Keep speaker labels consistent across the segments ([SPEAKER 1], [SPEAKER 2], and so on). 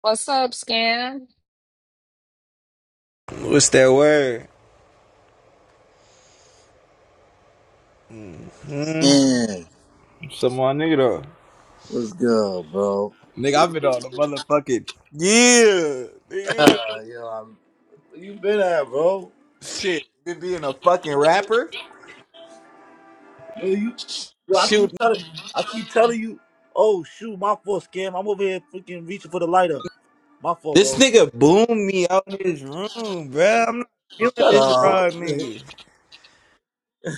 [SPEAKER 1] What's up, Scan?
[SPEAKER 2] What's that word? Hmm?
[SPEAKER 3] Yeah,
[SPEAKER 2] What's up, my nigga though?
[SPEAKER 3] what's good, bro?
[SPEAKER 2] Nigga, I've been on a motherfucking yeah,
[SPEAKER 3] yo,
[SPEAKER 2] nigga.
[SPEAKER 3] I'm, where you been at, bro?
[SPEAKER 2] Shit, been being a fucking rapper.
[SPEAKER 3] Yo, you, yo, I keep
[SPEAKER 2] Shoot,
[SPEAKER 3] telling, I keep telling you. Oh shoot, my fault, scam. I'm over here freaking reaching for the lighter. My fault,
[SPEAKER 2] this
[SPEAKER 3] bro.
[SPEAKER 2] nigga boomed me out in his room, bro. I'm not feeling
[SPEAKER 3] Shut
[SPEAKER 2] this
[SPEAKER 3] up.
[SPEAKER 2] raw nigga.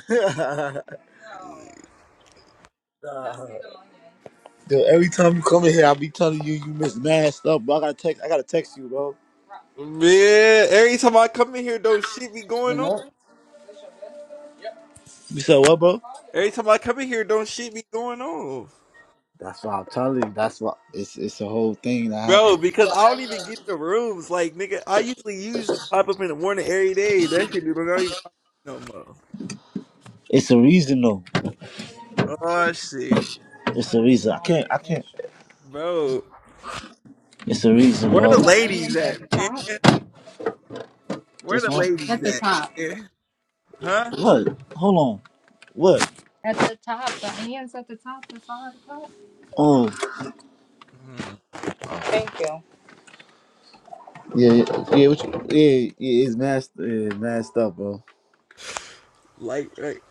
[SPEAKER 3] Nah. Yo, every time you come in here, I be telling you you miss mad stuff, bro. I gotta text, I gotta text you, bro.
[SPEAKER 2] Man, every time I come in here, don't shit be
[SPEAKER 3] You
[SPEAKER 2] going on.
[SPEAKER 3] what? You said what, bro?
[SPEAKER 2] Every time I come in here, don't shit be going on.
[SPEAKER 3] That's what I'm telling you. That's what it's it's a whole thing that
[SPEAKER 2] Bro,
[SPEAKER 3] happened.
[SPEAKER 2] because I don't even get the rooms. Like, nigga, I usually usually pop up in the morning every day. That shit dude. I don't even pop up no
[SPEAKER 3] It's a reason though.
[SPEAKER 2] more. Oh shit.
[SPEAKER 3] It's a reason. I can't. I can't.
[SPEAKER 2] Bro,
[SPEAKER 3] It's a reason,
[SPEAKER 2] where
[SPEAKER 3] bro.
[SPEAKER 2] the ladies at, man? Where
[SPEAKER 3] This
[SPEAKER 2] the
[SPEAKER 3] one.
[SPEAKER 2] ladies at, man? Huh?
[SPEAKER 3] What? Hold on. What? Oh,
[SPEAKER 2] Mm,
[SPEAKER 3] yeah, yeah, yeah. What you, yeah, yeah. It's messed, yeah, messed up, bro.
[SPEAKER 2] Like, like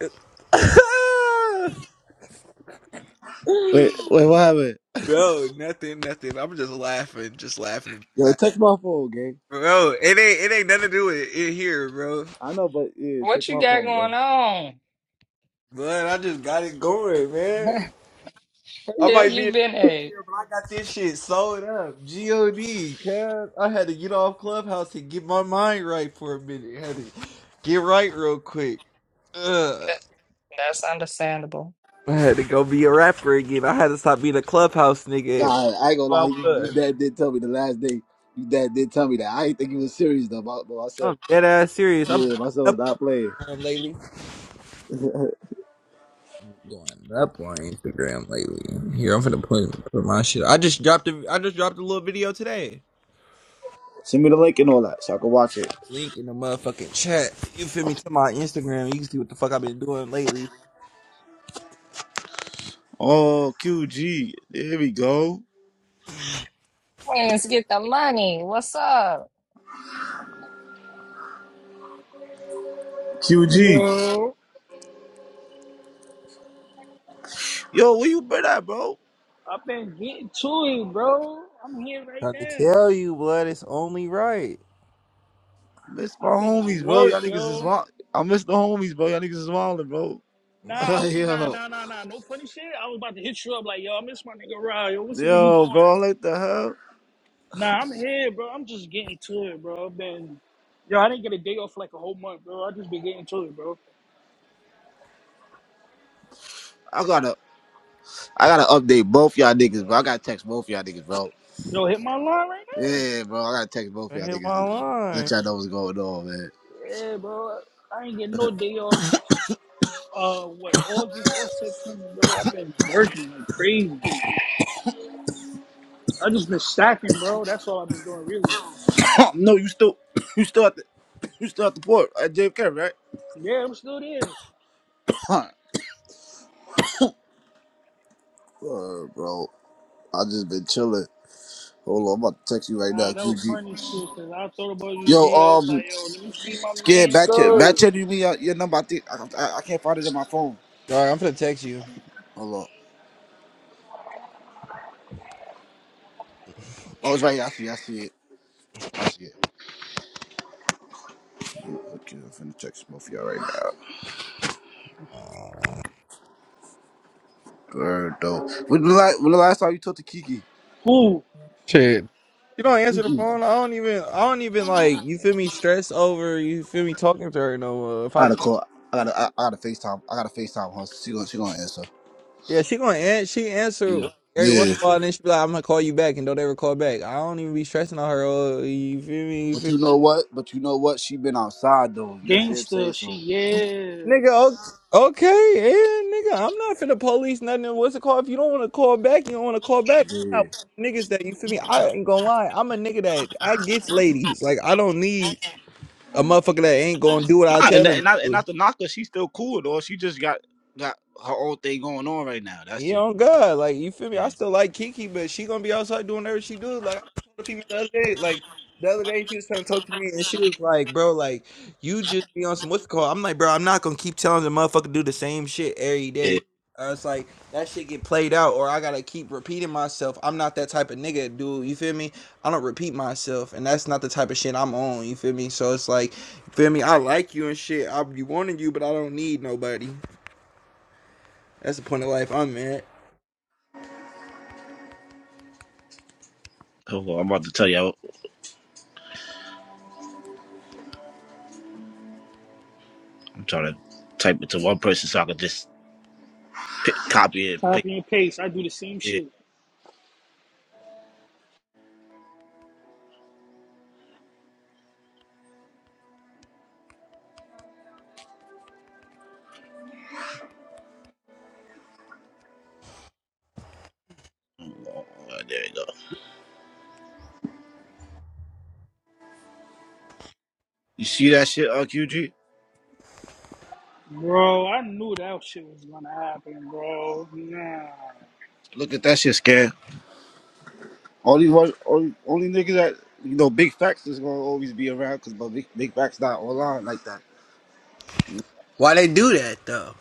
[SPEAKER 3] Wait, wait. What happened?
[SPEAKER 2] bro, nothing, nothing. I'm just laughing, just laughing and
[SPEAKER 3] Yo,
[SPEAKER 2] laughing.
[SPEAKER 3] text my phone, gang.
[SPEAKER 2] Bro, it ain't, it ain't nothing to do with it here, bro.
[SPEAKER 3] I know, but yeah,
[SPEAKER 1] What
[SPEAKER 3] text
[SPEAKER 1] you
[SPEAKER 3] my
[SPEAKER 1] got
[SPEAKER 3] phone,
[SPEAKER 1] going
[SPEAKER 3] bro.
[SPEAKER 1] on?
[SPEAKER 2] But I just got it going, man. I
[SPEAKER 1] Yeah,
[SPEAKER 2] might be
[SPEAKER 1] you've
[SPEAKER 2] in
[SPEAKER 1] been
[SPEAKER 2] the
[SPEAKER 1] a.
[SPEAKER 2] wheelchair, but I got this shit sold up. God, cuz I had to get off Clubhouse and get my mind right for a minute. had to get right real quick. Ugh.
[SPEAKER 1] That, that's understandable.
[SPEAKER 2] I had to go be a rapper again. I had to stop being a clubhouse nigga.
[SPEAKER 3] Nah, I ain't gonna lie.
[SPEAKER 2] I
[SPEAKER 3] You, you
[SPEAKER 2] was.
[SPEAKER 3] dad did tell me the last day. You dad did tell me that. I ain't think he was serious though, but, but I said,
[SPEAKER 2] I'm dead ass serious. I've
[SPEAKER 3] yeah, my son was not
[SPEAKER 2] been
[SPEAKER 3] playing.
[SPEAKER 2] going up on Instagram lately. I'm going up on Instagram lately. Here, I'm finna put put my shit. I just dropped a I just dropped a little video today.
[SPEAKER 3] Send me the link and all that, so I can watch it.
[SPEAKER 2] Link in the motherfucking chat. You feel me? To my Instagram, you can see what the fuck I've been doing lately.
[SPEAKER 3] Oh, QG. There we go.
[SPEAKER 1] let get the money. What's up?
[SPEAKER 3] QG.
[SPEAKER 4] Yo,
[SPEAKER 3] Yo, where you been at, bro?
[SPEAKER 4] I've been getting to it, bro. I'm here right
[SPEAKER 2] Trying to
[SPEAKER 4] now.
[SPEAKER 2] tell you, blood, it's only right.
[SPEAKER 3] Miss my
[SPEAKER 4] I've been at
[SPEAKER 3] homies, bro.
[SPEAKER 4] work,
[SPEAKER 3] Y'all niggas is
[SPEAKER 4] yo.
[SPEAKER 3] wild. I miss the homies, bro. Y'all niggas is wildin', bro.
[SPEAKER 4] Nah, I, nah,
[SPEAKER 3] yo,
[SPEAKER 4] nah, nah, nah. No funny shit. I was about to hit you up like, yo, I miss my nigga Rod. Yo, what's he, what he
[SPEAKER 3] yo,
[SPEAKER 4] doing?
[SPEAKER 3] bro. I'm Like the hell?
[SPEAKER 4] Nah, I'm here, bro. I'm just getting to it, bro. I've been, yo, I didn't get a day off for like a whole month, bro. I just been getting to it, bro.
[SPEAKER 3] I gotta, I gotta update both y'all niggas, bro. I gotta text both y'all niggas, bro.
[SPEAKER 4] Yo, hit my line right now.
[SPEAKER 3] Yeah, bro. I gotta text both
[SPEAKER 2] I
[SPEAKER 3] y'all
[SPEAKER 2] hit
[SPEAKER 3] niggas.
[SPEAKER 2] my
[SPEAKER 3] to Let
[SPEAKER 2] line.
[SPEAKER 3] y'all know what's going on, man.
[SPEAKER 4] Yeah, bro. I ain't getting no day off. Uh, what August or September, bro? I've been working like crazy. I just been stacking, bro. That's all I've been doing, really.
[SPEAKER 3] no, you still, you still at the, you still at the port at JFK, right?
[SPEAKER 4] Yeah, I'm still there.
[SPEAKER 3] Huh. Uh, bro, I just been chilling. Hold on, I'm about to text you right now,
[SPEAKER 4] Nah, that was
[SPEAKER 3] QG.
[SPEAKER 4] funny shit, because I thought about you
[SPEAKER 3] Yo,
[SPEAKER 4] today. I was
[SPEAKER 3] um,
[SPEAKER 4] like, yo, let me see my
[SPEAKER 3] scared
[SPEAKER 4] man
[SPEAKER 3] back chat, back
[SPEAKER 4] go.
[SPEAKER 3] chat. You mean your, your number? I think I, I, I can't find it in my phone.
[SPEAKER 2] All right, I'm finna text you.
[SPEAKER 3] Hold on. Oh, it's right here. I see. it. I see it. I see it. Okay, I'm finna text both of y'all right now.
[SPEAKER 2] Um,
[SPEAKER 3] Girl, though. When the last, when the last time you talked to Kiki?
[SPEAKER 4] Who?
[SPEAKER 2] Shit. You don't answer the
[SPEAKER 3] Kiki.
[SPEAKER 2] phone. I don't even. I don't even like. You feel me? Stress over. You feel me? Talking to her no more. If
[SPEAKER 3] I
[SPEAKER 2] I,
[SPEAKER 3] gotta call. I gotta. I, I gotta Facetime. I gotta Facetime her. She gonna. She gonna answer.
[SPEAKER 2] yeah, she gonna answer. She answer
[SPEAKER 3] Mm.
[SPEAKER 2] like every once
[SPEAKER 3] Yeah.
[SPEAKER 2] in a while, and then she be like, "I'm gonna call you back," and don't ever call back. I don't even be stressing on her. Oh, you feel me? You
[SPEAKER 3] But
[SPEAKER 2] feel
[SPEAKER 3] you know what? But you know what? She been outside though. You know what I'm saying?
[SPEAKER 4] Gangsta,
[SPEAKER 3] So
[SPEAKER 4] shit.
[SPEAKER 2] me?
[SPEAKER 4] yeah.
[SPEAKER 2] Nigga, o- okay, yeah, nigga. I'm not finna police nothing. What's it called? If you don't want to call back, you don't want to call back. I'm
[SPEAKER 3] yeah.
[SPEAKER 2] not one of them niggas that you feel me. I ain't gonna lie. I'm a nigga that I gets ladies. Like I don't need a motherfucker that ain't gonna do what I
[SPEAKER 3] Nah,
[SPEAKER 2] tell
[SPEAKER 3] and,
[SPEAKER 2] them.
[SPEAKER 3] and
[SPEAKER 2] to
[SPEAKER 3] not and
[SPEAKER 2] do.
[SPEAKER 3] not to knock her, she's still cool though. She just got got her own thing going on right now. That's
[SPEAKER 2] He
[SPEAKER 3] it.
[SPEAKER 2] on God, like you feel me?
[SPEAKER 3] Yeah.
[SPEAKER 2] I still like Kiki, but she gonna be outside doing whatever she do. Like I told the female the other day, like the other day she was trying to talk to me and she was like, "Bro, like you just be on some what's it called?" I'm like, "Bro, I'm not gonna keep telling the motherfucker to do the same shit every
[SPEAKER 3] yeah.
[SPEAKER 2] day." Or it's like that shit get played out, or I gotta keep repeating myself. I'm not that type of nigga, dude. You feel me? I don't repeat myself, and that's not the type of shit I'm on. You feel me? So it's like, you feel me? I like you and shit. I be wanting you, but I don't need nobody. That's the point of life I'm at.
[SPEAKER 3] Hold on, I'm about to tell you. I'm trying to type it to one person so I can just pi copy it.
[SPEAKER 4] Copy and paste. I do the same
[SPEAKER 3] Yeah.
[SPEAKER 4] shit.
[SPEAKER 3] Oh, there you go. You see that shit, QG?
[SPEAKER 4] Bro, I knew that shit was gonna happen, bro. Nah.
[SPEAKER 3] Look at that shit, scam. Only one, only, only nigga that you know, big facts is gonna always be around because but big, big facts not online like that,
[SPEAKER 2] Why they do that though?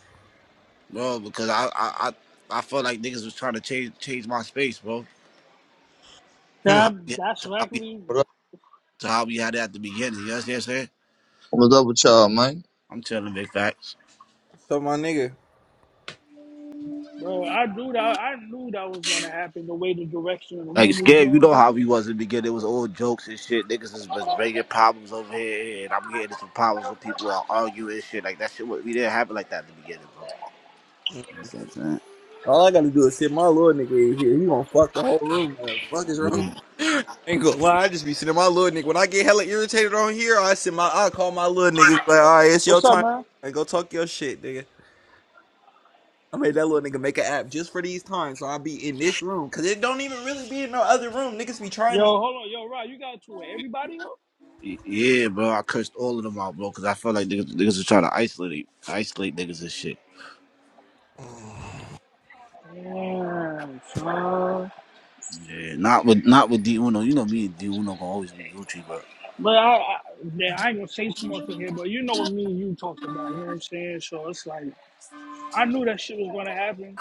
[SPEAKER 3] bro. Because I, I, I, I felt like niggas was trying to change, change my space, bro. To
[SPEAKER 2] Hmm.
[SPEAKER 3] how
[SPEAKER 4] That,
[SPEAKER 3] we,
[SPEAKER 4] that's
[SPEAKER 3] to how we,
[SPEAKER 4] likely,
[SPEAKER 5] What up?
[SPEAKER 3] to how we had it at the beginning. You understand what I'm saying?
[SPEAKER 5] What's up with y'all, man?
[SPEAKER 3] I'm telling big facts.
[SPEAKER 2] So my nigga,
[SPEAKER 4] bro. I knew that. I knew that was gonna happen. The way the direction of the
[SPEAKER 3] Like
[SPEAKER 4] room was
[SPEAKER 3] scared, you
[SPEAKER 4] going to
[SPEAKER 3] know how
[SPEAKER 4] be.
[SPEAKER 3] we was in the beginning. It was all jokes and shit. Niggas is was bringing problems over here, and I'm getting into some problems with people are arguing and shit. Like that shit, wa- we didn't have it like that at the beginning, bro. You know what
[SPEAKER 2] All I gotta do is sit my little nigga in here. He gonna fuck the whole room. Up. Fuck is
[SPEAKER 3] I'm
[SPEAKER 2] wrong.
[SPEAKER 3] saying? Mm.
[SPEAKER 2] Ain't gonna lie, I just be sitting my little nigga. When I get hella irritated on here, I sit my I call my little nigga like, all right, it's your
[SPEAKER 4] What's up,
[SPEAKER 2] time.
[SPEAKER 4] man?
[SPEAKER 2] And go talk your shit, nigga. I made that little nigga make an app just for these times, so I be in this room. Cause it don't even really be in no other room. Niggas be
[SPEAKER 4] Yo,
[SPEAKER 2] trying me.
[SPEAKER 4] hold on, yo, Rod, you got to it. Everybody, up?
[SPEAKER 3] Y- Yeah, bro. I cursed all of them out, bro, because I felt like niggas, niggas was trying to isolate, isolate niggas and shit.
[SPEAKER 4] Yeah,
[SPEAKER 3] Yeah, not with not with D Uno. You know me and D Uno gonna always be Gucci, but
[SPEAKER 4] But I, I, man, I ain't gonna say too much on here, but you know what me and you talked about, you know what I'm saying? So it's like I knew that shit was gonna happen.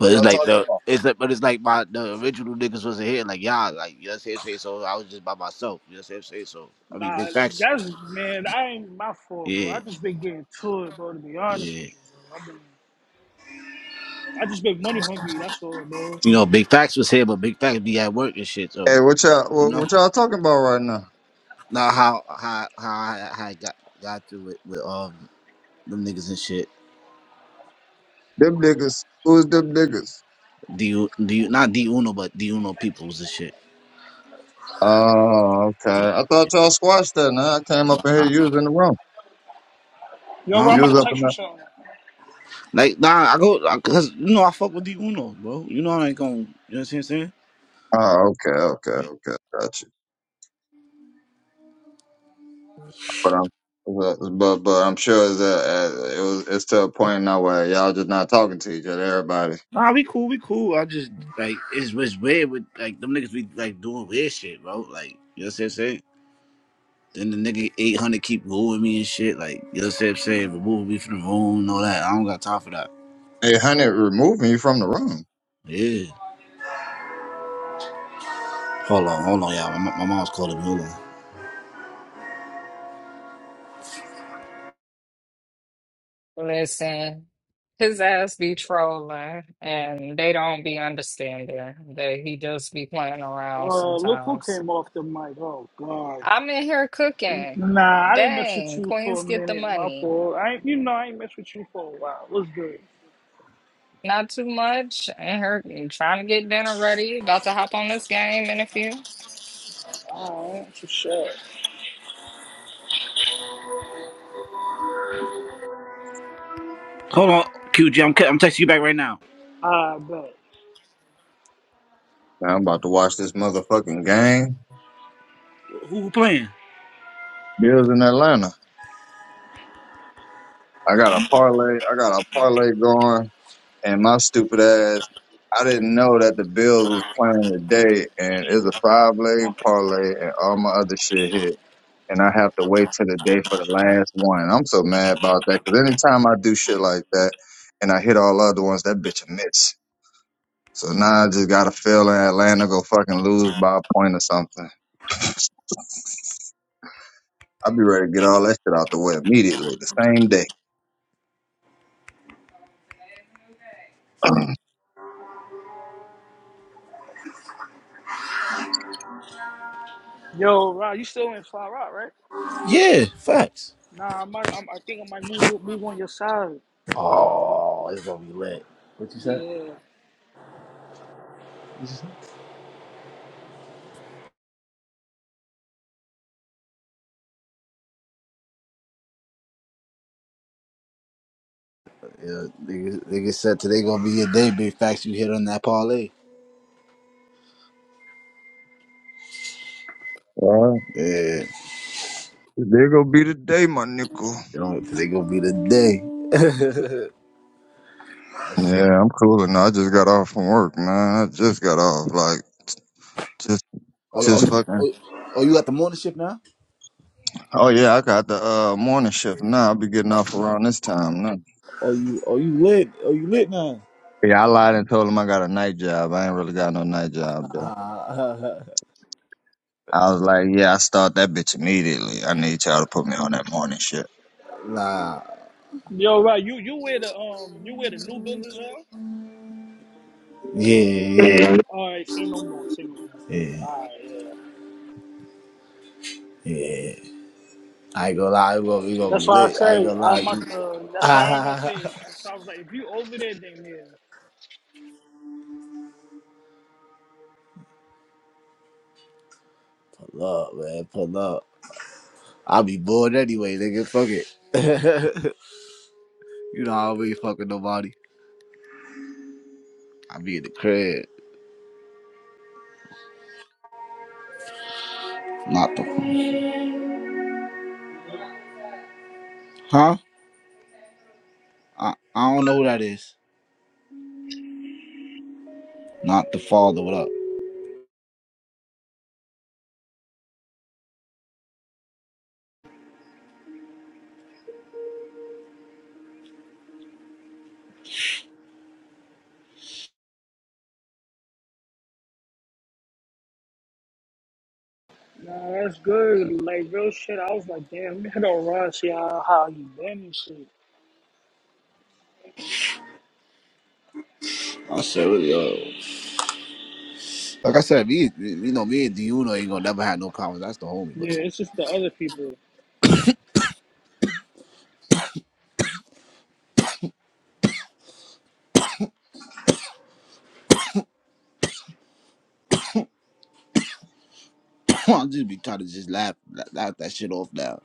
[SPEAKER 5] What
[SPEAKER 3] it's
[SPEAKER 5] y'all
[SPEAKER 3] like
[SPEAKER 5] talking
[SPEAKER 3] the
[SPEAKER 5] about?
[SPEAKER 3] it's like, but it's like my the original niggas wasn't here. Like y'all, like you know what I'm saying. So I was just by myself. You know what I'm saying. So I mean, big
[SPEAKER 4] Nah,
[SPEAKER 3] facts.
[SPEAKER 4] that's man, I ain't my fault, bro.
[SPEAKER 3] Yeah.
[SPEAKER 4] I just been getting to it, bro, to be honest
[SPEAKER 3] Yeah.
[SPEAKER 4] with you, bro. i been I just been money hungry, that's all, bro.
[SPEAKER 3] You know, Big Facts was here, but Big Facts be at work and shit. So,
[SPEAKER 5] Hey, what
[SPEAKER 3] but,
[SPEAKER 5] y'all
[SPEAKER 3] you
[SPEAKER 5] what,
[SPEAKER 3] know,
[SPEAKER 5] what y'all talking about right now?
[SPEAKER 3] now how how how I, how I got got to it with um them niggas and shit.
[SPEAKER 5] Them niggas. Who's them niggas?
[SPEAKER 3] Do you do you not D Uno but D Uno peoples and shit.
[SPEAKER 5] Oh, okay.
[SPEAKER 3] Yeah.
[SPEAKER 5] I thought y'all squashed that. Now I came up in here
[SPEAKER 3] Uh,
[SPEAKER 4] Yo, bro,
[SPEAKER 3] Huh?
[SPEAKER 5] You
[SPEAKER 4] I'm
[SPEAKER 5] was in the room. You
[SPEAKER 4] about
[SPEAKER 5] was
[SPEAKER 4] to
[SPEAKER 5] up in
[SPEAKER 4] text you
[SPEAKER 5] there.
[SPEAKER 4] something.
[SPEAKER 3] Like nah, I go I- cause you know I fuck with D Uno, bro. You know I ain't going. You know what I'm saying?
[SPEAKER 5] Oh, okay, okay,
[SPEAKER 3] Yeah.
[SPEAKER 5] okay. Gotcha. But I'm, but but I'm sure it's, a, it was, it's to a point now where y'all just not talking to each other. Everybody.
[SPEAKER 3] Nah, we cool, we cool. I just like it's, it's weird with like them niggas be like doing weird shit, bro. Like you know what I'm saying? Then the nigga 800 keep wooing me and shit. Like, you know what I'm saying? Remove me from the room and all that. I don't got time for that.
[SPEAKER 5] Hey, honey, remove me from the room.
[SPEAKER 3] Yeah. Hold on, hold on, y'all. My, my mom's calling me. Hold on.
[SPEAKER 1] Listen, his ass be trolling, and they don't be understanding that he just be playing around
[SPEAKER 4] Uh, look who
[SPEAKER 1] sometimes.
[SPEAKER 4] came off the mic. Oh God.
[SPEAKER 1] I'm in here cooking.
[SPEAKER 4] Nah, I didn't mess with
[SPEAKER 1] Dang,
[SPEAKER 4] you for a
[SPEAKER 1] queens get the
[SPEAKER 4] minute. My
[SPEAKER 1] money.
[SPEAKER 4] fault. I ain't, you know I ain't mess with you for a while. What's good?
[SPEAKER 1] Not too much, and her trying to get dinner ready. About to hop on this game in a few.
[SPEAKER 4] All right, so shit.
[SPEAKER 3] Hold on, QG. I'm, I'm texting you back right now.
[SPEAKER 4] I bet.
[SPEAKER 5] Man, I'm about to watch this motherfucking game.
[SPEAKER 3] Who, who playing?
[SPEAKER 5] Bills in Atlanta. I got a parlay. I got a parlay going, and my stupid ass. I didn't know that the Bills was playing today, and it's a five leg parlay, and all my other shit hit. and I have to wait till the day for the last one. I'm so mad about that because anytime I do shit like that and I hit all other ones, that bitch a miss. So now I just got to fail in Atlanta go fucking lose by a point or something. I'll be ready to get all that shit out the way immediately, the same day.
[SPEAKER 4] Yo, Rod, you still in Fly Rock, right?
[SPEAKER 3] Yeah, facts.
[SPEAKER 4] Nah, I might, I'm, I think I might move move on your side.
[SPEAKER 3] Oh, it's gonna be lit. What you said?
[SPEAKER 4] Yeah.
[SPEAKER 3] Yeah, nigga, nigga said today gonna be your day, big facts you hit on that parlay.
[SPEAKER 5] well,
[SPEAKER 3] Yeah,
[SPEAKER 5] there go be the day, my nickel.
[SPEAKER 3] you know, today gonna be the day. That shit.
[SPEAKER 5] Yeah, I'm cool. No, I just got off from work, man. I just got off. Like, just,
[SPEAKER 3] oh, oh,
[SPEAKER 5] just fucking.
[SPEAKER 3] oh, oh, you at the morning shift now?
[SPEAKER 5] Oh yeah, I got the uh morning shift now. I'll be getting off around this time now.
[SPEAKER 3] Oh, you, oh, you lit? Oh, you lit now?
[SPEAKER 5] Yeah, I lied and told him I got a night job. I ain't really got no night job though.
[SPEAKER 3] Uh,
[SPEAKER 5] I was like, yeah, I start that bitch immediately. I need y'all to put me on that morning shit.
[SPEAKER 3] nah.
[SPEAKER 4] Yo, Rod, you you wear the um you wear the new benders on?
[SPEAKER 3] Yeah, yeah,
[SPEAKER 5] Yeah.
[SPEAKER 4] All right, say no more, say no more.
[SPEAKER 3] yeah,
[SPEAKER 4] All right, yeah.
[SPEAKER 3] yeah. I ain't gonna lie, we gonna, we gonna be
[SPEAKER 4] That's why I
[SPEAKER 3] lit. I ain't
[SPEAKER 4] say
[SPEAKER 3] gonna lie.
[SPEAKER 4] I'm
[SPEAKER 3] You.
[SPEAKER 4] not. Uh, that's why I ain't gonna say. It. That's why I was like, if you over there, then yeah.
[SPEAKER 3] pull up, man. Pull up. I'll be bored anyway, nigga. Fuck it. you know, I don't be fucking nobody. I be in the crib. Not the. Huh? I, I don't know who that is. Not the father. What up?
[SPEAKER 4] Nah, that's good. Like real shit. I was like, damn, we had a Rod see how how you been and shit.
[SPEAKER 3] I said, what yo. Like I said, me, you know, me and Diuno ain't gonna never have no problems. That's the homie, but
[SPEAKER 4] Yeah, it's just the other people.
[SPEAKER 3] I'll just be trying to just laugh, laugh that shit off now.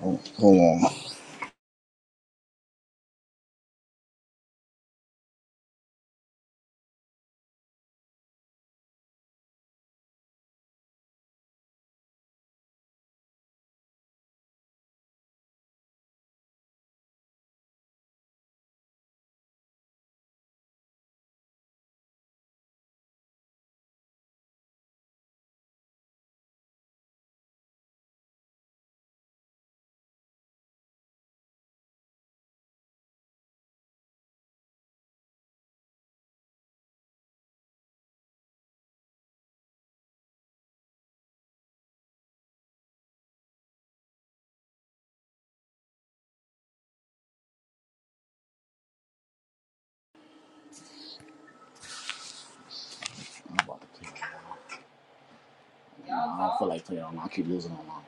[SPEAKER 3] Hold, hold on. I'm about to play. I don't feel like playing online. I keep losing online.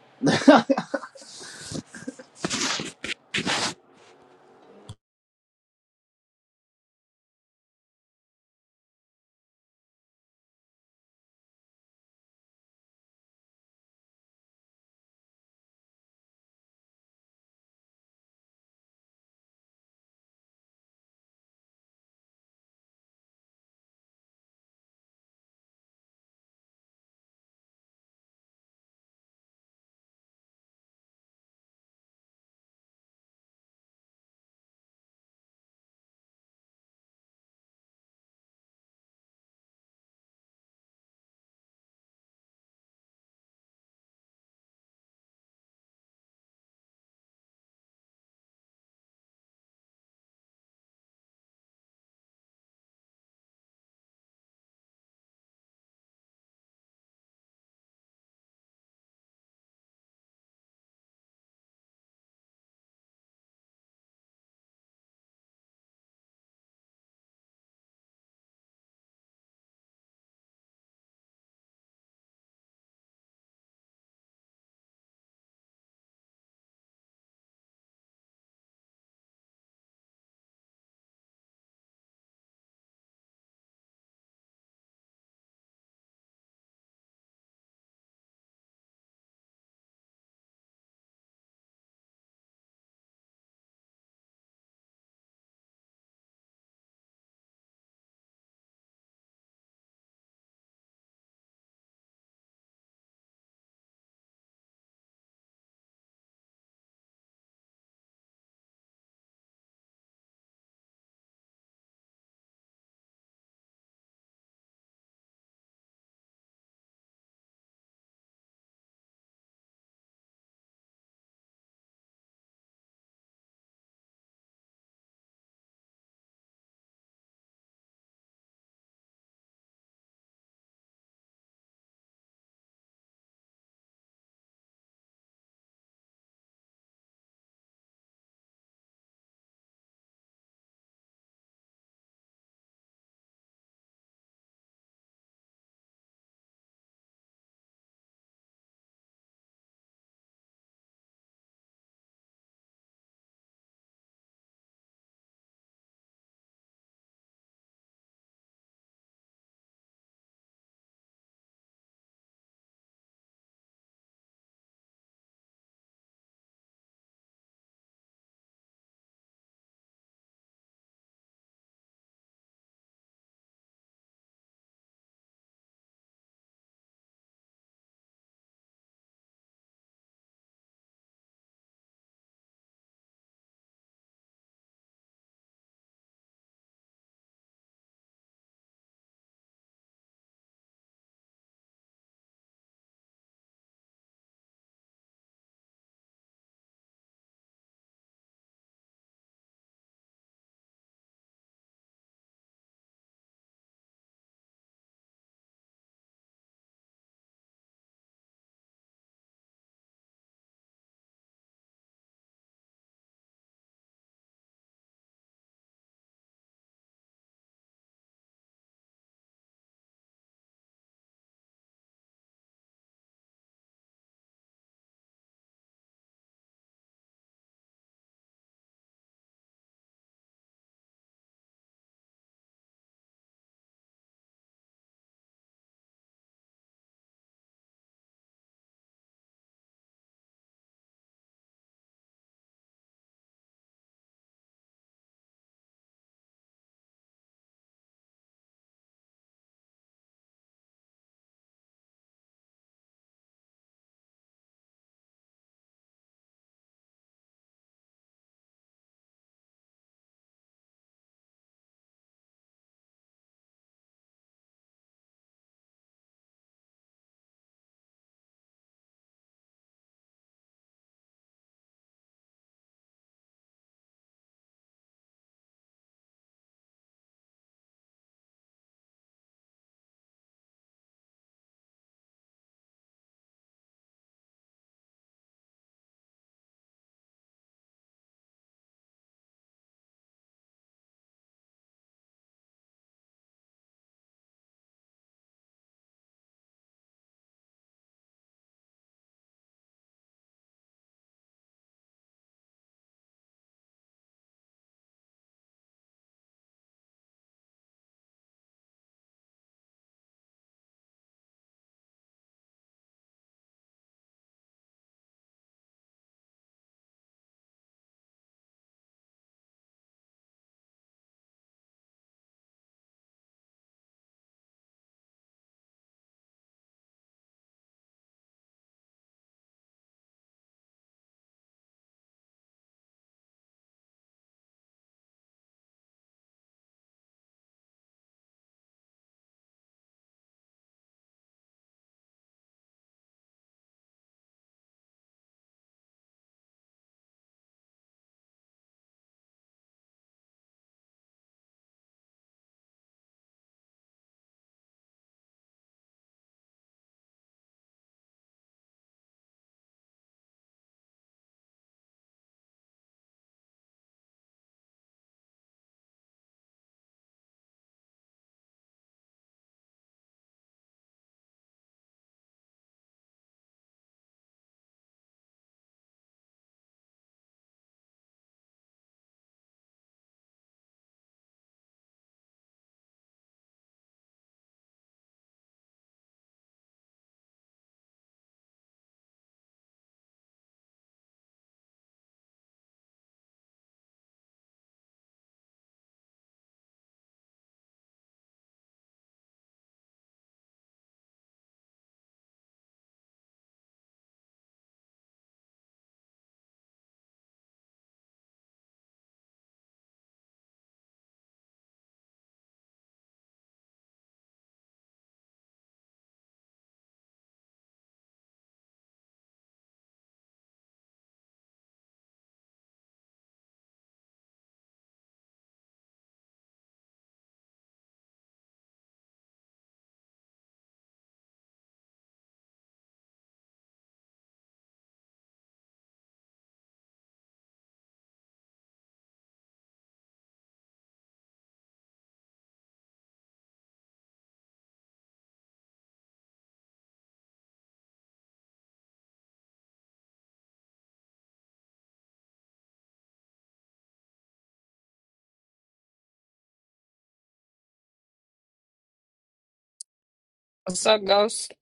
[SPEAKER 1] What's up, Ghost?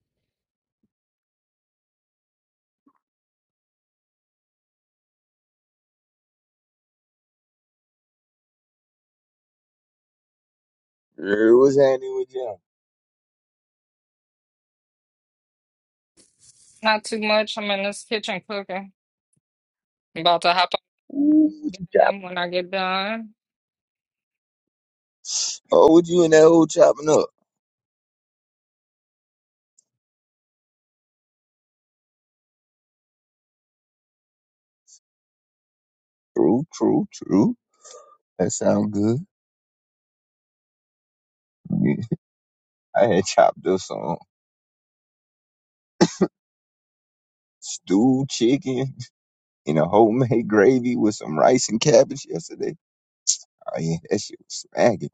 [SPEAKER 6] Girl, what's happening with y'all?
[SPEAKER 1] Not too much. I'm in this kitchen cooking. about to hop
[SPEAKER 6] Ooh, what you chopping?
[SPEAKER 1] on when I get done.
[SPEAKER 6] Oh, what you and that old chopping up? True, true, true. That sound good. Yeah. I had chopped up some stewed chicken in a homemade gravy with some rice and cabbage yesterday. Oh yeah, that shit was smacking.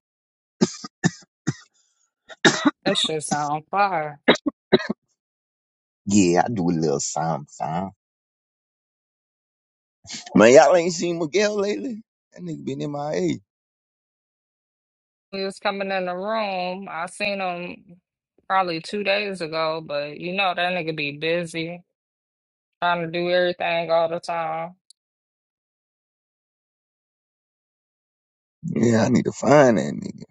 [SPEAKER 1] That shit sound fire.
[SPEAKER 6] Yeah, I do a little something, something. Man, y'all ain't seen Miguel lately? That nigga been in my age.
[SPEAKER 1] He was coming in the room. I seen him probably two days ago, but you know that nigga be busy trying to do everything all the time.
[SPEAKER 6] Yeah, I need to find that nigga.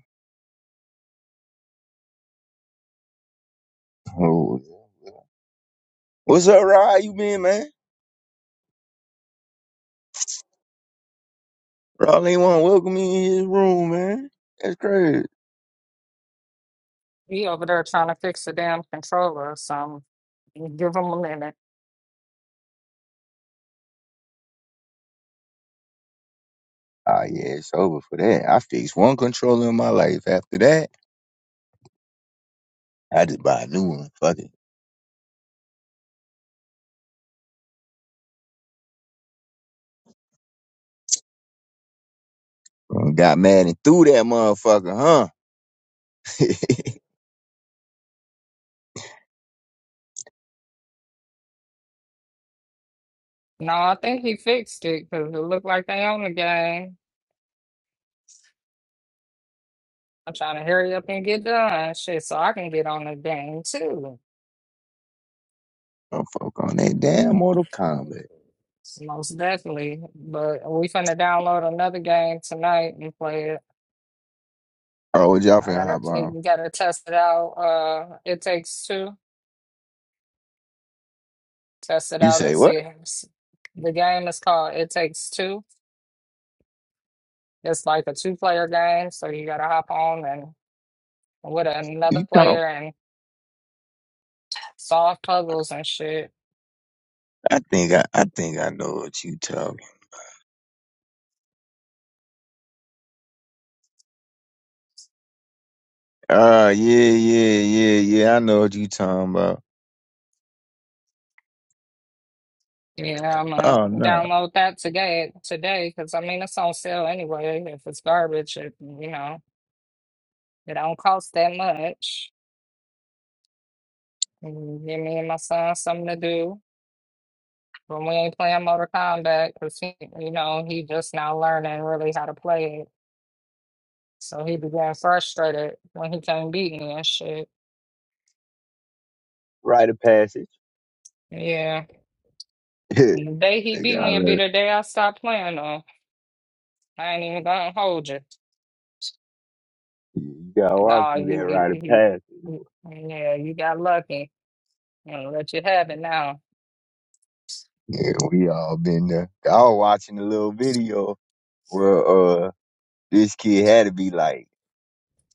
[SPEAKER 6] Oh, yeah. What's up, Rod? How you been, man? Rod ain't want to welcome me in his room, man. That's crazy.
[SPEAKER 1] He over there trying to fix the damn controller or something. Give him a minute.
[SPEAKER 6] Oh yeah, it's over for that. I fixed one controller in my life. After that, I just buy a new one. Fuck it. And Got mad and threw that motherfucker, huh?
[SPEAKER 1] No, I think he fixed it because it looked like they own the game. I'm trying to hurry up and get done, shit, so I can get on the game too.
[SPEAKER 6] Don't fuck on that damn Mortal Kombat.
[SPEAKER 1] Most definitely. But we finna download another game tonight and play it.
[SPEAKER 6] Oh, what y'all
[SPEAKER 1] I
[SPEAKER 6] finna
[SPEAKER 1] gotta
[SPEAKER 6] hop on?
[SPEAKER 1] we gotta test it out. Uh it takes two. Test it
[SPEAKER 6] You
[SPEAKER 1] out and
[SPEAKER 6] say what?
[SPEAKER 1] see it. The game is called It Takes Two. It's like a two player game, so you gotta hop on and with
[SPEAKER 6] You
[SPEAKER 1] another
[SPEAKER 6] talking?
[SPEAKER 1] player and solve puzzles and shit.
[SPEAKER 6] I think I, I think I know what you talking. Oh yeah, yeah, yeah, yeah. I know what you talking about.
[SPEAKER 1] Yeah, I'm gonna
[SPEAKER 6] Oh no,
[SPEAKER 1] download that today today because I mean it's on sale anyway. If it's garbage, it, you know, it don't cost that much. and give me and my son something to do when we ain't playing Mortal Kombat because he, you know, he just now learning really how to play it. So he be getting frustrated when he can't beat me and shit.
[SPEAKER 6] rite of passage.
[SPEAKER 1] Yeah.
[SPEAKER 6] They
[SPEAKER 1] And the day he beat
[SPEAKER 6] got
[SPEAKER 1] me would be
[SPEAKER 6] learned-
[SPEAKER 1] the day I stopped playing though. I ain't even gonna hold you.
[SPEAKER 6] You gotta walk
[SPEAKER 1] No,
[SPEAKER 6] through that
[SPEAKER 1] you, you,
[SPEAKER 6] rite
[SPEAKER 1] you,
[SPEAKER 6] of
[SPEAKER 1] you-
[SPEAKER 6] passage.
[SPEAKER 1] yeah, you got lucky. I'm gonna let you have it now.
[SPEAKER 6] Yeah, we all been there. I was watching a little video where uh this kid had to be like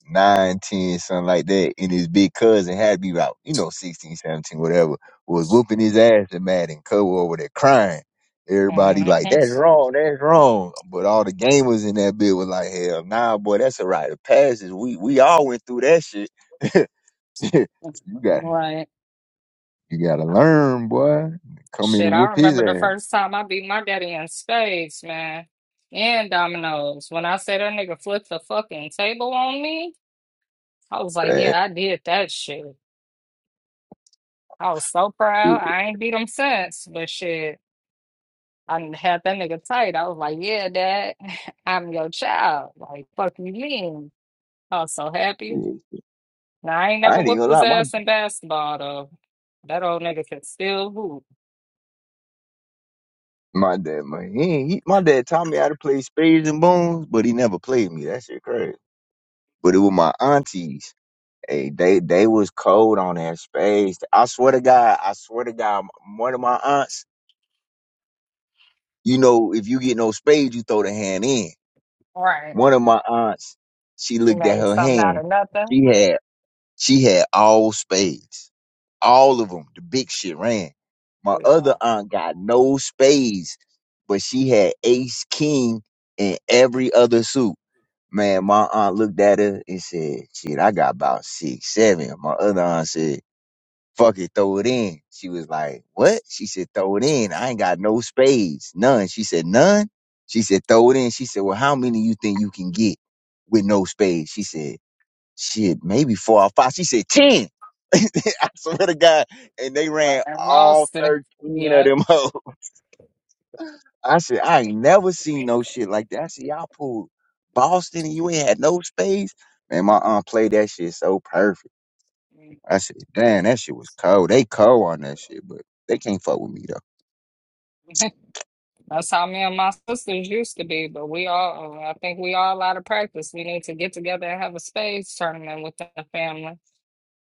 [SPEAKER 6] nine, ten, something like that, and his big cousin had to be about, you know, 16, 17, whatever, was whooping his ass and mad and cover over there crying. Everybody like,
[SPEAKER 1] hmm
[SPEAKER 6] that's wrong, that's wrong. But all the gamers in that bit was like, hell nah, boy, that's a rite of passage. We we all went through that shit. you got
[SPEAKER 1] Right.
[SPEAKER 6] you gotta learn, boy. Come in
[SPEAKER 1] Shit,
[SPEAKER 6] and
[SPEAKER 1] I
[SPEAKER 6] whoop his
[SPEAKER 1] remember the first time I beat my daddy in spades, man, and dominoes. When I said that nigga flipped the fucking table on me, I was like, yeah, I did that shit. I was so proud.
[SPEAKER 6] ass.
[SPEAKER 1] I ain't beat him since, but shit, I done had that nigga tight. I was like, yeah, dad, I'm your child. Like, fuck you mean? I was so happy. Now, I ain't
[SPEAKER 6] I
[SPEAKER 1] never
[SPEAKER 6] ain't even
[SPEAKER 1] whooped
[SPEAKER 6] gonna
[SPEAKER 1] his
[SPEAKER 6] lie, my
[SPEAKER 1] ass in basketball, though. That old nigga can still hoop.
[SPEAKER 6] my dad, man, he, ain't- he my dad taught me how to play spades and bones, but he never played me. That shit crazy. But it was my aunties. Hey, they they was cold on that spades. I swear to God, I swear to God, m- one of my aunts, you know, if you get no spades, you throw the hand in.
[SPEAKER 1] Right.
[SPEAKER 6] One of my aunts, she
[SPEAKER 1] She
[SPEAKER 6] looked at
[SPEAKER 1] made
[SPEAKER 6] her
[SPEAKER 1] something out
[SPEAKER 6] hand.
[SPEAKER 1] of nothing.
[SPEAKER 6] She had. She had all spades, all of them. The big shit ran. My
[SPEAKER 1] Yeah.
[SPEAKER 6] other aunt got no spades, but she had ace king in every other suit. Man, my aunt looked at her and said, "Shit, I got about six, seven." My other aunt said, "Fuck it, throw it in." She was like, "What?" She said, "Throw it in. I ain't got no spades, none." She said, "None." She said, "Throw it in." She said, "Well, how many you think you can get with no spades?" She said shit, maybe four or five. She said ten. I swear to God. And they
[SPEAKER 1] Right,
[SPEAKER 6] ran all
[SPEAKER 1] Boston.
[SPEAKER 6] 13 of
[SPEAKER 1] Yeah.
[SPEAKER 6] them hoes. I said, I ain't never seen no shit like that. I said, y'all pulled Boston and you ain't had no space. Man, my aunt played that shit so perfect. I said, damn, that shit was cold. They cold on that shit, but they can't fuck with me though.
[SPEAKER 1] That's how me and my sisters used to be, but we all, uh, I think we all out of practice. We need to get together and have a spades tournament with the family.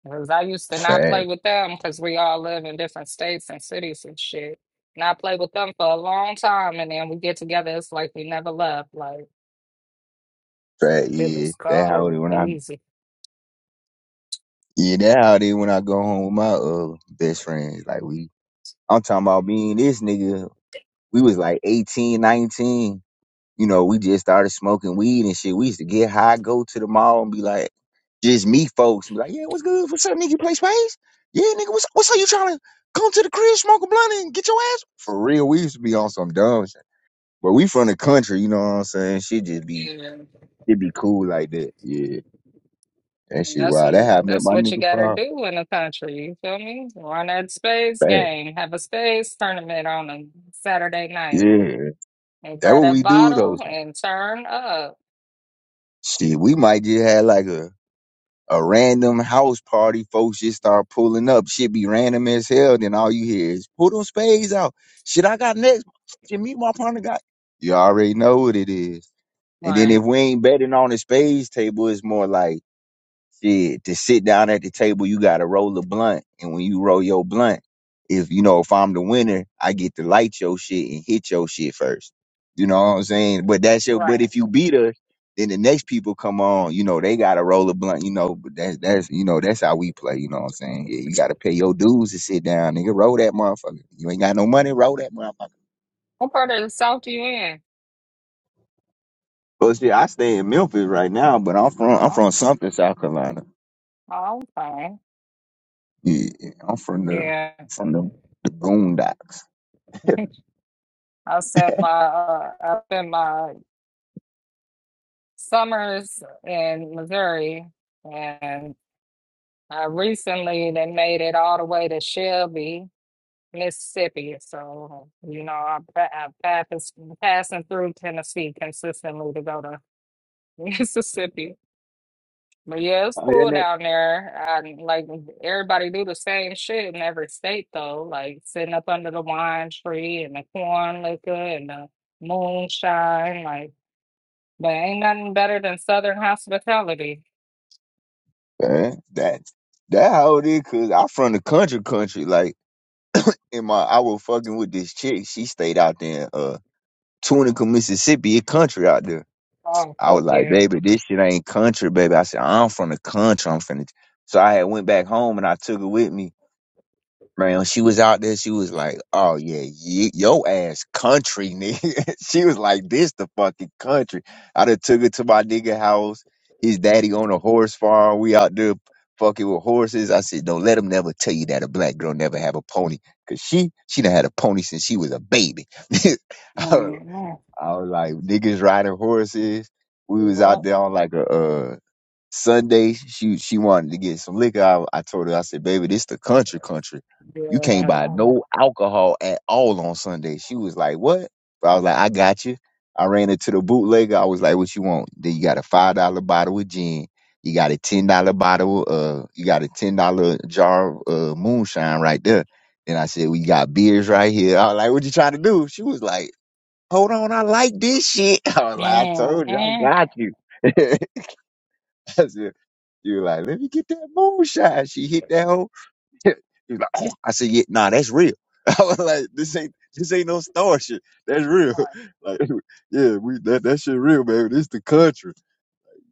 [SPEAKER 1] Because I used to not
[SPEAKER 6] Fat,
[SPEAKER 1] play with them because we all live in different states and cities and shit. And I played with them for a long time, and then we get together, it's like we never left. Like,
[SPEAKER 6] fat,
[SPEAKER 1] it
[SPEAKER 6] yeah.
[SPEAKER 1] was
[SPEAKER 6] That how it is
[SPEAKER 1] cold,
[SPEAKER 6] when I
[SPEAKER 1] easy.
[SPEAKER 6] yeah, that how it is when I go home with my uh best friends. Like we I'm talking about me and this nigga. We was like 18, 19. you know, we just started smoking weed and shit. We used to get high, go to the mall and be like, just meet folks and be like, yeah, what's good? What's up, nigga? You play space? Yeah, nigga, what's what's up? You trying to come to the crib, smoke a blunt and get your ass? For real, we used to be on some dumb shit. But we from the country, you know what I'm saying? Shit just be
[SPEAKER 1] Yeah.
[SPEAKER 6] it be cool like that. Yeah. That
[SPEAKER 1] And
[SPEAKER 6] shit
[SPEAKER 1] that's
[SPEAKER 6] wow. That
[SPEAKER 1] what-
[SPEAKER 6] how I met
[SPEAKER 1] that's
[SPEAKER 6] my
[SPEAKER 1] what you
[SPEAKER 6] nigga
[SPEAKER 1] gotta
[SPEAKER 6] Paul.
[SPEAKER 1] do in the country. You feel me? Run that space
[SPEAKER 6] Bad.
[SPEAKER 1] game. Have a space tournament on a Saturday night,
[SPEAKER 6] Yeah.
[SPEAKER 1] and
[SPEAKER 6] That
[SPEAKER 1] grab
[SPEAKER 6] what we
[SPEAKER 1] that
[SPEAKER 6] do though.
[SPEAKER 1] bottle and turn up.
[SPEAKER 6] Shit, we might just have like a a random house party, folks just start pulling up. Shit be random as hell. Then all you hear is pull them spades out. Shit, I got next. Shit, meet my partner got. You already know what it is. And then if
[SPEAKER 1] Right,
[SPEAKER 6] we ain't betting on the spades table, it's more like. Shit, to sit down at the table, you gotta roll a blunt. And when you roll your blunt, if you know, if I'm the winner, I get to light your shit and hit your shit first. You know what I'm saying? But that's your but
[SPEAKER 1] right.
[SPEAKER 6] if you beat us, then the next people come on, you know, they gotta roll a blunt, you know, but that's that's you know, that's how we play, you know what I'm saying? Yeah, you gotta pay your dues to sit down, nigga. Roll that motherfucker. You ain't got no money, roll that motherfucker.
[SPEAKER 1] What part of the South you in?
[SPEAKER 6] Well shit, I stay in Memphis right now, but I'm from I'm from
[SPEAKER 1] Oh,
[SPEAKER 6] something, South Carolina.
[SPEAKER 1] oh, okay.
[SPEAKER 6] Yeah, I'm from the
[SPEAKER 1] Yeah,
[SPEAKER 6] I'm from the the boondocks.
[SPEAKER 1] I spent my uh, I spent my summers in Missouri, and I recently they made it all the way to Shelby Mississippi. So, you know, I'm, pa- I'm passing, passing through Tennessee consistently to go to Mississippi. But yeah, it's
[SPEAKER 6] Oh, your
[SPEAKER 1] cool
[SPEAKER 6] name?
[SPEAKER 1] down there. I, like everybody do the same shit in every state though. Like sitting up under the wine tree and the corn liquor and the moonshine. Like, but ain't nothing better than Southern hospitality.
[SPEAKER 6] Man, that that how it is, cause I from the country country. Like in my I was fucking with this chick. She stayed out there in uh Tunica, Mississippi. It country out there.
[SPEAKER 1] Oh,
[SPEAKER 6] I was
[SPEAKER 1] fuck
[SPEAKER 6] like,
[SPEAKER 1] yeah.
[SPEAKER 6] baby, this shit ain't country, baby. I said, I'm from the country. I'm finna. So I had went back home and I took it with me. Man, she was out there. She was like, "Oh yeah, ye- yo ass country nigga." she was like, "This the fucking country." I done took it to my nigga house. His daddy on a horse farm. We out there fucking with horses. I said, "Don't let him never tell you that a black girl never have a pony, cause she she done had a pony since she was a baby." I, was,
[SPEAKER 1] Mm-hmm.
[SPEAKER 6] I was like, "Niggas riding horses." We was
[SPEAKER 1] Yeah.
[SPEAKER 6] out there on like a uh. Sunday, she she wanted to get some liquor. I, I told her, I said, baby, this the country country. You can't buy
[SPEAKER 1] Yeah.
[SPEAKER 6] no alcohol at all on Sunday. She was like, what? But I was like, I got you. I ran into the bootlegger. I was like, what you want? Then you got a five dollar bottle of gin. You got a ten dollar bottle. Uh, you got a ten dollar jar of uh, moonshine right there. Then I said, we got beers right here. I was like, what you trying to do? She was like, hold on, I like this shit. I was like, I told you, I
[SPEAKER 1] Mm-hmm.
[SPEAKER 6] got you. That's it. You were like, let me get that moonshine. She hit that whole. He was like, oh. I said, yeah, nah, that's real. I was like, this ain't this ain't no star shit. That's real. Like, yeah, we that that shit real, baby. This the country.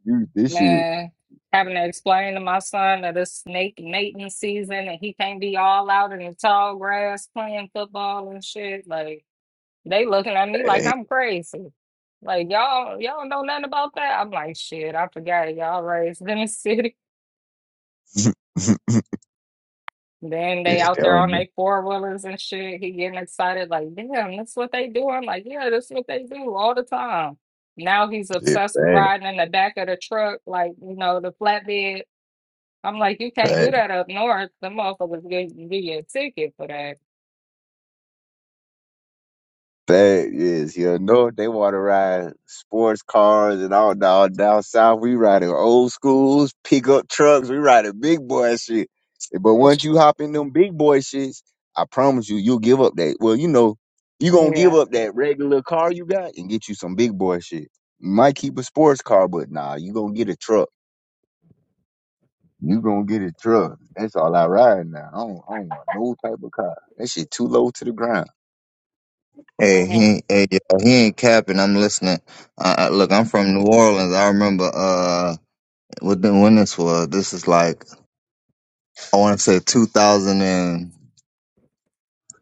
[SPEAKER 6] You this shit.
[SPEAKER 1] Man, having to explain to my son that it's snake mating season and he can't be all out in the tall grass playing football and shit. Like they looking at me like
[SPEAKER 6] yeah,
[SPEAKER 1] I'm crazy. Like y'all, y'all know nothing about that. I'm like, shit, I forgot y'all raised in the city. Then they out
[SPEAKER 6] that
[SPEAKER 1] there
[SPEAKER 6] one.
[SPEAKER 1] on their four wheelers and shit. He getting excited, like, damn, that's what they do. I'm like, yeah, that's what they do all the time. Now he's
[SPEAKER 6] Yeah,
[SPEAKER 1] obsessed with
[SPEAKER 6] bad,
[SPEAKER 1] riding in the back of the truck, like, you know, the flatbed I'm like, you can't
[SPEAKER 6] bad.
[SPEAKER 1] do that up north. The motherfuckers gonna give you a ticket for that.
[SPEAKER 6] That is, you know, they want to ride sports cars and all down down south. We riding old schools, pickup trucks. We riding big boy shit. But once you hop in them big boy shits, I promise you, you'll give up that. Well, you know, you gonna give
[SPEAKER 1] Yeah.
[SPEAKER 6] up that regular car you got and get you some big boy shit. You might keep a sports car, but nah, you gonna get a truck. You gonna get a truck. That's all I ride now. I don't, I don't want no type of car. That shit too low to the ground.
[SPEAKER 5] Hey,
[SPEAKER 1] Yeah.
[SPEAKER 5] he ain't, hey, yo, he ain't capping. I'm listening. Uh, uh, look, I'm from New Orleans. I remember uh, what the- when this was. This is like I want to say 2000 and.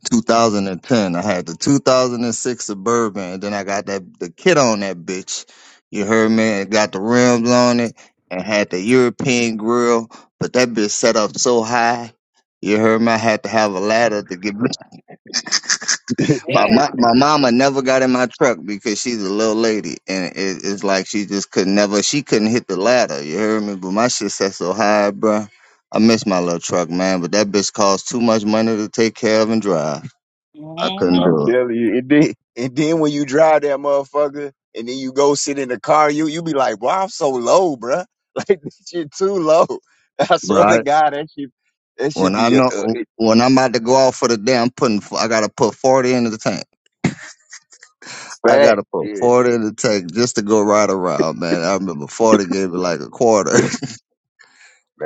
[SPEAKER 5] 2010. I had the 2006 Suburban, and then I got that the kit on that bitch. You heard me? It got the rims on it and had the European grill, but that bitch set up so high. You heard me? I had to have a ladder to get. My my,
[SPEAKER 1] Yeah.
[SPEAKER 5] my mama never got in my truck because she's a little lady, and it, it's like she just could never. She couldn't hit the ladder. You heard me? But my shit set so high, bruh. I miss my little truck, man. But that bitch cost too much money to take care of and drive. I couldn't do
[SPEAKER 1] hmm
[SPEAKER 6] I'm
[SPEAKER 5] it.
[SPEAKER 6] telling you. And then, and then when you drive that motherfucker and then you go sit in the car, you you be like, wow, I'm so low, bruh. Like, this shit too low. I swear to
[SPEAKER 5] Right.
[SPEAKER 6] God, that shit, that should
[SPEAKER 5] When I
[SPEAKER 6] be a,
[SPEAKER 5] know
[SPEAKER 6] a it,
[SPEAKER 5] when I'm about to go out for the day, I'm putting I gotta put forty in the tank. I
[SPEAKER 6] fact.
[SPEAKER 5] gotta put
[SPEAKER 6] Yeah,
[SPEAKER 5] forty in the tank just to go right around, man. I remember forty gave me like a quarter.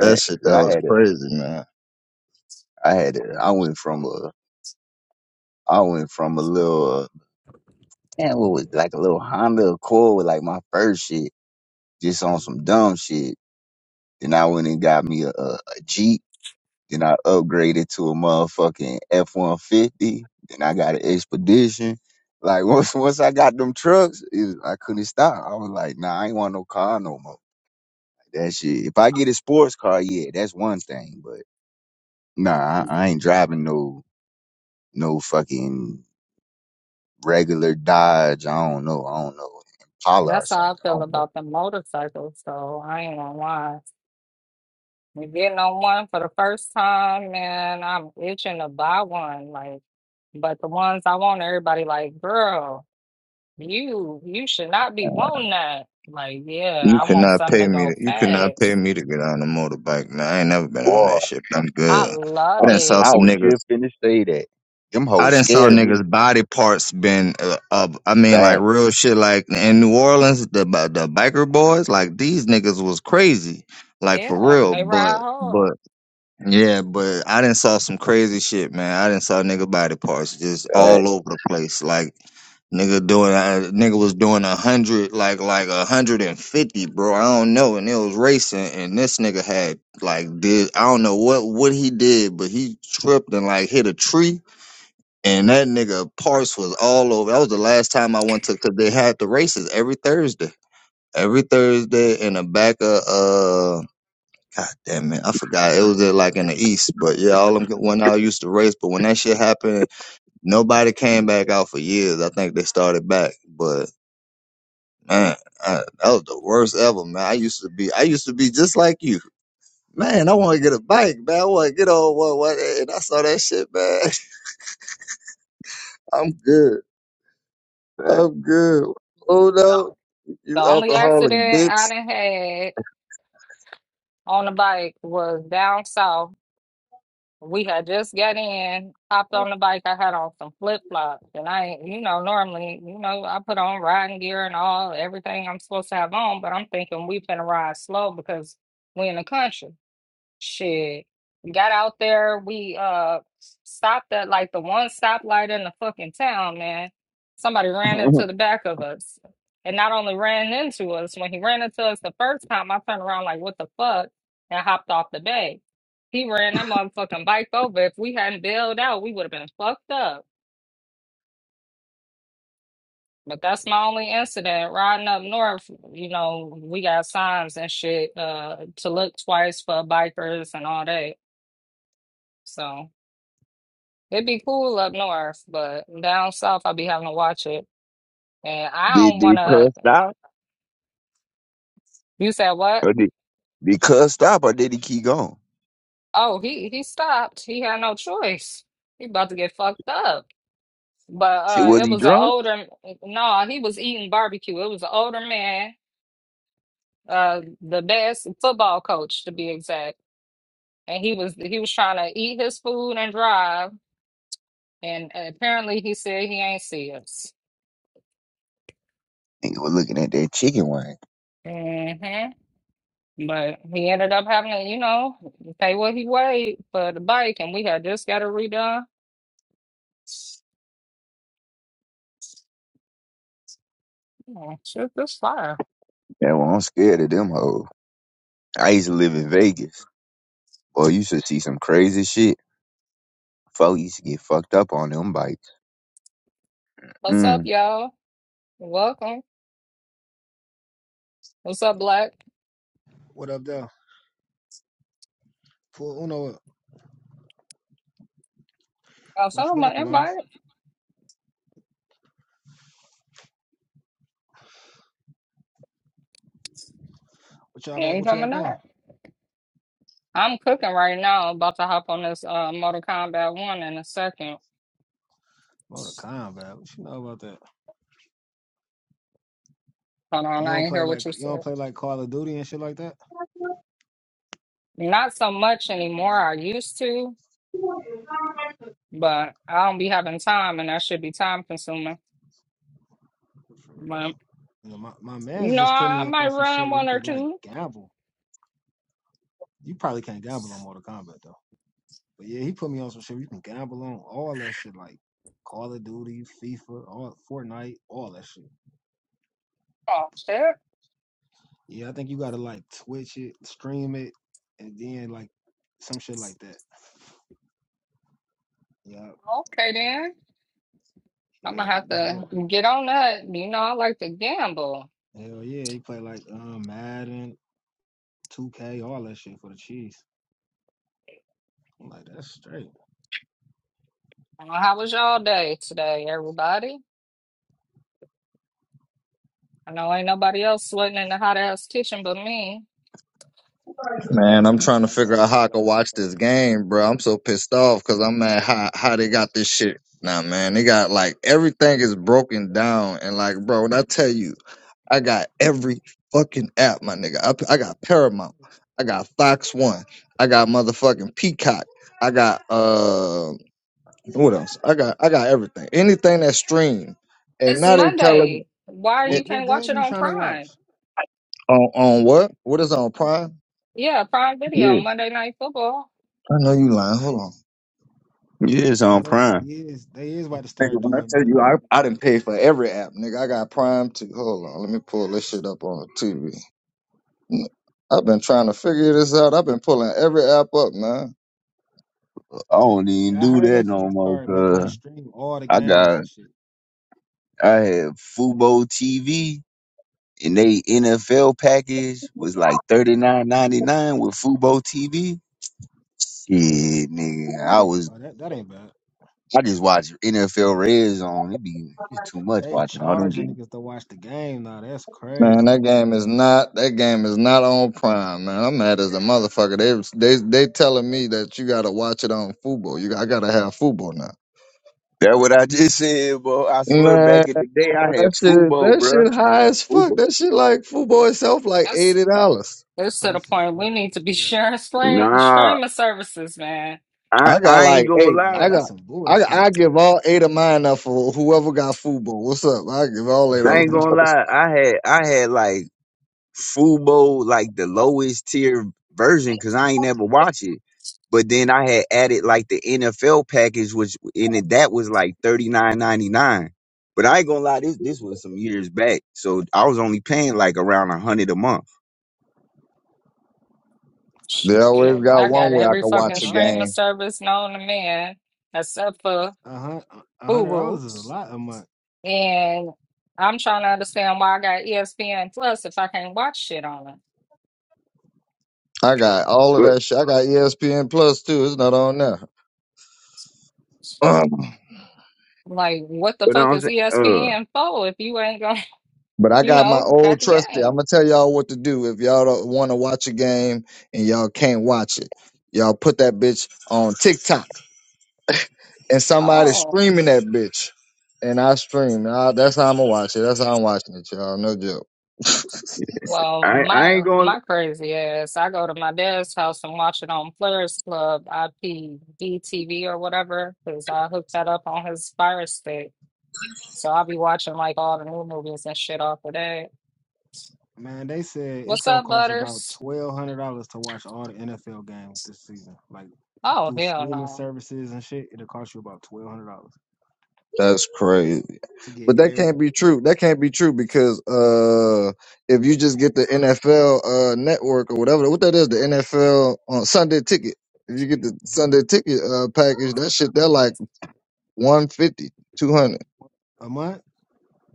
[SPEAKER 5] that shit
[SPEAKER 6] 'Cause
[SPEAKER 5] that
[SPEAKER 6] I
[SPEAKER 5] was
[SPEAKER 6] had it.
[SPEAKER 5] crazy, man.
[SPEAKER 6] I had it. I went from a, I went from a little, uh, damn, what was it, like a little Honda Accord with like my first shit, just on some dumb shit. Then I went and got me a, a, a Jeep. Then I upgraded to a motherfucking F one fifty. Then I got an expedition. Like once once I got them trucks, it, I couldn't stop. I was like, nah, I ain't want no car no more. That shit. If I get a sports car, yeah, that's one thing. But nah, I, I ain't driving no no fucking regular Dodge. I don't know. I don't know Impala or
[SPEAKER 1] That's how
[SPEAKER 6] something.
[SPEAKER 1] I
[SPEAKER 6] I
[SPEAKER 1] feel
[SPEAKER 6] don't know.
[SPEAKER 1] about the motorcycles. So I ain't gonna lie. Me getting on one for the first time, man, I'm itching to buy one. Like, but the ones I want, everybody like, girl, you you should not be wanting that. Like, yeah,
[SPEAKER 5] You
[SPEAKER 1] I
[SPEAKER 5] could
[SPEAKER 1] want
[SPEAKER 5] not
[SPEAKER 1] something
[SPEAKER 5] pay
[SPEAKER 1] to
[SPEAKER 5] me to
[SPEAKER 1] go
[SPEAKER 5] you could
[SPEAKER 1] fast.
[SPEAKER 5] not pay me to get on a motorbike, man. I ain't never been on
[SPEAKER 6] Boy,
[SPEAKER 5] that shit. but I'm
[SPEAKER 1] I
[SPEAKER 5] good. I
[SPEAKER 1] love
[SPEAKER 6] I,
[SPEAKER 5] done saw
[SPEAKER 1] it.
[SPEAKER 6] I
[SPEAKER 5] some
[SPEAKER 6] was
[SPEAKER 5] niggas.
[SPEAKER 6] just finna say that. Them
[SPEAKER 5] I
[SPEAKER 6] hoes
[SPEAKER 5] didn't saw
[SPEAKER 6] scare me.
[SPEAKER 5] niggas body parts been uh, up. I mean, like
[SPEAKER 6] Back,
[SPEAKER 5] real shit. Like in New Orleans, the the biker boys, like these niggas was crazy, like for
[SPEAKER 1] Yeah,
[SPEAKER 5] real.
[SPEAKER 1] they ride
[SPEAKER 5] But
[SPEAKER 1] hard.
[SPEAKER 5] but yeah, but I didn't saw some crazy shit, man. I didn't saw nigga body parts just
[SPEAKER 6] back,
[SPEAKER 5] all over the place. Like nigga doing, uh, nigga was doing a hundred, like like a hundred and fifty, bro. I don't know, and it was racing, and this nigga had like did I don't know what what he did, but he tripped and like hit a tree and that nigga parts was all over. That was the last time I went to because they had the races every Thursday, every Thursday in the back of uh, god damn it, I forgot it was uh, like in the east, but yeah, all them when I used to race, but when that shit happened, nobody came back out for years. I think they started back, but man, I, that was the worst ever, man. I used to be, I used to be just like you. Man, I want to get a bike, man. I want to get on one, one, and I saw that shit, man. I'm good.
[SPEAKER 6] back.
[SPEAKER 5] I'm good. Oh no,
[SPEAKER 1] The
[SPEAKER 5] you
[SPEAKER 1] only
[SPEAKER 5] alcoholic
[SPEAKER 1] accident I
[SPEAKER 5] bitch.
[SPEAKER 1] done had on the bike was down south. We had just got in, hopped on the bike. I had on some flip flops, and I, ain't- you know, normally, you know, I put on riding gear and all everything I'm supposed to have on. But I'm thinking we finna ride slow because we in the country. Shit. Got out there. We uh stopped at like the one stoplight in the fucking town, man. Somebody ran into the back of us. And not only ran into us, when he ran into us the first time, I turned around like, what the fuck? And hopped off the bay. He ran that motherfucking bike over. If we hadn't bailed out, we would have been fucked up. But that's my only incident. Riding up north, you know, we got signs and shit uh, to look twice for bikers and all that. So. It'd be cool up north, but down south I'll be having to watch it. And I
[SPEAKER 6] did
[SPEAKER 1] don't
[SPEAKER 6] they
[SPEAKER 1] wanna
[SPEAKER 6] cuss out?
[SPEAKER 1] you said what?
[SPEAKER 6] Or did, did Cuz stop or did he keep going?
[SPEAKER 1] Oh, he he stopped. He had no choice. He about to get fucked up. But
[SPEAKER 6] Shit,
[SPEAKER 1] uh
[SPEAKER 6] was
[SPEAKER 1] it
[SPEAKER 6] he
[SPEAKER 1] was an
[SPEAKER 6] drunk?
[SPEAKER 1] older no, he was eating barbecue. It was an older man, uh the best football coach to be exact. And he was he was trying to eat his food and drive and apparently he said he ain't see us.
[SPEAKER 6] Nigga was looking at that chicken wing.
[SPEAKER 1] hmm But he ended up having to, you know, pay what he weighed for the bike, and we had just got it redone. Oh, shit, this fire.
[SPEAKER 6] Yeah, well, I'm scared of them hoes. I used to live in Vegas. Boy, you should see some crazy shit. Folk used to get fucked up on them bikes.
[SPEAKER 1] What's up,
[SPEAKER 6] Mm.
[SPEAKER 1] y'all? Welcome. What's up, Black?
[SPEAKER 7] What up, though? Full Uno,
[SPEAKER 1] I some
[SPEAKER 7] what you
[SPEAKER 1] of
[SPEAKER 7] been
[SPEAKER 1] my
[SPEAKER 7] on, mama?
[SPEAKER 1] invite.
[SPEAKER 7] What y'all
[SPEAKER 1] Yeah, You
[SPEAKER 7] got?
[SPEAKER 1] ain't
[SPEAKER 7] What you got
[SPEAKER 1] coming
[SPEAKER 7] going?
[SPEAKER 1] out. I'm cooking right now. About to hop on this uh, Mortal Kombat 1 in a second.
[SPEAKER 7] Motorcon, man. What you know about that?
[SPEAKER 1] Hold on,
[SPEAKER 7] You
[SPEAKER 1] I
[SPEAKER 7] don't
[SPEAKER 1] ain't
[SPEAKER 7] play
[SPEAKER 1] hear
[SPEAKER 7] like
[SPEAKER 1] what you
[SPEAKER 7] you don't
[SPEAKER 1] said.
[SPEAKER 7] play like Call of Duty and shit like that.
[SPEAKER 1] Not so much anymore. I used to, but I don't be having time, and that should be time consuming.
[SPEAKER 7] For
[SPEAKER 1] But,
[SPEAKER 7] real. You know, my my
[SPEAKER 1] you
[SPEAKER 7] man's
[SPEAKER 1] know,
[SPEAKER 7] just put
[SPEAKER 1] I, I
[SPEAKER 7] me up
[SPEAKER 1] might
[SPEAKER 7] on some shit
[SPEAKER 1] run
[SPEAKER 7] where you
[SPEAKER 1] one or
[SPEAKER 7] could like
[SPEAKER 1] two.
[SPEAKER 7] gamble. You probably can't gamble on Mortal Kombat though. But yeah, he put me on some shit where you can gamble on all that shit like Call of Duty, FIFA, all Fortnite, all that shit.
[SPEAKER 1] Oh, shit.
[SPEAKER 7] Yeah, I think you gotta like Twitch it, stream it, and then like some shit like that. Yeah,
[SPEAKER 1] Okay then. I'm gonna
[SPEAKER 7] yeah,
[SPEAKER 1] have
[SPEAKER 7] that's
[SPEAKER 1] to
[SPEAKER 7] all.
[SPEAKER 1] get on that. You know, I like to gamble.
[SPEAKER 7] Hell yeah, he played like um, Madden, 2K, all that shit for the Chiefs. I'm like, that's straight.
[SPEAKER 1] Uh, How was y'all day today, everybody? I know ain't nobody else sweating in the hot ass kitchen but me.
[SPEAKER 5] Man, I'm trying to figure out how I can watch this game, bro. I'm so pissed off because I'm mad how how they got this shit. Now, man, they got like everything is broken down and like, bro, when I tell you, I got every fucking app, my nigga. I, I got Paramount, I got Fox One, I got motherfucking Peacock, I got uh, what else? I got I got everything, anything that stream. And
[SPEAKER 1] It's
[SPEAKER 5] now they telling
[SPEAKER 1] Monday. Why
[SPEAKER 5] me.
[SPEAKER 1] you
[SPEAKER 7] What what
[SPEAKER 1] can't watch
[SPEAKER 7] game
[SPEAKER 1] it
[SPEAKER 7] you
[SPEAKER 1] on
[SPEAKER 7] trying to watch?
[SPEAKER 1] Prime?
[SPEAKER 5] On on what? What is on Prime?
[SPEAKER 1] Yeah, Prime Video,
[SPEAKER 6] Yeah.
[SPEAKER 1] Monday Night Football.
[SPEAKER 5] I know you lying. Hold on.
[SPEAKER 6] Yeah, it's
[SPEAKER 7] Oh,
[SPEAKER 6] on
[SPEAKER 7] they
[SPEAKER 6] prime.
[SPEAKER 7] is they is about to
[SPEAKER 5] Nigga,
[SPEAKER 7] start
[SPEAKER 5] when I
[SPEAKER 7] doing
[SPEAKER 5] tell
[SPEAKER 7] that.
[SPEAKER 5] you I, I didn't pay for every app, nigga. I got Prime too. Hold on, let me pull this shit up on the TV. N- I've been trying to figure this out. I've been pulling every app up, man.
[SPEAKER 6] I don't even
[SPEAKER 7] Yeah, I
[SPEAKER 6] do
[SPEAKER 7] heard they
[SPEAKER 6] that
[SPEAKER 7] finna
[SPEAKER 6] no more,
[SPEAKER 7] start making
[SPEAKER 6] cuz
[SPEAKER 7] you stream all the
[SPEAKER 6] I
[SPEAKER 7] games
[SPEAKER 6] got,
[SPEAKER 7] and shit.
[SPEAKER 6] I had Fubo TV and they NFL package was like thirty nine ninety nine with Fubo TV. Shit, nigga. I was
[SPEAKER 7] Oh, that that ain't bad.
[SPEAKER 6] I just watch NFL Red Zone. It be it's too much
[SPEAKER 7] They
[SPEAKER 6] watching all them
[SPEAKER 7] charging
[SPEAKER 6] games.
[SPEAKER 7] niggas to watch the game now. That's
[SPEAKER 5] Man,
[SPEAKER 7] crazy.
[SPEAKER 5] that game is not that game is not on Prime, man. I'm mad as a motherfucker. They they they telling me that you gotta watch it on Fubo. You I gotta have Fubo now.
[SPEAKER 6] That what I just said, bro. I swear,
[SPEAKER 5] Man,
[SPEAKER 6] back in the day, I
[SPEAKER 5] that
[SPEAKER 6] had
[SPEAKER 5] shit
[SPEAKER 6] Fubo,
[SPEAKER 5] that
[SPEAKER 6] bro.
[SPEAKER 5] shit high as fuck.
[SPEAKER 6] Fubo.
[SPEAKER 5] That shit like Fubo itself like
[SPEAKER 1] That's
[SPEAKER 5] eighty dollars.
[SPEAKER 1] it's to the
[SPEAKER 7] Person,
[SPEAKER 1] point we
[SPEAKER 7] go over
[SPEAKER 1] need to be
[SPEAKER 7] there.
[SPEAKER 1] sharing stream
[SPEAKER 6] Nah,
[SPEAKER 1] streaming services, man.
[SPEAKER 6] I
[SPEAKER 5] I got
[SPEAKER 6] I ain't
[SPEAKER 5] like
[SPEAKER 6] gonna
[SPEAKER 5] eight.
[SPEAKER 7] Yeah,
[SPEAKER 6] lie.
[SPEAKER 5] I
[SPEAKER 7] that's
[SPEAKER 5] got.
[SPEAKER 7] some
[SPEAKER 5] I
[SPEAKER 7] bullshit.
[SPEAKER 5] I give all eight of mine up for whoever got football. What's up? I give all eight
[SPEAKER 6] I
[SPEAKER 5] of
[SPEAKER 6] ain't
[SPEAKER 5] them.
[SPEAKER 6] gonna lie. I had I had like Fubo, like the lowest tier version, because I ain't ever watch it. But then I had added like the NFL package, which in it that was like thirty nine ninety nine. But I ain't gonna lie, this this was some years back, so I was only paying like around a hundred a month.
[SPEAKER 5] they
[SPEAKER 7] that's still a
[SPEAKER 5] always
[SPEAKER 1] Shit,
[SPEAKER 5] got
[SPEAKER 1] I
[SPEAKER 7] lot,
[SPEAKER 5] one
[SPEAKER 1] got
[SPEAKER 5] way I
[SPEAKER 7] nigga.
[SPEAKER 1] every
[SPEAKER 5] can
[SPEAKER 7] A
[SPEAKER 5] watch
[SPEAKER 1] fucking
[SPEAKER 7] hundred
[SPEAKER 5] a
[SPEAKER 1] streaming
[SPEAKER 5] game.
[SPEAKER 7] dollars.
[SPEAKER 1] service known to man except for
[SPEAKER 7] A a hun- a
[SPEAKER 1] Boo
[SPEAKER 7] hundred
[SPEAKER 1] Boo.
[SPEAKER 7] dollars is a lot a month.
[SPEAKER 1] And I'm trying to understand why I got ESPN Plus if I can't watch shit on it.
[SPEAKER 5] I got all of
[SPEAKER 6] But
[SPEAKER 5] that shit. I got ESPN Plus too. It's not on there. Um,
[SPEAKER 1] Like, what the
[SPEAKER 6] but
[SPEAKER 1] fuck
[SPEAKER 6] I'm
[SPEAKER 1] is
[SPEAKER 6] saying, uh,
[SPEAKER 1] ESPN for if you ain't gonna,
[SPEAKER 5] but I
[SPEAKER 1] you
[SPEAKER 5] got my
[SPEAKER 1] know,
[SPEAKER 7] Facts.
[SPEAKER 1] got
[SPEAKER 5] old
[SPEAKER 1] the
[SPEAKER 5] trusty. I'm
[SPEAKER 1] game?
[SPEAKER 5] gonna tell y'all what to do if y'all don't want to watch a game and y'all can't watch it. Y'all put that bitch on TikTok and somebody
[SPEAKER 1] Oh,
[SPEAKER 5] streaming that bitch. And I stream. Nah, that's how I'm gonna watch it. That's how I'm watching it, y'all. No joke.
[SPEAKER 1] well,
[SPEAKER 6] I I ain't
[SPEAKER 1] my
[SPEAKER 6] going. to
[SPEAKER 1] my crazy ass. I go to my dad's house and watch it on Players Club IPDTV or whatever because I hooked that up on his Fire Stick. So I'll be watching like all the new movies and shit off of that.
[SPEAKER 7] Man, they said it's
[SPEAKER 1] What's
[SPEAKER 7] gonna
[SPEAKER 1] up,
[SPEAKER 7] cost about
[SPEAKER 1] Butters?
[SPEAKER 7] twelve hundred dollars to watch all the NFL games this season. Like
[SPEAKER 1] Oh,
[SPEAKER 7] through
[SPEAKER 1] hell
[SPEAKER 7] streaming
[SPEAKER 1] no.
[SPEAKER 7] services and shit, it'll cost you about twelve hundred dollars
[SPEAKER 5] That's crazy.
[SPEAKER 7] to get
[SPEAKER 5] But that can't be
[SPEAKER 7] everything.
[SPEAKER 5] true. That can't be true because uh, if you just get the NFL uh, network or whatever, what that is, the NFL on Sunday ticket. If you get the
[SPEAKER 7] Mhm.
[SPEAKER 5] Sunday ticket uh, package, that shit they're like 150, 200.
[SPEAKER 7] A month?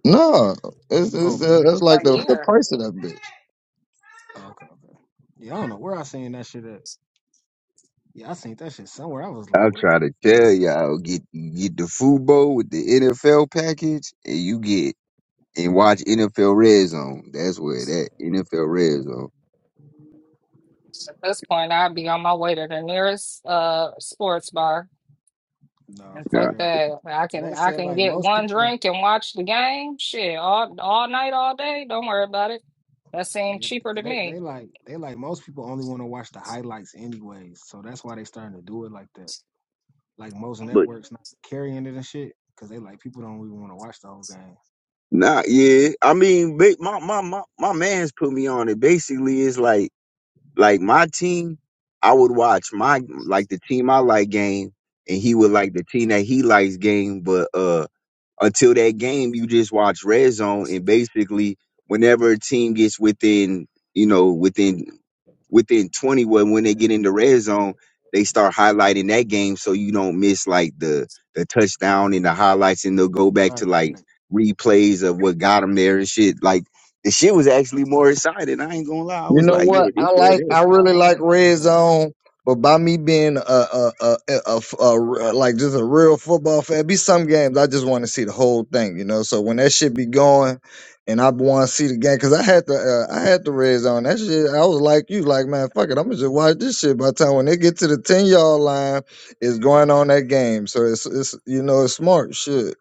[SPEAKER 5] No, it's,
[SPEAKER 7] Oh,
[SPEAKER 5] it's
[SPEAKER 7] for the
[SPEAKER 5] uh,
[SPEAKER 7] year?
[SPEAKER 5] that's like the the price of that bitch.
[SPEAKER 7] Oh, okay, okay. Yeah, I don't know where I seen that shit at. Yeah, I seen that shit somewhere. I was like,
[SPEAKER 6] I'll
[SPEAKER 7] what the
[SPEAKER 6] try to
[SPEAKER 7] fuck?
[SPEAKER 6] tell y'all get get the Fubo with the NFL package, and you get and watch NFL Red Zone. That's where that NFL Red Zone.
[SPEAKER 1] At this point, I'd be on my way to the nearest uh sports bar.
[SPEAKER 7] Nah,
[SPEAKER 1] And
[SPEAKER 7] for
[SPEAKER 6] Yeah,
[SPEAKER 1] fuck
[SPEAKER 7] real.
[SPEAKER 1] that. I
[SPEAKER 7] But
[SPEAKER 1] can
[SPEAKER 7] they
[SPEAKER 1] I
[SPEAKER 7] said
[SPEAKER 1] can
[SPEAKER 7] like
[SPEAKER 1] get
[SPEAKER 7] most
[SPEAKER 1] one
[SPEAKER 7] people,
[SPEAKER 1] drink and watch the game. Shit, all all night, all day. Don't worry about it. That seemed
[SPEAKER 7] yeah,
[SPEAKER 1] cheaper to
[SPEAKER 7] they they
[SPEAKER 1] me.
[SPEAKER 7] like they like most people only want to watch the highlights anyways. So that's why they starting to do it like that. like most
[SPEAKER 6] But
[SPEAKER 7] networks not carrying it and shit because they like people don't even want to watch the whole game.
[SPEAKER 6] nah, yeah. I mean, ba- my my my my man's put me on it. Basically, it's like like my team. I would watch my like the team I like game, and he would
[SPEAKER 7] Right.
[SPEAKER 6] like the team that he likes game. But uh. until that game, you just watch red zone, and basically, whenever a team gets within, you know, within within twenty, when when they get in the red zone, they start highlighting that game so you don't miss like the the touchdown and the highlights, and they'll go back
[SPEAKER 7] Right.
[SPEAKER 6] to like
[SPEAKER 7] Right.
[SPEAKER 6] replays of what got them there and shit. Like the shit was actually more exciting. I ain't gonna lie, I
[SPEAKER 5] You
[SPEAKER 6] was
[SPEAKER 5] know
[SPEAKER 6] like, yeah,
[SPEAKER 5] what?
[SPEAKER 7] Yeah,
[SPEAKER 6] this
[SPEAKER 5] I
[SPEAKER 6] where
[SPEAKER 7] yeah,
[SPEAKER 5] like.
[SPEAKER 6] they.
[SPEAKER 5] I
[SPEAKER 7] nah,
[SPEAKER 5] really
[SPEAKER 7] I would
[SPEAKER 5] like
[SPEAKER 7] imagine
[SPEAKER 5] Red
[SPEAKER 7] though.
[SPEAKER 5] Zone, but by me being a a a, a, a, a- like just a real football fan, be some games I just want to see the whole thing. You know, so when that shit be going, and I want to see the game, cause I had the uh, I had the Red Zone. That shit, I was like you, like man, fuck it, I'm gonna just watch this shit. By the time when they get to the ten yard line, it's going on that game. So it's it's you know it's smart shit,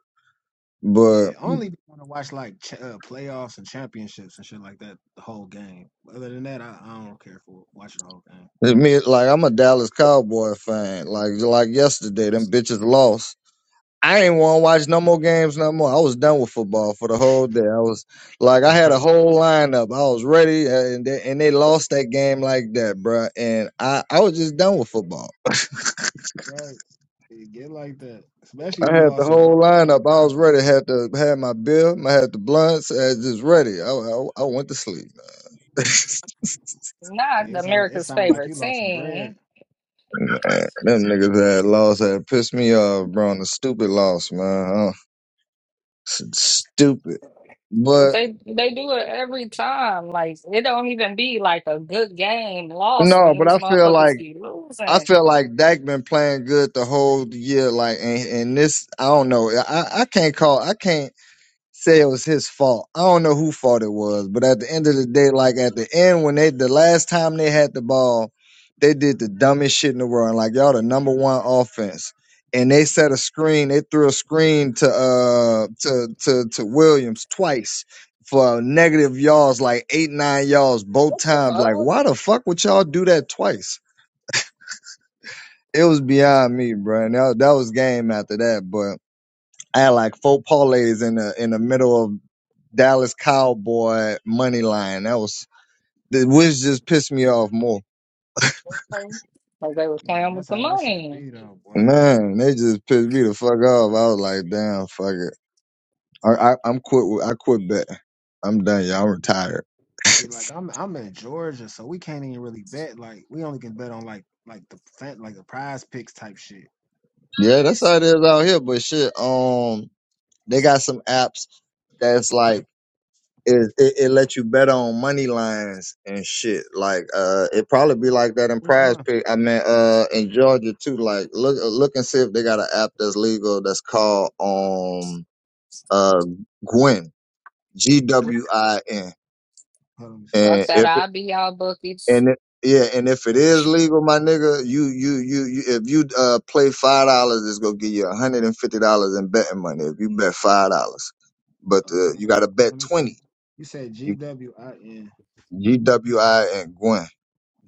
[SPEAKER 5] but.
[SPEAKER 7] Yeah. Only want to watch like ch- uh, playoffs and championships and shit like that. The whole game. Other than that, I, I don't care for watching the whole
[SPEAKER 5] it's Me, like I'm a Dallas Cowboy fan. Like like yesterday, them bitches lost. I ain't want to watch no more games no more. I was done with football for the whole day. I was like, I had a
[SPEAKER 7] game.
[SPEAKER 5] whole lineup. I was ready, uh, and they, and they lost that game like that, bruh. And I, I was just done with football.
[SPEAKER 7] right. It get like that, especially if
[SPEAKER 5] I
[SPEAKER 7] you
[SPEAKER 5] had the
[SPEAKER 7] lost some
[SPEAKER 5] whole
[SPEAKER 7] bread.
[SPEAKER 5] lineup.
[SPEAKER 7] Nigga,
[SPEAKER 5] I was
[SPEAKER 7] I'd be
[SPEAKER 5] ready.
[SPEAKER 7] sick.
[SPEAKER 5] Had to had my bill. I had the blunts. I was just ready. I, I, I went to sleep.
[SPEAKER 1] Not
[SPEAKER 7] Yeah, It sound it
[SPEAKER 1] America's
[SPEAKER 7] sound like
[SPEAKER 1] favorite
[SPEAKER 7] you lost some bread.
[SPEAKER 1] team,
[SPEAKER 5] man, them niggas had lost had pissed me off, bro. And the stupid loss, man. Uh, s- stupid,
[SPEAKER 1] but
[SPEAKER 5] but.
[SPEAKER 1] they they do it every time. Like it don't even be like a good game lost
[SPEAKER 5] No,
[SPEAKER 1] when
[SPEAKER 5] but
[SPEAKER 1] these
[SPEAKER 5] I feel like
[SPEAKER 1] motherfuckers be
[SPEAKER 5] I
[SPEAKER 1] losing.
[SPEAKER 5] felt like Dak been playing good the whole year. Like, and, and this, I don't know. I, I can't call. I can't say it was his fault. I don't know who fault it was, but at the end of the day, like at the end when they the last time they had the ball, they did the dumbest shit in the world. And like y'all, the number one offense, and they set a screen. They threw a screen to uh to to to Williams twice. For negative yards, like eight, nine yards both
[SPEAKER 1] What the
[SPEAKER 5] times. Like,
[SPEAKER 1] fuck?
[SPEAKER 5] why the fuck would y'all do that twice? it was beyond me, bro. And that, that was game after that. But I had like four parlays in the in the middle of Dallas Cowboy money line. That was the which just pissed me off more.
[SPEAKER 1] Like they were
[SPEAKER 7] You know
[SPEAKER 1] playing with
[SPEAKER 7] that's
[SPEAKER 1] the
[SPEAKER 7] how that shit
[SPEAKER 1] money.
[SPEAKER 7] be though, boy.
[SPEAKER 5] Man, they just pissed me the fuck off. I was like, damn, fuck it. I, I I'm quit. with- I quit betting. I'm done, y'all. I'm retired.
[SPEAKER 7] See, like I'm I'm in Georgia, so we can't even really bet. Like we only can bet on like like the fa- like the prize picks type shit.
[SPEAKER 5] Yeah, that's how it is out here. But shit, um, they got some apps that's like it, it it lets you bet on money lines and shit. Like uh, it probably be like that in
[SPEAKER 7] Which
[SPEAKER 5] Prize
[SPEAKER 7] one?
[SPEAKER 5] Pick. I mean, uh, in Georgia too. Like look look and see if they got an app that's legal that's called um uh Gwin G
[SPEAKER 7] What?
[SPEAKER 5] W I N.
[SPEAKER 7] Hold on, let me see.
[SPEAKER 1] Fuck
[SPEAKER 5] And
[SPEAKER 1] that.
[SPEAKER 5] if it-
[SPEAKER 1] I'd be out bookies.
[SPEAKER 5] and it, yeah, and if it is legal, my nigga, you you you, you if you uh play five dollars, it's gonna give you a hundred and fifty dollars in betting money if you bet five dollars. But
[SPEAKER 7] oh
[SPEAKER 5] uh, you
[SPEAKER 7] damn.
[SPEAKER 5] got to bet
[SPEAKER 7] Let me see.
[SPEAKER 5] twenty.
[SPEAKER 7] You said G
[SPEAKER 5] You
[SPEAKER 7] W I N.
[SPEAKER 5] G W I and Gwin.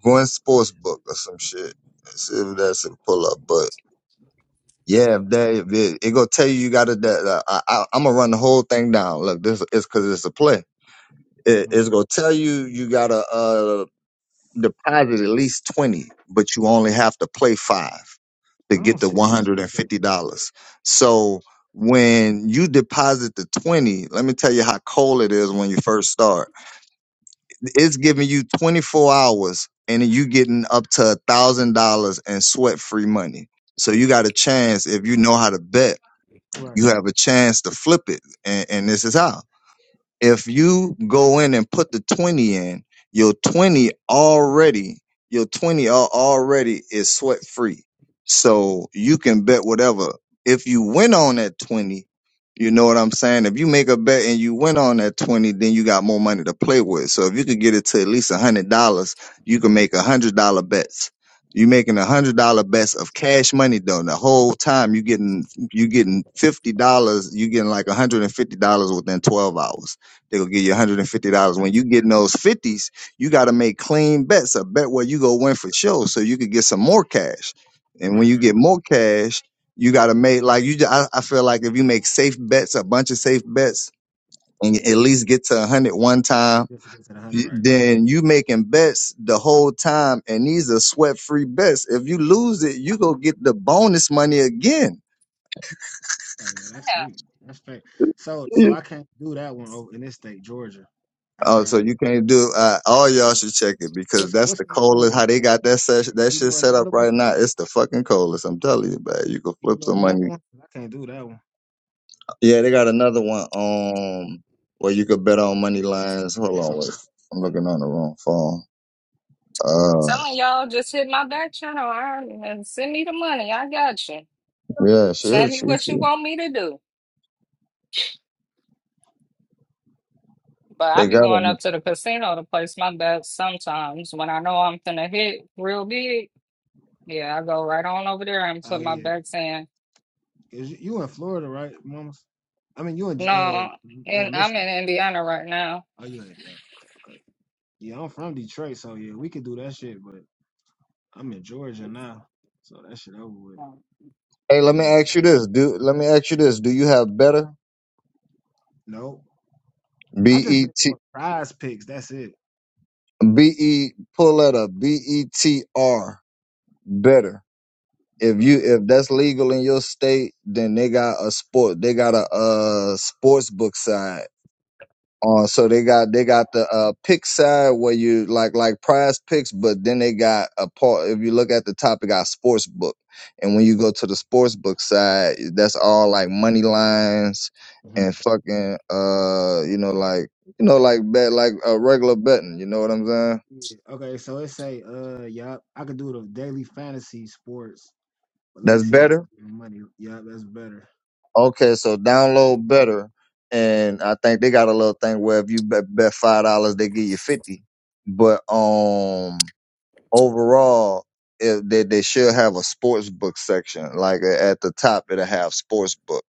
[SPEAKER 5] Going Sportsbook or some shit. See if that's a pull up. But yeah, if that if it, it gonna tell you you got to that. Uh, I, I, I'm gonna run the whole thing down. Look, this is because it's a play. It,
[SPEAKER 7] Mhm.
[SPEAKER 5] it's gonna tell you you gotta uh deposit at least twenty, but you only have to play five
[SPEAKER 7] I
[SPEAKER 5] to
[SPEAKER 7] don't
[SPEAKER 5] get the
[SPEAKER 7] see
[SPEAKER 5] one
[SPEAKER 7] that
[SPEAKER 5] hundred
[SPEAKER 7] shit
[SPEAKER 5] and
[SPEAKER 7] though.
[SPEAKER 5] fifty dollars. So when you deposit the twenty, let me tell you how cold it is when you first start it's giving you 24 hours and you getting up to a thousand dollars in sweat free money. So you got a chance if you know how to bet,
[SPEAKER 7] Right.
[SPEAKER 5] you have a chance to flip it. And, and this is how if you go in and put the 20 in, your 20 already, your 20 al- already is sweat free. So you can bet whatever. If you win on that 20, you know what I'm saying? If you make a bet and you win on that 20, then you got more money to play with. So if you could get it to at least $100, you can make $100 bets. You making a hundred dollar bets of cash money though. The whole time you getting you getting fifty dollars, you getting like a hundred and fifty dollars within twelve hours. They're gonna give you
[SPEAKER 7] That's
[SPEAKER 5] $150. When
[SPEAKER 7] fake.
[SPEAKER 5] you get those 50s, you gotta make clean bets, a bet where you go win for sure, so you could get some more cash. And
[SPEAKER 7] Right.
[SPEAKER 5] when you
[SPEAKER 7] Right.
[SPEAKER 5] get more cash, you gotta make like you. ju- I, I feel like if you make safe bets, a bunch of safe bets, and you at least get to 100 one
[SPEAKER 7] It
[SPEAKER 5] time,
[SPEAKER 7] just gets to the hundred,
[SPEAKER 5] y-
[SPEAKER 7] right?
[SPEAKER 5] then you making bets the whole time, and these are sweat free bets. If you lose it, you go get the bonus money again.
[SPEAKER 7] Oh yeah, that's sweet. That's fake. So so I can't do that one over in this state, Georgia. I
[SPEAKER 5] Oh, so
[SPEAKER 7] tried it.
[SPEAKER 5] you can't do. Uh, all
[SPEAKER 7] You
[SPEAKER 5] y'all
[SPEAKER 7] know?
[SPEAKER 5] should check it because
[SPEAKER 7] What's
[SPEAKER 5] that's
[SPEAKER 7] what's
[SPEAKER 5] the
[SPEAKER 7] another
[SPEAKER 5] coldest.
[SPEAKER 7] one?
[SPEAKER 5] How they got that session, that
[SPEAKER 7] You
[SPEAKER 5] shit
[SPEAKER 7] know
[SPEAKER 5] set up
[SPEAKER 7] another one?
[SPEAKER 5] right now. It's the fucking coldest. I'm telling you, man. You can
[SPEAKER 7] You
[SPEAKER 5] flip
[SPEAKER 7] know
[SPEAKER 5] some
[SPEAKER 7] another
[SPEAKER 5] money.
[SPEAKER 7] one? I can't do that one.
[SPEAKER 5] Yeah, they got another one um where you could bet on money lines. Hold on, wait. I'm looking on the wrong phone.
[SPEAKER 1] I'm
[SPEAKER 5] Uh,
[SPEAKER 1] telling y'all, just hit my back channel Iron, and send me the money. I got you.
[SPEAKER 5] yeah, she
[SPEAKER 1] Tell
[SPEAKER 5] is.
[SPEAKER 1] me
[SPEAKER 5] She,
[SPEAKER 1] what
[SPEAKER 5] she.
[SPEAKER 1] you want me to do. But
[SPEAKER 5] They
[SPEAKER 1] I be
[SPEAKER 5] got a.
[SPEAKER 1] going up to the casino to place my bets sometimes when I know I'm gonna hit real big. Yeah, I go right on over there and
[SPEAKER 7] Oh
[SPEAKER 1] put my
[SPEAKER 7] yeah.
[SPEAKER 1] bets in.
[SPEAKER 7] Is you you in Florida, right, mamas? I mean, you in
[SPEAKER 1] No,
[SPEAKER 7] uh, uh
[SPEAKER 1] and I'm
[SPEAKER 7] Michigan.
[SPEAKER 1] in Indiana right now.
[SPEAKER 7] Oh, you in yeah. Okay. Yeah, I'm from Detroit, so yeah, we could do that shit, but I'm in Georgia now, so that shit over with.
[SPEAKER 5] Hey, let me
[SPEAKER 7] Dang.
[SPEAKER 5] ask you this. Do let me ask you this. Do you have better?
[SPEAKER 7] Nope.
[SPEAKER 5] B
[SPEAKER 7] I just
[SPEAKER 5] E
[SPEAKER 7] been
[SPEAKER 5] T
[SPEAKER 7] doing prize picks. That's it.
[SPEAKER 5] B E pull letter B E T R better. if you if that's legal in your state, then they got a sport. They got a uh sports book side. Uh, so they got they got the uh pick side where you like like prize picks, but then they got a part. If you look at the top, it got sports book, and when you go to the sports book side, that's all like money lines
[SPEAKER 7] hmm
[SPEAKER 5] and fucking uh you know like you know like bet like a regular betting. You know what I'm saying?
[SPEAKER 7] Yeah. Okay, so it say, uh, yup, I could do the daily fantasy sports, but let me
[SPEAKER 5] That's
[SPEAKER 7] see if they
[SPEAKER 5] better.
[SPEAKER 7] can do the money. Yeah, that's better.
[SPEAKER 5] Okay, so download better, and I think they got a little thing where if you bet, bet five dollars, they give you fifty. But um, overall, it, they they should have a sports book section. Like uh, at the top, it'll have sports book,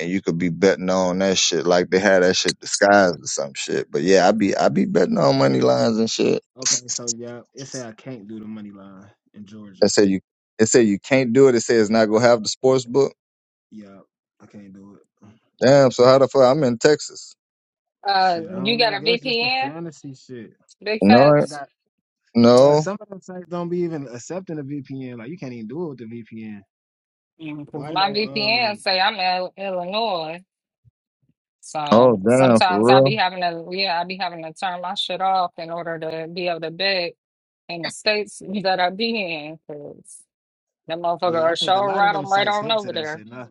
[SPEAKER 5] and you could be betting on that shit. Like they had that shit disguised or some shit. But yeah, I be I be betting on money lines and shit.
[SPEAKER 7] Okay, so yeah, it say I can't do the money line in
[SPEAKER 5] They
[SPEAKER 7] Georgia.
[SPEAKER 5] say you they say you can't do it. It says it's not gonna have the sports book.
[SPEAKER 7] Yup, I can't do it.
[SPEAKER 5] Damn. So how the fuck I'm in Texas?
[SPEAKER 1] Uh,
[SPEAKER 7] Shit, I
[SPEAKER 1] you
[SPEAKER 7] don't know. I
[SPEAKER 1] got a
[SPEAKER 7] guess just the
[SPEAKER 1] VPN?
[SPEAKER 7] fantasy shit.
[SPEAKER 1] Big
[SPEAKER 5] No, I-
[SPEAKER 7] I
[SPEAKER 1] facts.
[SPEAKER 7] got uh
[SPEAKER 5] no.
[SPEAKER 7] some of them sites don't be even accepting a VPN. Like you can't even do it with the VPN.
[SPEAKER 1] Mm, 'cause
[SPEAKER 7] Well, I
[SPEAKER 1] My
[SPEAKER 7] know.
[SPEAKER 1] VPN
[SPEAKER 7] Um,
[SPEAKER 1] say I'm in Illinois.
[SPEAKER 5] Oh
[SPEAKER 1] So
[SPEAKER 5] damn, for
[SPEAKER 1] sometimes I be
[SPEAKER 5] real.
[SPEAKER 1] having to, yeah, I be having to turn my shit off in order to be able to bet in the states that I be in, 'cause them motherfucker
[SPEAKER 7] yeah, I
[SPEAKER 1] are
[SPEAKER 7] think a
[SPEAKER 1] sure
[SPEAKER 7] lot of
[SPEAKER 1] right
[SPEAKER 7] them
[SPEAKER 1] on right
[SPEAKER 7] sites
[SPEAKER 1] on
[SPEAKER 7] hip to
[SPEAKER 1] over
[SPEAKER 7] that
[SPEAKER 1] there.
[SPEAKER 7] shit. Nah,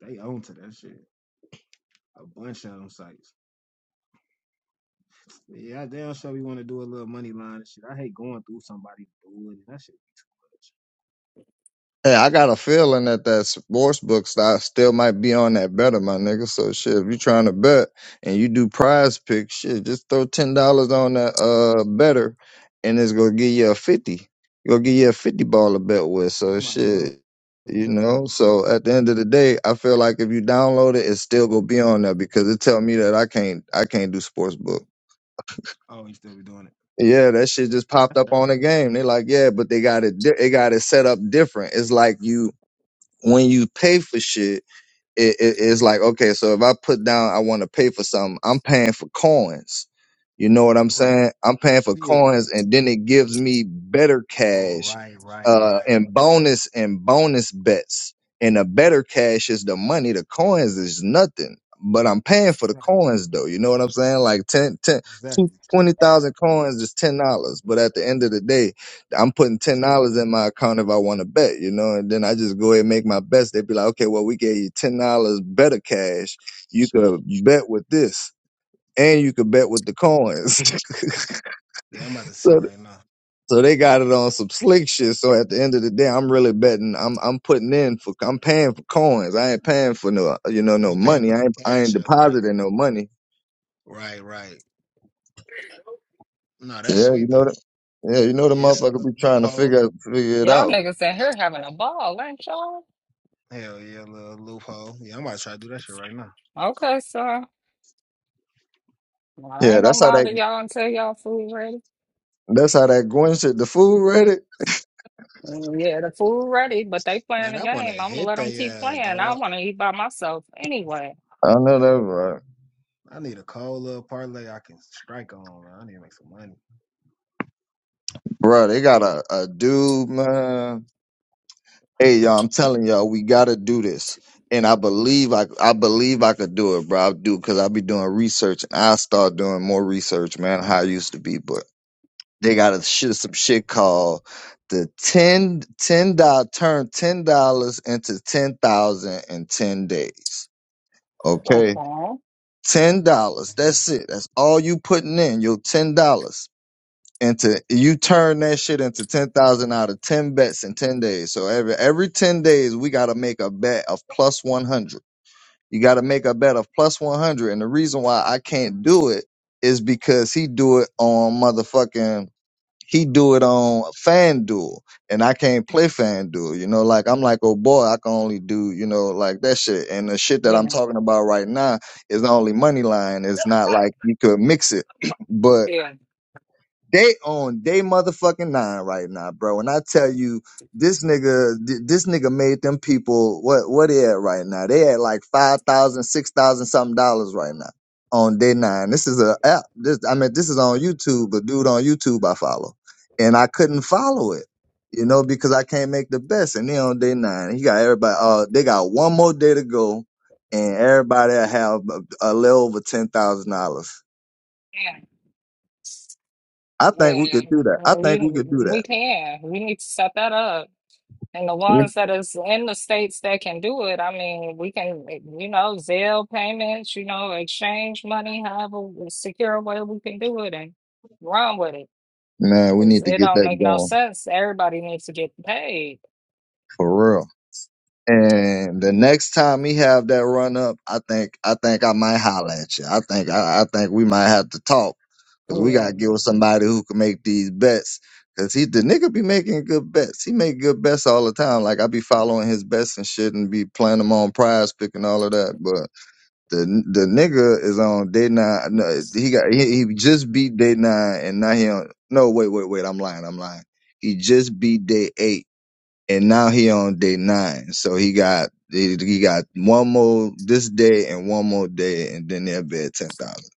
[SPEAKER 7] they own to that shit. A bunch of them sites. Yeah, they do sure we want to do a little money line and shit. I hate going through somebody to do it. That shit be
[SPEAKER 5] Hey, I got a feeling that that sports book stock still might be on that better, my nigga. So shit, if you trying to bet and you do prize Picks, shit, just throw ten dollars on that uh better, and it's gonna give you a fifty. Gonna give you a fifty ball to bet with.
[SPEAKER 7] too much. Yeah,
[SPEAKER 5] So
[SPEAKER 7] I might as well.
[SPEAKER 5] shit,
[SPEAKER 7] I'm
[SPEAKER 5] you
[SPEAKER 7] gonna do that.
[SPEAKER 5] know. So at the end of the day, I feel like if you download it, it's still gonna be on there because it tell me that I can't I can't do sports book.
[SPEAKER 7] Oh, you still be doing it?
[SPEAKER 5] Yeah, that shit just
[SPEAKER 7] Yeah,
[SPEAKER 5] popped
[SPEAKER 7] that's
[SPEAKER 5] up
[SPEAKER 7] right
[SPEAKER 5] on the
[SPEAKER 7] now.
[SPEAKER 5] game. They like, yeah, but they got it. di- They got it set up different. It's like you when you pay for shit it, it, it's like okay so if i put down i want to pay for something i'm paying for coins you know what i'm
[SPEAKER 7] Right.
[SPEAKER 5] saying i'm paying for
[SPEAKER 7] Yeah.
[SPEAKER 5] coins and then it gives me better
[SPEAKER 7] Oh,
[SPEAKER 5] cash
[SPEAKER 7] right, right,
[SPEAKER 5] uh
[SPEAKER 7] right,
[SPEAKER 5] and bonus and bonus bets and the better cash is the money the coins is nothing but i'm paying for the
[SPEAKER 7] right.
[SPEAKER 5] coins though you know what i'm saying like ten, ten, two
[SPEAKER 7] Exactly.
[SPEAKER 5] twenty thousand coins is $10 but at the end of the day I'm putting ten
[SPEAKER 7] Still
[SPEAKER 5] dollars in
[SPEAKER 7] money.
[SPEAKER 5] my account if I want to bet, you know, and then I just go ahead and make my best. They'd be like, okay, well, we gave you ten dollars better cash. You could bet with this, and you could bet with the coins.
[SPEAKER 7] Yeah, I'm about to see
[SPEAKER 5] so,
[SPEAKER 7] right now.
[SPEAKER 5] so they got it on some slick shit. So at the end of the day, I'm really betting. I'm I'm putting in for I'm paying for coins. I ain't paying for no you know
[SPEAKER 7] You
[SPEAKER 5] no
[SPEAKER 7] can pay and
[SPEAKER 5] money.
[SPEAKER 7] put
[SPEAKER 5] I ain't
[SPEAKER 7] the
[SPEAKER 5] I ain't
[SPEAKER 7] cash up, right?
[SPEAKER 5] depositing no money.
[SPEAKER 7] Right, right. No,
[SPEAKER 5] Yeah,
[SPEAKER 7] that's
[SPEAKER 5] you
[SPEAKER 7] sweet
[SPEAKER 5] know
[SPEAKER 7] though.
[SPEAKER 5] that. Yeah, you know the
[SPEAKER 7] Yeah, it's a
[SPEAKER 5] motherfucker be
[SPEAKER 7] little
[SPEAKER 5] trying to
[SPEAKER 7] loophole.
[SPEAKER 5] figure figure it
[SPEAKER 1] Y'all
[SPEAKER 5] out.
[SPEAKER 1] niggas in here having a ball, ain't y'all?
[SPEAKER 7] Hell yeah, little loophole. Yeah, I'm about to try to do that shit right now.
[SPEAKER 1] Okay, sir. Well, I
[SPEAKER 5] Yeah,
[SPEAKER 1] ain't
[SPEAKER 5] that's
[SPEAKER 1] gonna
[SPEAKER 5] how that
[SPEAKER 1] bother y'all until y'all food ready.
[SPEAKER 5] that's how that Gwen shit. The food ready.
[SPEAKER 1] Mm, Yeah, the food ready, but they playing
[SPEAKER 7] Man,
[SPEAKER 1] the
[SPEAKER 7] I want to
[SPEAKER 1] game. I'm gonna
[SPEAKER 7] hit
[SPEAKER 1] let them
[SPEAKER 7] they
[SPEAKER 1] keep
[SPEAKER 7] ass,
[SPEAKER 1] playing. I
[SPEAKER 7] dog.
[SPEAKER 1] want to eat by myself anyway.
[SPEAKER 5] I know that's right.
[SPEAKER 7] I need a cold little parlay I can strike on, man. I need to make some money.
[SPEAKER 5] Bruh, they got a, a dude, man. Hey, y'all, I'm telling y'all, we gotta do this. And I believe I I believe I could do it, bro. I do because I be doing research and I start doing more research, man, how I used to be. But they got a shit some shit called the ten ten dollar turn ten dollars into ten thousand in ten days. Okay.
[SPEAKER 1] Okay.
[SPEAKER 5] Ten dollars. That's
[SPEAKER 7] Mhm.
[SPEAKER 5] it. That's all you putting in. Your ten dollars. into you turn that shit into ten thousand out of ten bets in ten days. So every every ten days we gotta make a bet of plus one hundred. You gotta make a bet of plus one hundred. And the reason why I can't do it is because he do it on motherfucking he do it on FanDuel and I can't play FanDuel. You know, like I'm like, oh boy, I can only do, you know, like that shit. And the shit that I'm
[SPEAKER 1] Yeah.
[SPEAKER 5] talking about right now is only money line. It's not like you could mix it. but they on they motherfucking nine right now, bro. And I tell you, this nigga, th- this nigga made them people what what they at right now? They at like five thousand, six thousand something dollars right now on day nine. This is a app. This I mean, this is on YouTube. A dude on YouTube I follow, and I couldn't follow it, you know, because I can't make the best. And they on day nine. He got everybody. Uh, they got one more day to go, and everybody will have a, a little over ten thousand dollars.
[SPEAKER 1] Yeah.
[SPEAKER 5] I think we
[SPEAKER 1] Yeah,
[SPEAKER 5] could do that. I think we could
[SPEAKER 1] you,
[SPEAKER 5] do
[SPEAKER 1] we
[SPEAKER 5] that.
[SPEAKER 1] can. We need to set that up. And the ones that is in the states that can do it, I mean, we can, you know, Zelle payments, you know, exchange money, however secure way we can do it and run with it.
[SPEAKER 5] Man, we
[SPEAKER 1] 'Cause
[SPEAKER 5] need to
[SPEAKER 1] it
[SPEAKER 5] get
[SPEAKER 1] don't
[SPEAKER 5] that
[SPEAKER 1] make no
[SPEAKER 5] going
[SPEAKER 1] sense. Everybody needs to get paid.
[SPEAKER 5] for real. And the next time he have that run up, I think I think I might holler at you. I think I, I think we might have to talk because we gotta
[SPEAKER 1] Yeah.
[SPEAKER 5] get with somebody who can make these bets. Cause he the nigga be making good bets. He make good bets all the time. Like I be following his bets and shit and be playing them on prize pick and all of that. But the the nigga is on day nine. No, he got he, he just beat day nine and now he on. No wait wait wait. I'm lying. I'm lying. He just beat day eight and now he on day nine. So he got he, he got one more this day and one more day, and then they'll be at ten thousand.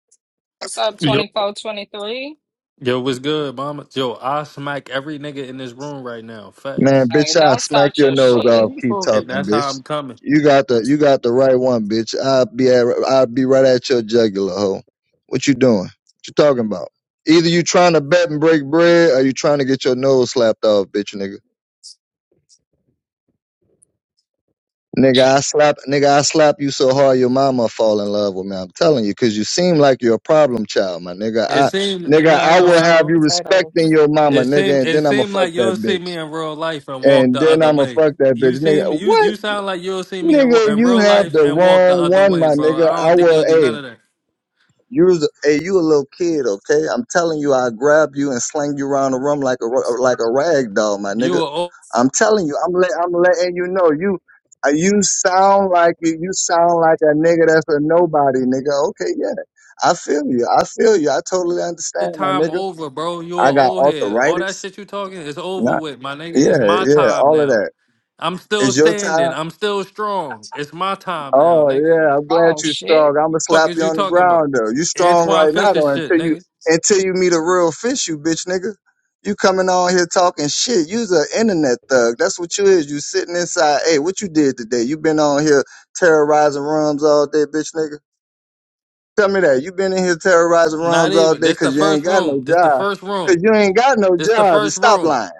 [SPEAKER 1] What's up,
[SPEAKER 8] Yo,
[SPEAKER 1] 24 23.
[SPEAKER 8] yo, what's good, mama? Yo, I smack every nigga in this room right now. Facts,
[SPEAKER 5] Man,
[SPEAKER 1] Hey,
[SPEAKER 5] bitch, I
[SPEAKER 1] don't
[SPEAKER 5] smack
[SPEAKER 1] start
[SPEAKER 5] your
[SPEAKER 1] your
[SPEAKER 5] nose
[SPEAKER 4] Fuck is
[SPEAKER 1] shit.
[SPEAKER 5] off.
[SPEAKER 4] he
[SPEAKER 5] Keep
[SPEAKER 8] and
[SPEAKER 4] talking
[SPEAKER 5] talking,
[SPEAKER 8] that's
[SPEAKER 4] to?
[SPEAKER 8] how
[SPEAKER 5] bitch.
[SPEAKER 8] I'm coming.
[SPEAKER 5] You got the you got the right one, bitch. I'll be at, I'll be right at your jugular, hoe. What you doing? What you talking about? Either you trying to bet and break bread, or you trying to get your nose slapped off, bitch, nigga. Nigga, I slap nigga, I slap you so hard your mama fall in love with me. I'm telling you, cause you seem like you're a problem child, my nigga.
[SPEAKER 8] It
[SPEAKER 5] I
[SPEAKER 1] Oh, shit.
[SPEAKER 8] seemed,
[SPEAKER 5] nigga,
[SPEAKER 8] and I
[SPEAKER 1] I
[SPEAKER 5] I
[SPEAKER 1] need
[SPEAKER 8] know,
[SPEAKER 5] will
[SPEAKER 8] I
[SPEAKER 5] have
[SPEAKER 1] smart
[SPEAKER 8] know.
[SPEAKER 5] you
[SPEAKER 1] potatoes.
[SPEAKER 5] respecting your mama,
[SPEAKER 8] It
[SPEAKER 5] nigga,
[SPEAKER 8] seemed,
[SPEAKER 5] and
[SPEAKER 8] it
[SPEAKER 5] then I'ma
[SPEAKER 8] seemed
[SPEAKER 5] fuck
[SPEAKER 8] like
[SPEAKER 5] that
[SPEAKER 8] you'll see
[SPEAKER 5] bitch.
[SPEAKER 8] me in real life and walk
[SPEAKER 5] And
[SPEAKER 8] the
[SPEAKER 5] then
[SPEAKER 8] other
[SPEAKER 5] I'ma
[SPEAKER 8] way.
[SPEAKER 5] fuck that
[SPEAKER 8] You
[SPEAKER 5] bitch. Nigga,
[SPEAKER 8] seem, you,
[SPEAKER 5] what?
[SPEAKER 8] you sound like you'll see me in, ro-
[SPEAKER 5] Nigga,
[SPEAKER 8] in
[SPEAKER 5] you
[SPEAKER 8] real
[SPEAKER 5] have
[SPEAKER 8] life
[SPEAKER 5] the
[SPEAKER 8] and walk the
[SPEAKER 5] wrong
[SPEAKER 8] other
[SPEAKER 5] one,
[SPEAKER 8] way,
[SPEAKER 5] my
[SPEAKER 8] bro. I
[SPEAKER 5] nigga. I
[SPEAKER 8] don't think
[SPEAKER 5] will
[SPEAKER 8] you'll do
[SPEAKER 5] hey,
[SPEAKER 8] none of that.
[SPEAKER 5] you was, hey, you a little kid, okay? I'm telling you, I'll grab you and sling you around the room like a ru- like a rag doll, my
[SPEAKER 8] You
[SPEAKER 5] nigga.
[SPEAKER 8] are old
[SPEAKER 5] I'm telling you, I'm let, I'm letting you know, you uh, you sound like you you sound like a nigga that's a nobody, nigga. Okay, yeah, I feel you, I feel you, I totally
[SPEAKER 8] your
[SPEAKER 5] understand, my
[SPEAKER 8] time
[SPEAKER 5] nigga.
[SPEAKER 8] over, bro. You
[SPEAKER 5] I
[SPEAKER 8] are
[SPEAKER 5] got
[SPEAKER 8] old head. All that
[SPEAKER 5] arthritis,
[SPEAKER 8] shit you talking is over
[SPEAKER 5] not
[SPEAKER 8] with, my nigga. It's my
[SPEAKER 5] yeah, yeah,
[SPEAKER 8] time
[SPEAKER 5] all of
[SPEAKER 8] now.
[SPEAKER 5] that.
[SPEAKER 8] I'm still
[SPEAKER 5] It's your time.
[SPEAKER 8] standing. I'm still strong. It's my time now,
[SPEAKER 5] Oh
[SPEAKER 8] nigga.
[SPEAKER 5] yeah, I'm glad
[SPEAKER 1] Oh,
[SPEAKER 5] you are
[SPEAKER 1] shit.
[SPEAKER 5] strong. I'ma
[SPEAKER 8] Fuck
[SPEAKER 5] slap
[SPEAKER 8] is
[SPEAKER 5] you
[SPEAKER 8] you
[SPEAKER 5] on the
[SPEAKER 8] talking about?
[SPEAKER 5] ground though. You strong
[SPEAKER 8] Antoine
[SPEAKER 5] right now
[SPEAKER 8] Fisher
[SPEAKER 5] though
[SPEAKER 8] shit,
[SPEAKER 5] until you
[SPEAKER 8] nigga.
[SPEAKER 5] until you meet a real fish, you bitch nigga. You coming on here talking shit. You's an internet thug. That's what you is. You sitting inside. Hey, what you did today? You been on here terrorizing rums all day, bitch nigga. Tell me that. You been in here terrorizing
[SPEAKER 8] Not
[SPEAKER 5] rums all
[SPEAKER 8] even.
[SPEAKER 5] day
[SPEAKER 8] This the
[SPEAKER 5] because you ain't
[SPEAKER 8] first
[SPEAKER 5] got no
[SPEAKER 8] room. This the
[SPEAKER 5] job.
[SPEAKER 8] first
[SPEAKER 5] Cause
[SPEAKER 8] room.
[SPEAKER 5] you ain't got no
[SPEAKER 8] This the
[SPEAKER 5] job.
[SPEAKER 8] first
[SPEAKER 5] Stop
[SPEAKER 8] room.
[SPEAKER 5] lying.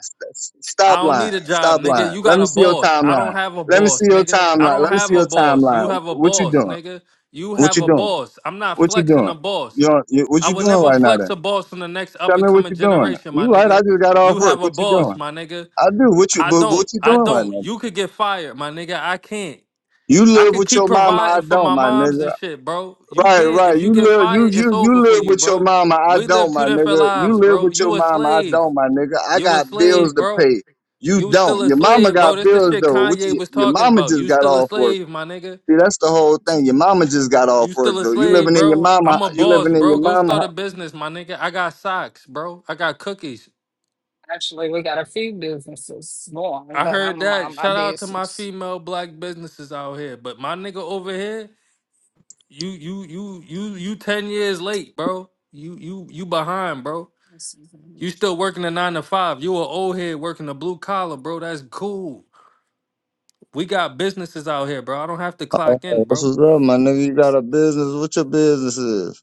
[SPEAKER 8] I
[SPEAKER 5] Stop
[SPEAKER 8] don't
[SPEAKER 5] lying.
[SPEAKER 8] need a job,
[SPEAKER 5] Stop
[SPEAKER 8] nigga.
[SPEAKER 5] lying.
[SPEAKER 8] You
[SPEAKER 5] Let
[SPEAKER 8] got
[SPEAKER 5] me
[SPEAKER 8] a
[SPEAKER 5] see your
[SPEAKER 8] boss. I
[SPEAKER 5] timeline.
[SPEAKER 8] don't have a
[SPEAKER 5] Let me see
[SPEAKER 8] boss,
[SPEAKER 5] your
[SPEAKER 8] nigga. I
[SPEAKER 5] timeline.
[SPEAKER 8] don't
[SPEAKER 5] Let me see
[SPEAKER 8] have a
[SPEAKER 5] your
[SPEAKER 8] boss. You
[SPEAKER 5] timeline.
[SPEAKER 8] have a
[SPEAKER 5] What you
[SPEAKER 8] boss,
[SPEAKER 5] doing?
[SPEAKER 8] nigga. You
[SPEAKER 5] What
[SPEAKER 8] have
[SPEAKER 5] you
[SPEAKER 8] a
[SPEAKER 5] doing?
[SPEAKER 8] boss. I'm not
[SPEAKER 5] What you
[SPEAKER 8] flexing
[SPEAKER 5] doing?
[SPEAKER 8] a
[SPEAKER 5] You,
[SPEAKER 8] boss.
[SPEAKER 5] don't- you what
[SPEAKER 8] I
[SPEAKER 5] you
[SPEAKER 8] will
[SPEAKER 5] doing
[SPEAKER 8] never
[SPEAKER 5] right now?
[SPEAKER 8] flex
[SPEAKER 5] Then
[SPEAKER 8] a boss in the next up
[SPEAKER 5] tell me
[SPEAKER 8] and
[SPEAKER 5] what
[SPEAKER 8] coming
[SPEAKER 5] you doing.
[SPEAKER 8] generation, my
[SPEAKER 5] You right? I
[SPEAKER 8] nigga.
[SPEAKER 5] just got off
[SPEAKER 8] You
[SPEAKER 5] work.
[SPEAKER 8] have a
[SPEAKER 5] What you
[SPEAKER 8] boss,
[SPEAKER 5] doing?
[SPEAKER 8] my nigga.
[SPEAKER 5] I do. What you?
[SPEAKER 8] I
[SPEAKER 5] But what
[SPEAKER 8] don't.
[SPEAKER 5] you
[SPEAKER 8] I
[SPEAKER 5] doing right
[SPEAKER 8] don't.
[SPEAKER 5] now?
[SPEAKER 8] You could get fired, my nigga. I can't.
[SPEAKER 5] You
[SPEAKER 8] I
[SPEAKER 5] live
[SPEAKER 8] can
[SPEAKER 5] with
[SPEAKER 8] keep
[SPEAKER 5] your mama. I
[SPEAKER 8] providing for
[SPEAKER 5] don't,
[SPEAKER 8] my
[SPEAKER 5] my
[SPEAKER 8] moms
[SPEAKER 5] nigga.
[SPEAKER 8] and shit, bro. You
[SPEAKER 5] Right,
[SPEAKER 8] can't.
[SPEAKER 5] right.
[SPEAKER 8] If you
[SPEAKER 5] You
[SPEAKER 8] get
[SPEAKER 5] live. You
[SPEAKER 8] fired, it's
[SPEAKER 5] you you
[SPEAKER 8] over for
[SPEAKER 5] live
[SPEAKER 8] you,
[SPEAKER 5] with your
[SPEAKER 8] bro.
[SPEAKER 5] mama. I
[SPEAKER 8] We live
[SPEAKER 5] don't,
[SPEAKER 8] two
[SPEAKER 5] my
[SPEAKER 8] different
[SPEAKER 5] nigga. You
[SPEAKER 8] lives,
[SPEAKER 5] live
[SPEAKER 8] bro.
[SPEAKER 5] with your
[SPEAKER 8] You a
[SPEAKER 5] mama. I
[SPEAKER 8] slave.
[SPEAKER 5] don't, my nigga. I
[SPEAKER 8] You a
[SPEAKER 5] got bills
[SPEAKER 8] slave,
[SPEAKER 5] to
[SPEAKER 8] bro.
[SPEAKER 5] pay. You
[SPEAKER 8] You still
[SPEAKER 5] don't.
[SPEAKER 8] a
[SPEAKER 5] Your mama
[SPEAKER 8] slave, bro.
[SPEAKER 5] got
[SPEAKER 8] That's the
[SPEAKER 5] bills
[SPEAKER 8] shit
[SPEAKER 5] though. What
[SPEAKER 8] Kanye
[SPEAKER 5] you,
[SPEAKER 8] was
[SPEAKER 5] your
[SPEAKER 8] talking
[SPEAKER 5] mama
[SPEAKER 8] about.
[SPEAKER 5] just
[SPEAKER 8] You
[SPEAKER 5] got
[SPEAKER 8] still a
[SPEAKER 5] off work.
[SPEAKER 8] slave, my nigga.
[SPEAKER 5] See, that's the whole thing. Your mama just got off
[SPEAKER 8] You
[SPEAKER 5] work
[SPEAKER 8] still a
[SPEAKER 5] though. You
[SPEAKER 8] slave,
[SPEAKER 5] living in your
[SPEAKER 8] bro.
[SPEAKER 5] mama.
[SPEAKER 8] I'm a
[SPEAKER 5] You
[SPEAKER 8] boss,
[SPEAKER 5] living in your
[SPEAKER 8] bro. Go
[SPEAKER 5] mama
[SPEAKER 8] start a business, my nigga. I got socks, bro. I got cookies.
[SPEAKER 1] Actually, we got a few businesses going,
[SPEAKER 8] I
[SPEAKER 1] but
[SPEAKER 8] heard
[SPEAKER 1] I'm on
[SPEAKER 8] that.
[SPEAKER 1] my
[SPEAKER 8] Shout out to my
[SPEAKER 1] business.
[SPEAKER 8] female black businesses out here. But my nigga over here, You you you you you ten years late, bro. You you you behind, bro.
[SPEAKER 1] Let's see.
[SPEAKER 8] You still working a nine to five. You a old head working a blue collar, bro. That's cool. We got businesses out here, bro. I don't have to
[SPEAKER 5] Hey,
[SPEAKER 8] clock in,
[SPEAKER 5] What's
[SPEAKER 8] bro.
[SPEAKER 5] up, my nigga? You got a business? What your business is?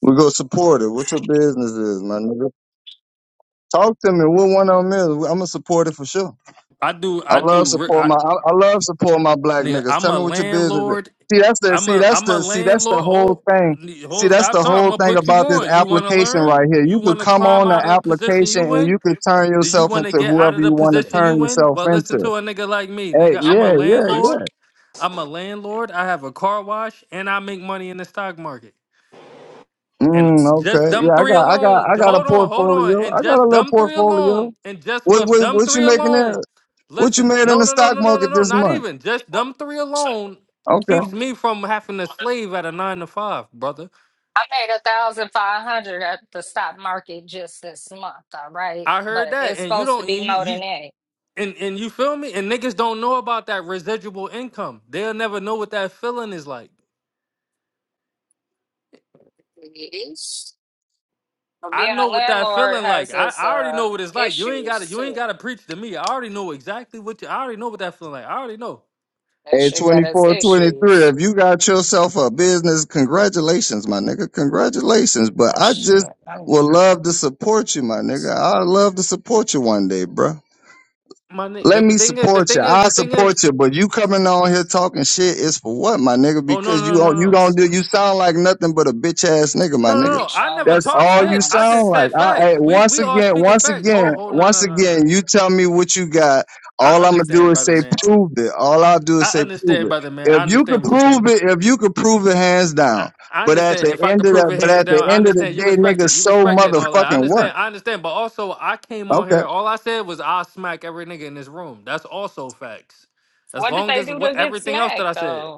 [SPEAKER 5] We go support it. What your business is, my nigga? Talk to me. What one of them is? I'm gonna support it for sure.
[SPEAKER 8] I do
[SPEAKER 5] I
[SPEAKER 8] I
[SPEAKER 5] love
[SPEAKER 8] do re-
[SPEAKER 5] support
[SPEAKER 8] I,
[SPEAKER 5] my. I, I love support my black
[SPEAKER 8] nigga,
[SPEAKER 5] niggas.
[SPEAKER 8] I'm
[SPEAKER 5] Tell
[SPEAKER 8] a
[SPEAKER 5] me what your business is.
[SPEAKER 8] landlord.
[SPEAKER 5] See, that's the.
[SPEAKER 8] I'm
[SPEAKER 5] See,
[SPEAKER 8] a
[SPEAKER 5] that's
[SPEAKER 8] I'm a
[SPEAKER 5] the. See, that's the
[SPEAKER 8] landlord.
[SPEAKER 5] whole
[SPEAKER 8] Hold
[SPEAKER 5] thing. See,
[SPEAKER 8] hold
[SPEAKER 5] that's
[SPEAKER 8] stop
[SPEAKER 5] the
[SPEAKER 8] talking. I'm
[SPEAKER 5] whole
[SPEAKER 8] gonna
[SPEAKER 5] thing
[SPEAKER 8] put you
[SPEAKER 5] about this
[SPEAKER 8] on. You wanna
[SPEAKER 5] application right
[SPEAKER 8] learn?
[SPEAKER 5] here.
[SPEAKER 8] You
[SPEAKER 5] You could
[SPEAKER 8] wanna
[SPEAKER 5] come
[SPEAKER 8] climb
[SPEAKER 5] on the
[SPEAKER 8] out of the position
[SPEAKER 5] application
[SPEAKER 8] you
[SPEAKER 5] and
[SPEAKER 8] in?
[SPEAKER 5] you could turn
[SPEAKER 8] Do you
[SPEAKER 5] yourself
[SPEAKER 8] wanna
[SPEAKER 5] into
[SPEAKER 8] get out
[SPEAKER 5] whoever
[SPEAKER 8] of
[SPEAKER 5] you
[SPEAKER 8] the
[SPEAKER 5] want to
[SPEAKER 8] position
[SPEAKER 5] turn
[SPEAKER 8] you in?
[SPEAKER 5] yourself
[SPEAKER 8] Well listen
[SPEAKER 5] into.
[SPEAKER 8] to a nigga like me,
[SPEAKER 5] Hey,
[SPEAKER 8] nigga. I'm a
[SPEAKER 5] yeah, yeah, yeah.
[SPEAKER 8] landlord. I'm a landlord. I have a car wash, and I make money in the stock market. And
[SPEAKER 5] Mm,
[SPEAKER 8] just
[SPEAKER 5] okay.
[SPEAKER 8] them
[SPEAKER 5] Yeah, I
[SPEAKER 8] three
[SPEAKER 5] got, I got,
[SPEAKER 8] alone.
[SPEAKER 5] I got a
[SPEAKER 8] Hold on, hold on.
[SPEAKER 5] portfolio.
[SPEAKER 8] And
[SPEAKER 5] I got a
[SPEAKER 8] just
[SPEAKER 5] little
[SPEAKER 8] them three
[SPEAKER 5] portfolio.
[SPEAKER 8] alone. And just
[SPEAKER 5] What,
[SPEAKER 8] with
[SPEAKER 5] what,
[SPEAKER 8] them
[SPEAKER 5] what you
[SPEAKER 8] three
[SPEAKER 5] making there?
[SPEAKER 8] alone.
[SPEAKER 5] What you
[SPEAKER 8] Listen,
[SPEAKER 5] made in
[SPEAKER 8] no,
[SPEAKER 5] the
[SPEAKER 8] no, no,
[SPEAKER 5] stock
[SPEAKER 8] no, no, no,
[SPEAKER 5] market
[SPEAKER 8] no.
[SPEAKER 5] this
[SPEAKER 8] Not
[SPEAKER 5] month?
[SPEAKER 8] even just them three alone
[SPEAKER 5] Okay.
[SPEAKER 8] keeps me from having to slave at a nine to five, brother.
[SPEAKER 1] I made a thousand five hundred at the stock market just this month, all right?
[SPEAKER 8] I heard
[SPEAKER 1] But
[SPEAKER 8] that,
[SPEAKER 1] it's
[SPEAKER 8] and you
[SPEAKER 1] supposed to
[SPEAKER 8] don't, and
[SPEAKER 1] be
[SPEAKER 8] you,
[SPEAKER 1] more
[SPEAKER 8] you
[SPEAKER 1] than that.
[SPEAKER 8] and and you feel me. And niggas don't know about that residual income. They'll never know what that feeling is like.
[SPEAKER 1] Yes. But
[SPEAKER 8] I
[SPEAKER 1] being
[SPEAKER 8] know
[SPEAKER 1] a
[SPEAKER 8] what that
[SPEAKER 1] landlord
[SPEAKER 8] feeling like.
[SPEAKER 1] has
[SPEAKER 8] I,
[SPEAKER 1] its
[SPEAKER 8] I already
[SPEAKER 1] uh
[SPEAKER 8] know what it's like. You ain't
[SPEAKER 1] issues
[SPEAKER 8] gotta you ain't
[SPEAKER 1] too.
[SPEAKER 8] gotta preach to me. I already know exactly what you I already know what that feeling like. I already know.
[SPEAKER 1] That
[SPEAKER 5] At
[SPEAKER 1] shit got its
[SPEAKER 5] 24, twenty-three,
[SPEAKER 1] issues.
[SPEAKER 5] if you got yourself a business, congratulations, my nigga. Congratulations. But
[SPEAKER 1] Oh
[SPEAKER 5] I just
[SPEAKER 1] shit. I
[SPEAKER 5] would
[SPEAKER 1] need
[SPEAKER 5] love to support you, my nigga. I'd love to support you one day, bruh.
[SPEAKER 8] My ni-
[SPEAKER 5] Let
[SPEAKER 8] the,
[SPEAKER 5] me
[SPEAKER 8] the thing is, the
[SPEAKER 5] support you.
[SPEAKER 8] thing is,
[SPEAKER 5] I
[SPEAKER 8] the thing
[SPEAKER 5] support
[SPEAKER 8] is
[SPEAKER 5] you, but you coming on here talking shit is for what, my nigga?
[SPEAKER 8] oh no
[SPEAKER 5] Because you
[SPEAKER 8] no no
[SPEAKER 5] don't-
[SPEAKER 8] no.
[SPEAKER 5] you don't do you sound like nothing but a bitch ass nigga,
[SPEAKER 8] No
[SPEAKER 5] my
[SPEAKER 8] no
[SPEAKER 1] it
[SPEAKER 8] no.
[SPEAKER 5] nigga.
[SPEAKER 1] be
[SPEAKER 8] no. I never
[SPEAKER 1] trolling
[SPEAKER 5] That's
[SPEAKER 8] talk
[SPEAKER 5] all you
[SPEAKER 8] shit. I
[SPEAKER 5] sound
[SPEAKER 8] just
[SPEAKER 1] sometimes.
[SPEAKER 5] like.
[SPEAKER 8] said
[SPEAKER 5] I, I
[SPEAKER 8] facts. We
[SPEAKER 5] once
[SPEAKER 8] we all
[SPEAKER 5] again,
[SPEAKER 8] speaking
[SPEAKER 5] once
[SPEAKER 8] facts.
[SPEAKER 5] again,
[SPEAKER 8] Ho ho no
[SPEAKER 5] once
[SPEAKER 8] no no no.
[SPEAKER 5] again, you tell me what you got.
[SPEAKER 8] I
[SPEAKER 5] All I'm gonna do
[SPEAKER 8] understand,
[SPEAKER 5] is
[SPEAKER 8] brother
[SPEAKER 5] say
[SPEAKER 8] man.
[SPEAKER 5] prove it. All I'll do is
[SPEAKER 8] I
[SPEAKER 5] say prove
[SPEAKER 8] understand,
[SPEAKER 5] it.
[SPEAKER 8] brother man.
[SPEAKER 5] If
[SPEAKER 8] I
[SPEAKER 5] you
[SPEAKER 8] understand
[SPEAKER 5] could
[SPEAKER 8] what you're saying.
[SPEAKER 5] prove it, if you could prove it, hands
[SPEAKER 8] I,
[SPEAKER 5] down.
[SPEAKER 8] I
[SPEAKER 5] But at
[SPEAKER 8] understand.
[SPEAKER 5] the
[SPEAKER 8] If I
[SPEAKER 5] end
[SPEAKER 8] could
[SPEAKER 5] of
[SPEAKER 8] prove
[SPEAKER 5] that,
[SPEAKER 8] it
[SPEAKER 5] but
[SPEAKER 8] hands
[SPEAKER 5] at the
[SPEAKER 8] down, I
[SPEAKER 5] end of the
[SPEAKER 8] understand. You
[SPEAKER 5] day,
[SPEAKER 8] respect
[SPEAKER 5] nigga,
[SPEAKER 8] it. You
[SPEAKER 5] so
[SPEAKER 8] respect it and all that. I
[SPEAKER 5] motherfucking what?
[SPEAKER 8] understand. I understand. But also, I came on
[SPEAKER 5] Okay.
[SPEAKER 8] here. All I said was I smack every nigga in this room. That's also facts. As
[SPEAKER 1] What did
[SPEAKER 8] long
[SPEAKER 1] they
[SPEAKER 8] as
[SPEAKER 1] do to
[SPEAKER 8] what
[SPEAKER 1] get
[SPEAKER 8] everything else that
[SPEAKER 1] smacked
[SPEAKER 8] I said,
[SPEAKER 1] though?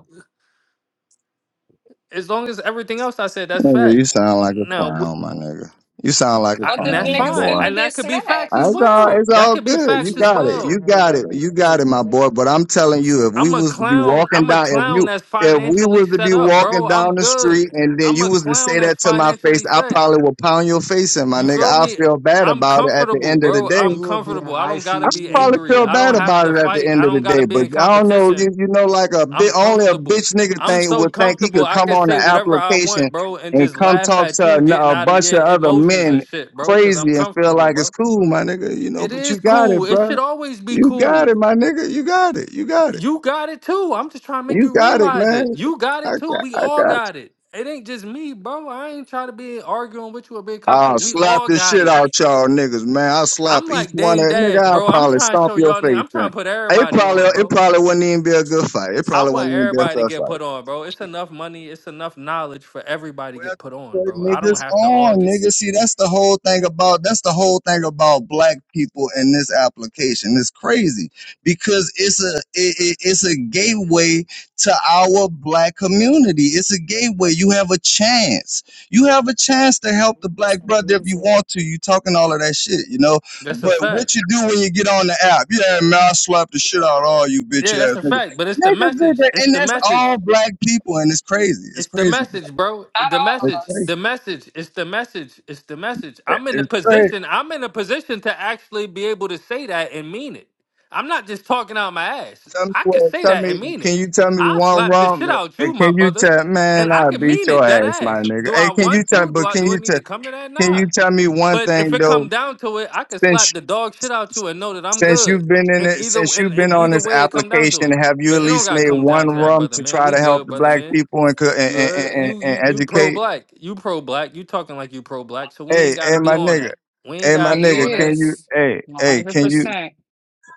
[SPEAKER 8] as long as everything else I said, that's
[SPEAKER 5] Nigga, you
[SPEAKER 8] facts.
[SPEAKER 5] sound like a
[SPEAKER 8] Now, wh-
[SPEAKER 5] clown, my nigga. You sound like a
[SPEAKER 8] I,
[SPEAKER 1] What
[SPEAKER 8] and
[SPEAKER 1] did the
[SPEAKER 8] that's
[SPEAKER 5] clown, my
[SPEAKER 1] niggas
[SPEAKER 8] fine,
[SPEAKER 1] do
[SPEAKER 5] boy.
[SPEAKER 1] to
[SPEAKER 8] and
[SPEAKER 1] get
[SPEAKER 8] that could be facts as
[SPEAKER 1] smacked?
[SPEAKER 5] It's all,
[SPEAKER 8] well.
[SPEAKER 5] it's
[SPEAKER 8] That
[SPEAKER 5] all
[SPEAKER 8] could be
[SPEAKER 5] good. You
[SPEAKER 7] You
[SPEAKER 8] facts as
[SPEAKER 5] got
[SPEAKER 7] raise
[SPEAKER 5] it.
[SPEAKER 7] your
[SPEAKER 5] You
[SPEAKER 8] well.
[SPEAKER 7] hand
[SPEAKER 5] got
[SPEAKER 7] at
[SPEAKER 5] it.
[SPEAKER 7] me,
[SPEAKER 5] You
[SPEAKER 7] you ain't
[SPEAKER 5] got it,
[SPEAKER 7] gonna
[SPEAKER 5] my
[SPEAKER 7] make
[SPEAKER 5] boy.
[SPEAKER 7] it.
[SPEAKER 5] But I'm telling you, if we
[SPEAKER 8] I'm a
[SPEAKER 5] was to be
[SPEAKER 8] clown.
[SPEAKER 5] walking
[SPEAKER 8] I'm a
[SPEAKER 5] down, if
[SPEAKER 8] clown
[SPEAKER 5] you,
[SPEAKER 8] that's
[SPEAKER 5] if we
[SPEAKER 8] financially
[SPEAKER 5] was to
[SPEAKER 8] set
[SPEAKER 5] be
[SPEAKER 8] up, bro.
[SPEAKER 5] walking down
[SPEAKER 8] I'm
[SPEAKER 5] the
[SPEAKER 8] good.
[SPEAKER 5] street and then
[SPEAKER 8] I'm
[SPEAKER 5] you
[SPEAKER 8] a
[SPEAKER 5] was to
[SPEAKER 8] clown
[SPEAKER 5] say
[SPEAKER 8] that's
[SPEAKER 5] that to my face,
[SPEAKER 8] financially
[SPEAKER 5] I
[SPEAKER 8] set.
[SPEAKER 5] probably would pound your face in, my
[SPEAKER 7] straight
[SPEAKER 8] You
[SPEAKER 5] nigga.
[SPEAKER 7] up.
[SPEAKER 8] feel
[SPEAKER 5] I
[SPEAKER 8] me?
[SPEAKER 5] feel bad
[SPEAKER 8] I'm
[SPEAKER 5] about it at the
[SPEAKER 8] comfortable,
[SPEAKER 5] end of the
[SPEAKER 8] bro.
[SPEAKER 5] day.
[SPEAKER 8] I'm
[SPEAKER 7] You will be in
[SPEAKER 8] comfortable. I don't gotta
[SPEAKER 5] I
[SPEAKER 7] ICU
[SPEAKER 8] be
[SPEAKER 7] when
[SPEAKER 5] probably
[SPEAKER 7] you
[SPEAKER 8] angry.
[SPEAKER 5] feel
[SPEAKER 8] I
[SPEAKER 7] smack
[SPEAKER 5] bad
[SPEAKER 8] don't
[SPEAKER 7] me.
[SPEAKER 8] have
[SPEAKER 5] about
[SPEAKER 8] to
[SPEAKER 5] it at the
[SPEAKER 8] fight.
[SPEAKER 5] end
[SPEAKER 8] I
[SPEAKER 5] of the
[SPEAKER 8] don't gotta
[SPEAKER 5] day,
[SPEAKER 8] be
[SPEAKER 5] but
[SPEAKER 8] in
[SPEAKER 5] I don't know. You,
[SPEAKER 8] competition.
[SPEAKER 5] you know, like a bit
[SPEAKER 8] I'm
[SPEAKER 5] only a
[SPEAKER 8] comfortable.
[SPEAKER 5] bitch nigga
[SPEAKER 8] I'm
[SPEAKER 5] thing
[SPEAKER 8] so
[SPEAKER 5] would think he
[SPEAKER 8] comfortable.
[SPEAKER 5] could
[SPEAKER 8] I
[SPEAKER 5] come
[SPEAKER 8] can
[SPEAKER 5] on
[SPEAKER 8] say
[SPEAKER 5] the
[SPEAKER 8] whatever I
[SPEAKER 5] application
[SPEAKER 8] want, bro, and
[SPEAKER 5] and
[SPEAKER 8] just
[SPEAKER 5] come
[SPEAKER 8] laugh
[SPEAKER 5] talk
[SPEAKER 8] at
[SPEAKER 5] to
[SPEAKER 8] you getting
[SPEAKER 5] a, a
[SPEAKER 8] out of
[SPEAKER 5] bunch of
[SPEAKER 8] your
[SPEAKER 5] other
[SPEAKER 8] emotions
[SPEAKER 5] men
[SPEAKER 8] and shit, bro. Cause I'm
[SPEAKER 5] crazy and feel
[SPEAKER 8] comfortable,
[SPEAKER 5] like it's
[SPEAKER 8] bro.
[SPEAKER 5] cool, my nigga. You know,
[SPEAKER 8] It
[SPEAKER 5] but you
[SPEAKER 8] is
[SPEAKER 5] got it,
[SPEAKER 8] cool. It
[SPEAKER 5] bro.
[SPEAKER 8] should always be
[SPEAKER 5] You got
[SPEAKER 8] cool.
[SPEAKER 5] it, my nigga. You got it. You got it.
[SPEAKER 8] You got it too. I'm just trying to make
[SPEAKER 5] You
[SPEAKER 8] you
[SPEAKER 5] got it,
[SPEAKER 8] realize
[SPEAKER 5] man.
[SPEAKER 8] it. You got
[SPEAKER 5] I
[SPEAKER 8] it too.
[SPEAKER 5] got,
[SPEAKER 8] We
[SPEAKER 5] I
[SPEAKER 8] all
[SPEAKER 5] got
[SPEAKER 8] got it. It ain't just me, bro. I ain't trying to be arguing with you or being
[SPEAKER 5] I'll
[SPEAKER 8] competition. We
[SPEAKER 5] slap
[SPEAKER 8] all
[SPEAKER 5] the
[SPEAKER 8] got
[SPEAKER 5] shit
[SPEAKER 8] it.
[SPEAKER 5] out y'all niggas, man. I'll slap
[SPEAKER 8] I'm
[SPEAKER 5] each
[SPEAKER 8] like
[SPEAKER 5] one
[SPEAKER 8] Dame
[SPEAKER 5] of
[SPEAKER 8] Dash,
[SPEAKER 5] nigga, I'll
[SPEAKER 8] bro. I'm
[SPEAKER 5] probably
[SPEAKER 8] trying to
[SPEAKER 5] stomp
[SPEAKER 8] show
[SPEAKER 5] your
[SPEAKER 8] y'all. ni-
[SPEAKER 5] face
[SPEAKER 8] I'm
[SPEAKER 5] in.
[SPEAKER 8] trying to put
[SPEAKER 5] It
[SPEAKER 8] everybody
[SPEAKER 5] probably
[SPEAKER 8] on,
[SPEAKER 5] it
[SPEAKER 8] bro.
[SPEAKER 5] probably wouldn't even be a good fight. It
[SPEAKER 8] I
[SPEAKER 5] probably
[SPEAKER 8] want
[SPEAKER 5] wouldn't even be a
[SPEAKER 8] everybody to
[SPEAKER 5] fair fight.
[SPEAKER 8] get put on, bro. It's enough money. It's enough knowledge for everybody to
[SPEAKER 5] Well,
[SPEAKER 8] get put on,
[SPEAKER 5] put
[SPEAKER 8] bro. I don't
[SPEAKER 5] niggas
[SPEAKER 8] have to hog
[SPEAKER 5] on,
[SPEAKER 8] it.
[SPEAKER 5] niggas. See, that's the whole thing about that's the whole thing about black people in this application. It's crazy because it's a it, it- it's a gateway to our black community. It's a gateway. You have a chance. You have a chance to help the black brother if
[SPEAKER 1] Not
[SPEAKER 5] you want to. You talking all of that shit, you know.
[SPEAKER 8] That's a
[SPEAKER 5] But
[SPEAKER 8] fact.
[SPEAKER 5] what you do when you get on the app? Yeah, man, I slap the shit out of all you bitch
[SPEAKER 8] Yeah,
[SPEAKER 5] ass
[SPEAKER 8] that's a
[SPEAKER 5] niggas.
[SPEAKER 8] fact. But it's the
[SPEAKER 5] Niggas, did
[SPEAKER 8] message. It's
[SPEAKER 5] and
[SPEAKER 8] the
[SPEAKER 5] that's
[SPEAKER 8] message.
[SPEAKER 5] all black people, and it's crazy. It's
[SPEAKER 8] It's the
[SPEAKER 5] crazy, bro.
[SPEAKER 8] message, bro. The
[SPEAKER 1] all
[SPEAKER 5] It's
[SPEAKER 1] of
[SPEAKER 8] message.
[SPEAKER 5] crazy.
[SPEAKER 1] us.
[SPEAKER 8] The message. It's the message. It's the message. I'm in the
[SPEAKER 5] It's crazy.
[SPEAKER 8] position. I'm in a position to actually be able to say that and mean it. I'm not just talking out my ass.
[SPEAKER 5] Tell me
[SPEAKER 8] I can
[SPEAKER 5] what.
[SPEAKER 8] say
[SPEAKER 5] Tell
[SPEAKER 8] that
[SPEAKER 5] me.
[SPEAKER 8] and mean
[SPEAKER 5] Can
[SPEAKER 8] it.
[SPEAKER 5] you tell me
[SPEAKER 8] I
[SPEAKER 5] one
[SPEAKER 8] slap the shit
[SPEAKER 5] wrong?
[SPEAKER 8] out you,
[SPEAKER 5] Hey,
[SPEAKER 8] my
[SPEAKER 5] Can you
[SPEAKER 8] brother,
[SPEAKER 5] tell? Man,
[SPEAKER 8] and I
[SPEAKER 5] I
[SPEAKER 8] can
[SPEAKER 5] beat
[SPEAKER 8] mean
[SPEAKER 5] your
[SPEAKER 8] it. That
[SPEAKER 5] ass, my
[SPEAKER 8] ass.
[SPEAKER 5] nigga.
[SPEAKER 8] Do
[SPEAKER 5] Hey,
[SPEAKER 8] I
[SPEAKER 5] can you
[SPEAKER 8] want
[SPEAKER 5] tell?
[SPEAKER 8] to? Do
[SPEAKER 5] But
[SPEAKER 8] I?
[SPEAKER 5] can
[SPEAKER 8] Do I
[SPEAKER 5] you
[SPEAKER 8] need
[SPEAKER 5] tell?
[SPEAKER 8] to come to that?
[SPEAKER 5] Can
[SPEAKER 8] Nah.
[SPEAKER 5] you tell me one
[SPEAKER 8] But if
[SPEAKER 5] thing
[SPEAKER 8] it
[SPEAKER 5] though?
[SPEAKER 8] come down to it, I can slap
[SPEAKER 5] Since
[SPEAKER 8] the dog shit out you and know that I'm
[SPEAKER 5] since
[SPEAKER 8] good.
[SPEAKER 5] you've been in
[SPEAKER 8] And
[SPEAKER 5] it,
[SPEAKER 8] either
[SPEAKER 5] since you've
[SPEAKER 8] and,
[SPEAKER 5] been
[SPEAKER 8] and
[SPEAKER 5] on
[SPEAKER 8] either
[SPEAKER 5] this
[SPEAKER 8] way, it come down to
[SPEAKER 5] application,
[SPEAKER 8] it.
[SPEAKER 5] have you at
[SPEAKER 8] But it don't
[SPEAKER 5] least
[SPEAKER 8] gotta
[SPEAKER 5] made
[SPEAKER 8] come
[SPEAKER 5] one
[SPEAKER 8] down to that,
[SPEAKER 5] rum
[SPEAKER 8] brother
[SPEAKER 5] to
[SPEAKER 8] man.
[SPEAKER 5] try
[SPEAKER 8] We
[SPEAKER 5] to help
[SPEAKER 8] good,
[SPEAKER 5] the
[SPEAKER 8] brother
[SPEAKER 5] black
[SPEAKER 8] man.
[SPEAKER 5] people and co- and
[SPEAKER 8] You
[SPEAKER 5] and,
[SPEAKER 8] heard?
[SPEAKER 5] and,
[SPEAKER 8] you
[SPEAKER 5] and
[SPEAKER 8] you you pro
[SPEAKER 5] educate?
[SPEAKER 8] black. You pro black. You talking like you pro black. So we ain't
[SPEAKER 5] Hey,
[SPEAKER 8] gotta
[SPEAKER 5] hey,
[SPEAKER 8] be
[SPEAKER 5] my
[SPEAKER 8] on
[SPEAKER 5] nigga.
[SPEAKER 8] that. We ain't
[SPEAKER 5] Hey, my
[SPEAKER 8] gotta be
[SPEAKER 1] He
[SPEAKER 5] nigga.
[SPEAKER 8] on
[SPEAKER 5] Can
[SPEAKER 8] that.
[SPEAKER 5] you?
[SPEAKER 1] is.
[SPEAKER 5] Hey, hey. Can you?
[SPEAKER 1] 100%.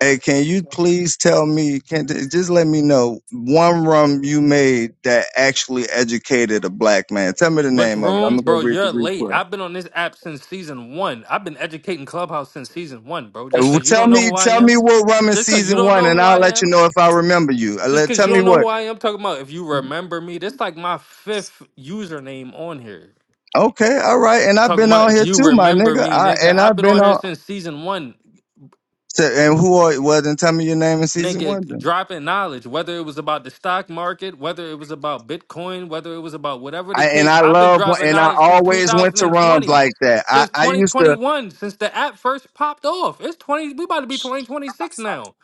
[SPEAKER 5] Hey, can you please tell me? Can just let me know one rum you made that actually educated a black man. Tell me the
[SPEAKER 8] Which
[SPEAKER 5] name of it.
[SPEAKER 8] room,
[SPEAKER 5] I'm gonna go
[SPEAKER 8] bro?
[SPEAKER 5] read the
[SPEAKER 8] You're late.
[SPEAKER 5] replay.
[SPEAKER 8] I've been on this app since season one. I've been educating Clubhouse since season one, bro.
[SPEAKER 5] Hey,
[SPEAKER 8] Just
[SPEAKER 5] well,
[SPEAKER 8] cause you
[SPEAKER 5] Tell
[SPEAKER 8] don't know
[SPEAKER 5] me,
[SPEAKER 8] who I
[SPEAKER 5] tell me
[SPEAKER 8] am.
[SPEAKER 5] what rum in
[SPEAKER 8] Just cause you
[SPEAKER 5] season
[SPEAKER 8] don't
[SPEAKER 5] one,
[SPEAKER 8] know
[SPEAKER 5] and
[SPEAKER 8] who
[SPEAKER 5] I'll
[SPEAKER 8] I
[SPEAKER 5] let you
[SPEAKER 8] am.
[SPEAKER 5] know if I remember you. Uh,
[SPEAKER 8] Just
[SPEAKER 5] Let
[SPEAKER 8] cause
[SPEAKER 5] tell
[SPEAKER 8] you
[SPEAKER 5] me
[SPEAKER 8] don't know who
[SPEAKER 5] what.
[SPEAKER 8] I am. Talking about if you remember me. That's like my fifth username on here.
[SPEAKER 5] Okay, all right. And I've
[SPEAKER 8] Talking
[SPEAKER 5] been
[SPEAKER 8] about
[SPEAKER 5] on
[SPEAKER 8] if
[SPEAKER 5] here
[SPEAKER 8] you
[SPEAKER 5] too, my
[SPEAKER 8] remember
[SPEAKER 5] nigga.
[SPEAKER 8] me,
[SPEAKER 5] I
[SPEAKER 8] nigga.
[SPEAKER 5] and
[SPEAKER 8] I've
[SPEAKER 5] I've
[SPEAKER 8] been
[SPEAKER 5] been
[SPEAKER 8] on here
[SPEAKER 5] on.
[SPEAKER 8] since season one.
[SPEAKER 5] So, and who are? Well, then tell me your name in season
[SPEAKER 8] nigga
[SPEAKER 5] one. Then.
[SPEAKER 8] dropping knowledge, whether it was about the stock market, whether it was about Bitcoin, whether it was about whatever the
[SPEAKER 5] I and
[SPEAKER 8] case.
[SPEAKER 5] I
[SPEAKER 8] I've been
[SPEAKER 5] love
[SPEAKER 8] dropping
[SPEAKER 5] and I
[SPEAKER 8] knowledge since
[SPEAKER 5] always went to rums
[SPEAKER 8] 2020,
[SPEAKER 5] like that. I
[SPEAKER 8] since
[SPEAKER 5] I used to.
[SPEAKER 8] 2021, since the app first popped off. It's 20, we about to be 2026 now.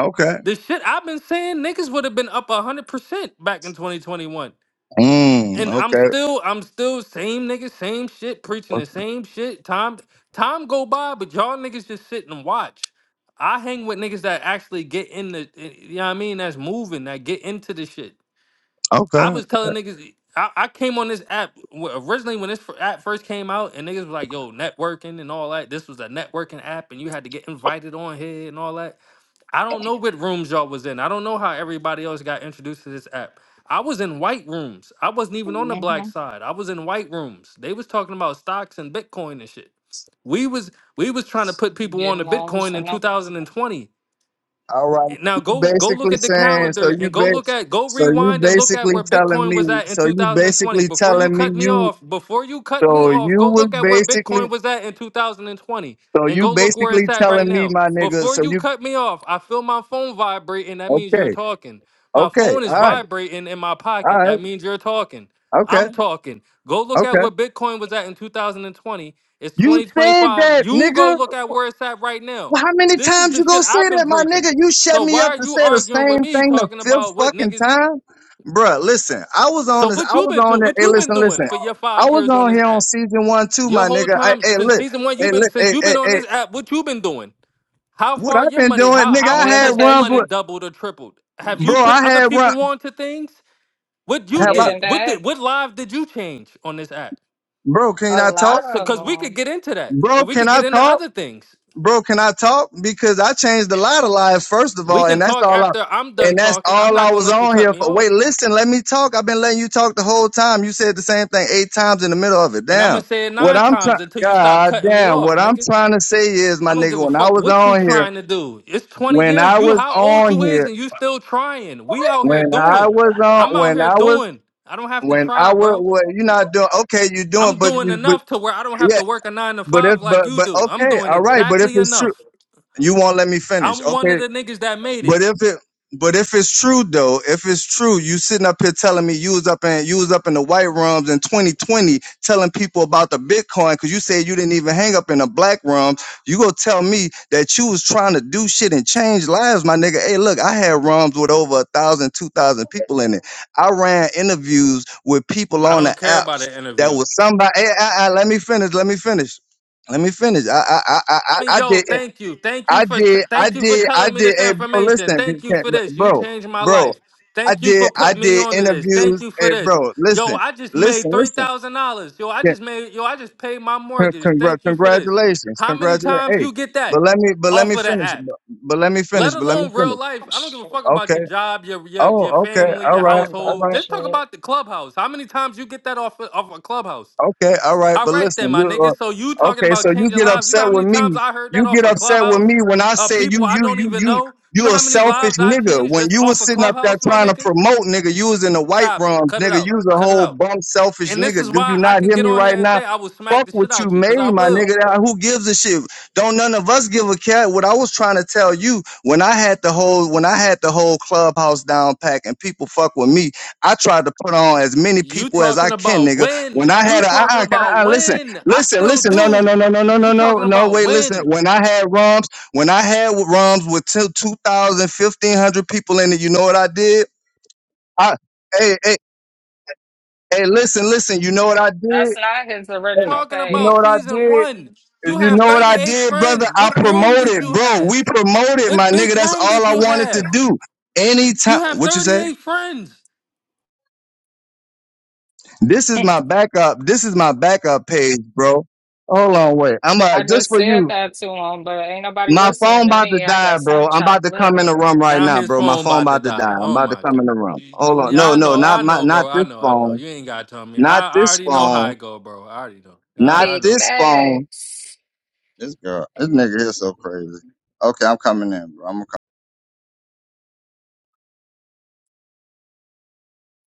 [SPEAKER 5] Okay.
[SPEAKER 8] The shit I've been saying, niggas would have been up 100% back in 2021
[SPEAKER 5] Mm,
[SPEAKER 8] and I'm
[SPEAKER 5] okay.
[SPEAKER 8] still I'm still same niggas, same shit, preaching the same shit. Time time go by, but y'all niggas just sit and watch. I hang with niggas that actually get in the eh, you know what I mean, that's moving, that get into the shit. I
[SPEAKER 5] Okay.
[SPEAKER 8] was telling niggas I, I came on this app wh- originally when this fir- app first came out and niggas was like, yo, networking and all that. This was a networking app and you had to get invited on here and all that. I don't know what rooms y'all was in. I don't know how everybody else got introduced to this app. I was in white rooms. I wasn't even on the black
[SPEAKER 1] Mm-hmm.
[SPEAKER 8] side. I was in white rooms. They was talking about stocks and Bitcoin and shit. We was we was trying to put people on
[SPEAKER 1] Getting
[SPEAKER 8] to
[SPEAKER 1] loans
[SPEAKER 8] Bitcoin
[SPEAKER 1] for
[SPEAKER 8] in
[SPEAKER 1] no
[SPEAKER 8] 2020.
[SPEAKER 5] All right.
[SPEAKER 8] Now
[SPEAKER 5] So You
[SPEAKER 8] go go look
[SPEAKER 5] basically
[SPEAKER 8] at the
[SPEAKER 5] saying so
[SPEAKER 8] calendar
[SPEAKER 5] you
[SPEAKER 8] and go
[SPEAKER 5] ba-
[SPEAKER 8] look at go
[SPEAKER 5] so you
[SPEAKER 8] rewind and look at
[SPEAKER 5] basically
[SPEAKER 8] where
[SPEAKER 5] telling
[SPEAKER 8] Bitcoin
[SPEAKER 5] me
[SPEAKER 8] was at in
[SPEAKER 5] so you
[SPEAKER 8] 2020.
[SPEAKER 5] basically
[SPEAKER 8] Before you
[SPEAKER 5] telling me
[SPEAKER 8] cut me
[SPEAKER 5] you
[SPEAKER 8] off, before you cut me
[SPEAKER 5] so
[SPEAKER 8] off,
[SPEAKER 5] you
[SPEAKER 8] go
[SPEAKER 5] was
[SPEAKER 8] look at where
[SPEAKER 5] basically
[SPEAKER 8] Bitcoin was at in 2020
[SPEAKER 5] so
[SPEAKER 8] and
[SPEAKER 5] you
[SPEAKER 8] go look where
[SPEAKER 5] basically
[SPEAKER 8] it's at
[SPEAKER 5] telling
[SPEAKER 8] right
[SPEAKER 5] me
[SPEAKER 8] now.
[SPEAKER 5] my nigga
[SPEAKER 8] Before
[SPEAKER 5] so
[SPEAKER 8] you
[SPEAKER 5] you
[SPEAKER 8] cut me off, I feel my phone vibrating. That means
[SPEAKER 5] okay
[SPEAKER 8] you're talking. My
[SPEAKER 5] okay
[SPEAKER 8] phone is
[SPEAKER 5] all right
[SPEAKER 8] vibrating in my
[SPEAKER 5] all
[SPEAKER 8] pocket.
[SPEAKER 5] right
[SPEAKER 8] That means you're talking.
[SPEAKER 5] okay
[SPEAKER 8] I'm talking. Go look at
[SPEAKER 5] okay
[SPEAKER 8] where Bitcoin was at in 2020. It's
[SPEAKER 5] you said
[SPEAKER 8] 2025.
[SPEAKER 5] that
[SPEAKER 8] You
[SPEAKER 5] nigga
[SPEAKER 8] go look at where it's at right now.
[SPEAKER 5] Well, how many
[SPEAKER 8] This is
[SPEAKER 5] times
[SPEAKER 8] the
[SPEAKER 5] you gonna
[SPEAKER 8] shit
[SPEAKER 5] say
[SPEAKER 8] I've
[SPEAKER 5] that,
[SPEAKER 8] been
[SPEAKER 5] my
[SPEAKER 8] preaching.
[SPEAKER 5] nigga? You shut
[SPEAKER 8] So
[SPEAKER 5] me
[SPEAKER 8] why
[SPEAKER 5] up
[SPEAKER 8] are
[SPEAKER 5] and
[SPEAKER 8] you
[SPEAKER 5] say the
[SPEAKER 8] arguing with
[SPEAKER 5] same
[SPEAKER 8] me
[SPEAKER 5] thing the
[SPEAKER 8] talking
[SPEAKER 5] fifth
[SPEAKER 8] about what
[SPEAKER 5] fucking
[SPEAKER 8] niggas?
[SPEAKER 5] time, bruh. Listen, I was on
[SPEAKER 8] So
[SPEAKER 5] this.
[SPEAKER 8] what
[SPEAKER 5] I
[SPEAKER 8] you
[SPEAKER 5] was
[SPEAKER 8] been to?
[SPEAKER 5] on that.
[SPEAKER 8] What
[SPEAKER 5] Hey,
[SPEAKER 8] you been
[SPEAKER 5] listen,
[SPEAKER 8] doing
[SPEAKER 5] listen.
[SPEAKER 8] for your
[SPEAKER 5] I
[SPEAKER 8] five
[SPEAKER 5] was
[SPEAKER 8] years on
[SPEAKER 5] on
[SPEAKER 8] this
[SPEAKER 5] here on
[SPEAKER 8] app?
[SPEAKER 5] season one too,
[SPEAKER 8] Your
[SPEAKER 5] my
[SPEAKER 8] whole
[SPEAKER 5] nigga. I,
[SPEAKER 8] time
[SPEAKER 5] hey,
[SPEAKER 8] since
[SPEAKER 5] look,
[SPEAKER 8] season one, you've
[SPEAKER 5] hey,
[SPEAKER 8] been
[SPEAKER 5] look,
[SPEAKER 8] since
[SPEAKER 5] hey,
[SPEAKER 8] you've
[SPEAKER 5] hey,
[SPEAKER 8] been on
[SPEAKER 5] hey.
[SPEAKER 8] this app. What you been doing? How
[SPEAKER 5] What
[SPEAKER 8] far
[SPEAKER 5] I've
[SPEAKER 8] your
[SPEAKER 5] been
[SPEAKER 8] money?
[SPEAKER 5] doing,
[SPEAKER 8] How
[SPEAKER 5] nigga?
[SPEAKER 8] how
[SPEAKER 5] I
[SPEAKER 8] much
[SPEAKER 5] had
[SPEAKER 8] has your
[SPEAKER 5] runs
[SPEAKER 8] money
[SPEAKER 5] with,
[SPEAKER 1] education,
[SPEAKER 8] doubled or tripled? Have you
[SPEAKER 5] bro.
[SPEAKER 8] put
[SPEAKER 5] I
[SPEAKER 8] other
[SPEAKER 5] had run.
[SPEAKER 8] people onto things? What you
[SPEAKER 5] Have I,
[SPEAKER 1] giving
[SPEAKER 8] did? What
[SPEAKER 1] back.
[SPEAKER 8] did what live did you change on this app?
[SPEAKER 5] bro? Can
[SPEAKER 1] A
[SPEAKER 5] I
[SPEAKER 1] lot
[SPEAKER 5] talk,
[SPEAKER 8] So
[SPEAKER 1] of
[SPEAKER 8] because we could get
[SPEAKER 1] them.
[SPEAKER 8] into that,
[SPEAKER 5] bro?
[SPEAKER 8] and we
[SPEAKER 5] Can
[SPEAKER 8] could get
[SPEAKER 5] I
[SPEAKER 8] into
[SPEAKER 5] talk?
[SPEAKER 8] other things.
[SPEAKER 5] bro, can I talk? Because I changed a lot of lives, first of
[SPEAKER 8] We
[SPEAKER 5] all, and
[SPEAKER 8] can
[SPEAKER 5] that's
[SPEAKER 8] talk
[SPEAKER 5] all I
[SPEAKER 8] after I'm done
[SPEAKER 5] and that's
[SPEAKER 8] talking. I'm
[SPEAKER 5] all
[SPEAKER 8] not
[SPEAKER 5] I
[SPEAKER 8] gonna
[SPEAKER 5] was
[SPEAKER 8] let you
[SPEAKER 5] on
[SPEAKER 8] cut
[SPEAKER 5] here
[SPEAKER 8] me
[SPEAKER 5] for. Wait,
[SPEAKER 8] off,
[SPEAKER 5] listen, let me talk. I've been letting you talk the whole time. You said the same thing eight times in the middle of it.
[SPEAKER 8] and I'm gonna
[SPEAKER 5] Damn.
[SPEAKER 8] say it
[SPEAKER 5] What
[SPEAKER 8] nine
[SPEAKER 5] I'm trying
[SPEAKER 8] times until you stop
[SPEAKER 5] God
[SPEAKER 8] cutting me
[SPEAKER 5] damn,
[SPEAKER 8] off,
[SPEAKER 5] what I'm
[SPEAKER 8] nigga.
[SPEAKER 5] trying to say is,
[SPEAKER 8] I
[SPEAKER 5] my
[SPEAKER 8] don't give
[SPEAKER 5] nigga,
[SPEAKER 8] a
[SPEAKER 5] when I
[SPEAKER 8] fuck
[SPEAKER 5] was
[SPEAKER 8] what you
[SPEAKER 5] on here,
[SPEAKER 8] trying to do. It's 20
[SPEAKER 5] when
[SPEAKER 8] years.
[SPEAKER 5] I
[SPEAKER 8] You
[SPEAKER 5] was
[SPEAKER 8] how old
[SPEAKER 5] on
[SPEAKER 8] you is
[SPEAKER 5] here,
[SPEAKER 8] and you still trying. We out here
[SPEAKER 5] when I
[SPEAKER 8] doing.
[SPEAKER 5] was
[SPEAKER 8] I'm
[SPEAKER 5] on
[SPEAKER 8] out
[SPEAKER 5] when
[SPEAKER 8] here
[SPEAKER 5] I was
[SPEAKER 8] doing. I don't have to
[SPEAKER 5] when I
[SPEAKER 8] try,
[SPEAKER 5] was
[SPEAKER 8] bro.
[SPEAKER 5] well, you're not doing okay, you're doing
[SPEAKER 8] I'm
[SPEAKER 5] but
[SPEAKER 8] doing
[SPEAKER 5] you but
[SPEAKER 8] enough to where I don't have
[SPEAKER 5] yeah,
[SPEAKER 8] to work a 9 to
[SPEAKER 5] but if
[SPEAKER 8] 5 like
[SPEAKER 5] but
[SPEAKER 8] you
[SPEAKER 5] but
[SPEAKER 8] do. I'm
[SPEAKER 5] okay,
[SPEAKER 8] doing
[SPEAKER 5] all right, but if
[SPEAKER 8] exactly
[SPEAKER 5] it's true,
[SPEAKER 8] enough.
[SPEAKER 5] you won't let me finish.
[SPEAKER 8] I'm one
[SPEAKER 5] Okay,
[SPEAKER 8] of the niggas that made
[SPEAKER 5] But
[SPEAKER 8] it.
[SPEAKER 5] if it but if it's true though, if it's true, you sitting up here telling me you was up in you was up in the white rooms in 2020 telling people about the Bitcoin because you said you didn't even hang up in the black room. You go tell me that you was trying to do shit and change lives, my nigga. Hey, look, I had rooms with over a thousand, two thousand people in it. I ran interviews with people
[SPEAKER 8] I
[SPEAKER 5] on the
[SPEAKER 8] don't care about
[SPEAKER 5] apps
[SPEAKER 8] an
[SPEAKER 5] that
[SPEAKER 8] interview.
[SPEAKER 5] was somebody. Hey, I, I, let me finish. Let me finish. Let me finish. I I I I, I
[SPEAKER 8] me,
[SPEAKER 5] I
[SPEAKER 8] yo,
[SPEAKER 5] did
[SPEAKER 8] thank you. Thank you
[SPEAKER 5] I
[SPEAKER 8] for
[SPEAKER 5] did, I
[SPEAKER 8] thank you for
[SPEAKER 5] did, I
[SPEAKER 8] telling me
[SPEAKER 5] did.
[SPEAKER 8] this
[SPEAKER 5] Hey, bro,
[SPEAKER 8] information.
[SPEAKER 5] listen, p-
[SPEAKER 8] Thank you for
[SPEAKER 5] p-
[SPEAKER 8] this. You
[SPEAKER 5] bro,
[SPEAKER 8] changed my
[SPEAKER 5] bro,
[SPEAKER 8] life.
[SPEAKER 5] I
[SPEAKER 8] Thank you
[SPEAKER 5] did,
[SPEAKER 8] for
[SPEAKER 5] I
[SPEAKER 8] putting me
[SPEAKER 5] did
[SPEAKER 8] on to this. Thank
[SPEAKER 5] interviews.
[SPEAKER 8] you for
[SPEAKER 5] Hey,
[SPEAKER 8] this.
[SPEAKER 5] bro,
[SPEAKER 8] Yo,
[SPEAKER 5] listen,
[SPEAKER 8] I just made
[SPEAKER 5] listen,
[SPEAKER 8] three
[SPEAKER 5] listen.
[SPEAKER 8] thousand dollars. Yo, I
[SPEAKER 5] Yeah,
[SPEAKER 8] just made yo, I just paid my
[SPEAKER 5] con-
[SPEAKER 8] mortgage.
[SPEAKER 5] Congra-
[SPEAKER 8] Thank you for this.
[SPEAKER 5] congratulations,
[SPEAKER 8] How many
[SPEAKER 5] congratulations.
[SPEAKER 8] times
[SPEAKER 5] Hey,
[SPEAKER 8] you get
[SPEAKER 5] but
[SPEAKER 8] that
[SPEAKER 5] let me, but let
[SPEAKER 8] off
[SPEAKER 5] me
[SPEAKER 8] of the
[SPEAKER 5] finish.
[SPEAKER 8] app?
[SPEAKER 5] But, but let me
[SPEAKER 8] Let
[SPEAKER 5] finish. But let me
[SPEAKER 8] alone real
[SPEAKER 5] finish.
[SPEAKER 8] life. I don't give a fuck about your
[SPEAKER 5] Okay.
[SPEAKER 8] job, your your your
[SPEAKER 5] Oh, okay.
[SPEAKER 8] family,
[SPEAKER 5] All
[SPEAKER 8] your
[SPEAKER 1] Lord,
[SPEAKER 5] right.
[SPEAKER 1] I'm
[SPEAKER 5] All
[SPEAKER 8] household.
[SPEAKER 5] right.
[SPEAKER 1] dropping
[SPEAKER 8] Just talk
[SPEAKER 1] shit.
[SPEAKER 8] about the clubhouse. How many times you get that off of, off a clubhouse?
[SPEAKER 5] Okay, all right,
[SPEAKER 8] All
[SPEAKER 5] but
[SPEAKER 8] right then,
[SPEAKER 5] listen,
[SPEAKER 8] my
[SPEAKER 5] you
[SPEAKER 8] nigga. So you
[SPEAKER 5] uh,
[SPEAKER 8] talking
[SPEAKER 5] okay?
[SPEAKER 8] about
[SPEAKER 5] So you
[SPEAKER 8] changing
[SPEAKER 5] get
[SPEAKER 8] lives? You know
[SPEAKER 5] upset
[SPEAKER 8] how
[SPEAKER 5] with
[SPEAKER 8] many times
[SPEAKER 5] me.
[SPEAKER 8] I heard
[SPEAKER 5] You
[SPEAKER 8] that off
[SPEAKER 5] get
[SPEAKER 8] a
[SPEAKER 5] upset with
[SPEAKER 8] clubhouse?
[SPEAKER 5] me when I
[SPEAKER 8] Uh,
[SPEAKER 5] say you,
[SPEAKER 8] people I
[SPEAKER 5] you,
[SPEAKER 8] don't
[SPEAKER 5] you,
[SPEAKER 8] even
[SPEAKER 5] you,
[SPEAKER 8] know. You know
[SPEAKER 5] you a
[SPEAKER 8] how many
[SPEAKER 5] selfish
[SPEAKER 8] lives I
[SPEAKER 5] nigga.
[SPEAKER 8] changed
[SPEAKER 5] When
[SPEAKER 8] just
[SPEAKER 5] you
[SPEAKER 8] off
[SPEAKER 5] was
[SPEAKER 8] a
[SPEAKER 5] sitting up there
[SPEAKER 8] clubhouse, my
[SPEAKER 5] trying to
[SPEAKER 8] nigga?
[SPEAKER 5] promote, nigga, you was in the white
[SPEAKER 8] Stop it.
[SPEAKER 5] room,
[SPEAKER 8] Cut it
[SPEAKER 5] nigga.
[SPEAKER 8] out.
[SPEAKER 5] You was a
[SPEAKER 8] Cut it
[SPEAKER 5] whole
[SPEAKER 8] out.
[SPEAKER 5] bum,
[SPEAKER 8] A-
[SPEAKER 5] selfish
[SPEAKER 8] And this
[SPEAKER 5] nigga.
[SPEAKER 8] is
[SPEAKER 5] Do you
[SPEAKER 8] why I
[SPEAKER 5] not
[SPEAKER 8] can
[SPEAKER 5] hear
[SPEAKER 8] get
[SPEAKER 5] me
[SPEAKER 8] on
[SPEAKER 5] right
[SPEAKER 8] here and
[SPEAKER 5] now?
[SPEAKER 8] say I will smack
[SPEAKER 5] Fuck
[SPEAKER 8] the shit
[SPEAKER 5] what you
[SPEAKER 8] out you, cause
[SPEAKER 5] made,
[SPEAKER 8] I
[SPEAKER 5] my
[SPEAKER 8] will.
[SPEAKER 5] nigga. Now, Who gives a shit? Don't none of us give a cat. What I was trying to tell you when I had the whole when I had the whole clubhouse down pack and people fuck with me, I tried to put on as many
[SPEAKER 8] You
[SPEAKER 5] people as I
[SPEAKER 8] talking
[SPEAKER 5] can,
[SPEAKER 8] about
[SPEAKER 5] nigga when
[SPEAKER 8] when?
[SPEAKER 5] I
[SPEAKER 8] You
[SPEAKER 5] had a, uh,
[SPEAKER 8] talking
[SPEAKER 5] uh,
[SPEAKER 8] about
[SPEAKER 5] uh, uh, listen,
[SPEAKER 8] when? I
[SPEAKER 5] listen,
[SPEAKER 8] still
[SPEAKER 5] listen, no, no,
[SPEAKER 8] do.
[SPEAKER 5] no, no, no, no,
[SPEAKER 8] You
[SPEAKER 5] no, no,
[SPEAKER 8] talking
[SPEAKER 5] no,
[SPEAKER 8] about
[SPEAKER 5] wait, listen.
[SPEAKER 8] when?
[SPEAKER 5] When I had ROMs, when I had w- ROMs with two, 2,000, people in it, you know what I did? I, hey, hey, hey, listen, listen, you know what I did?
[SPEAKER 1] That's not his
[SPEAKER 5] Hey,
[SPEAKER 1] original
[SPEAKER 8] Talking
[SPEAKER 5] you know
[SPEAKER 1] page.
[SPEAKER 8] about
[SPEAKER 5] what I
[SPEAKER 8] season
[SPEAKER 5] did?
[SPEAKER 8] one. You
[SPEAKER 5] You
[SPEAKER 8] have
[SPEAKER 5] know what I
[SPEAKER 8] 38
[SPEAKER 5] did, brother?
[SPEAKER 8] friends.
[SPEAKER 5] I
[SPEAKER 8] What room did
[SPEAKER 5] promoted,
[SPEAKER 8] you
[SPEAKER 5] bro.
[SPEAKER 8] have?
[SPEAKER 5] We promoted,
[SPEAKER 8] What
[SPEAKER 5] my
[SPEAKER 8] big
[SPEAKER 5] nigga. That's
[SPEAKER 8] room did
[SPEAKER 5] all I
[SPEAKER 8] you
[SPEAKER 5] wanted to
[SPEAKER 8] have?
[SPEAKER 5] do.
[SPEAKER 8] You
[SPEAKER 5] Anytime,
[SPEAKER 8] have
[SPEAKER 5] what you say?
[SPEAKER 8] 38 friends.
[SPEAKER 5] This is my backup. This is my backup page, bro. Hold on, wait. I'm uh,
[SPEAKER 1] I
[SPEAKER 5] just
[SPEAKER 1] just
[SPEAKER 5] for
[SPEAKER 1] said
[SPEAKER 5] you.
[SPEAKER 1] that to him, but ain't nobody
[SPEAKER 5] My phone
[SPEAKER 1] listening to
[SPEAKER 5] about to
[SPEAKER 1] me. I
[SPEAKER 5] die,
[SPEAKER 1] guess
[SPEAKER 5] bro.
[SPEAKER 1] I'm
[SPEAKER 5] I'm about
[SPEAKER 1] chopped
[SPEAKER 5] to come in
[SPEAKER 1] liver.
[SPEAKER 5] the room right
[SPEAKER 8] Now
[SPEAKER 5] now,
[SPEAKER 8] his
[SPEAKER 5] bro. My
[SPEAKER 8] phone
[SPEAKER 5] phone
[SPEAKER 8] about to
[SPEAKER 5] about to
[SPEAKER 8] die.
[SPEAKER 5] die. I'm
[SPEAKER 8] Oh
[SPEAKER 5] about to
[SPEAKER 8] my
[SPEAKER 5] come
[SPEAKER 8] God.
[SPEAKER 5] in the room. Hold on.
[SPEAKER 8] Yeah,
[SPEAKER 5] No,
[SPEAKER 8] I
[SPEAKER 5] no,
[SPEAKER 8] know,
[SPEAKER 5] not
[SPEAKER 8] I
[SPEAKER 5] my,
[SPEAKER 8] know,
[SPEAKER 5] not
[SPEAKER 8] bro. I
[SPEAKER 5] this
[SPEAKER 8] know, I know.
[SPEAKER 5] phone.
[SPEAKER 8] You ain't gotta tell me.
[SPEAKER 5] Not
[SPEAKER 8] I, I
[SPEAKER 5] this
[SPEAKER 8] already know how
[SPEAKER 5] phone.
[SPEAKER 8] it go, bro. I already know.
[SPEAKER 5] Not
[SPEAKER 8] I, I
[SPEAKER 1] Big
[SPEAKER 8] know.
[SPEAKER 5] this phone.
[SPEAKER 1] facts.
[SPEAKER 5] This girl, this nigga here so crazy. Okay, I'm coming in, bro. I'm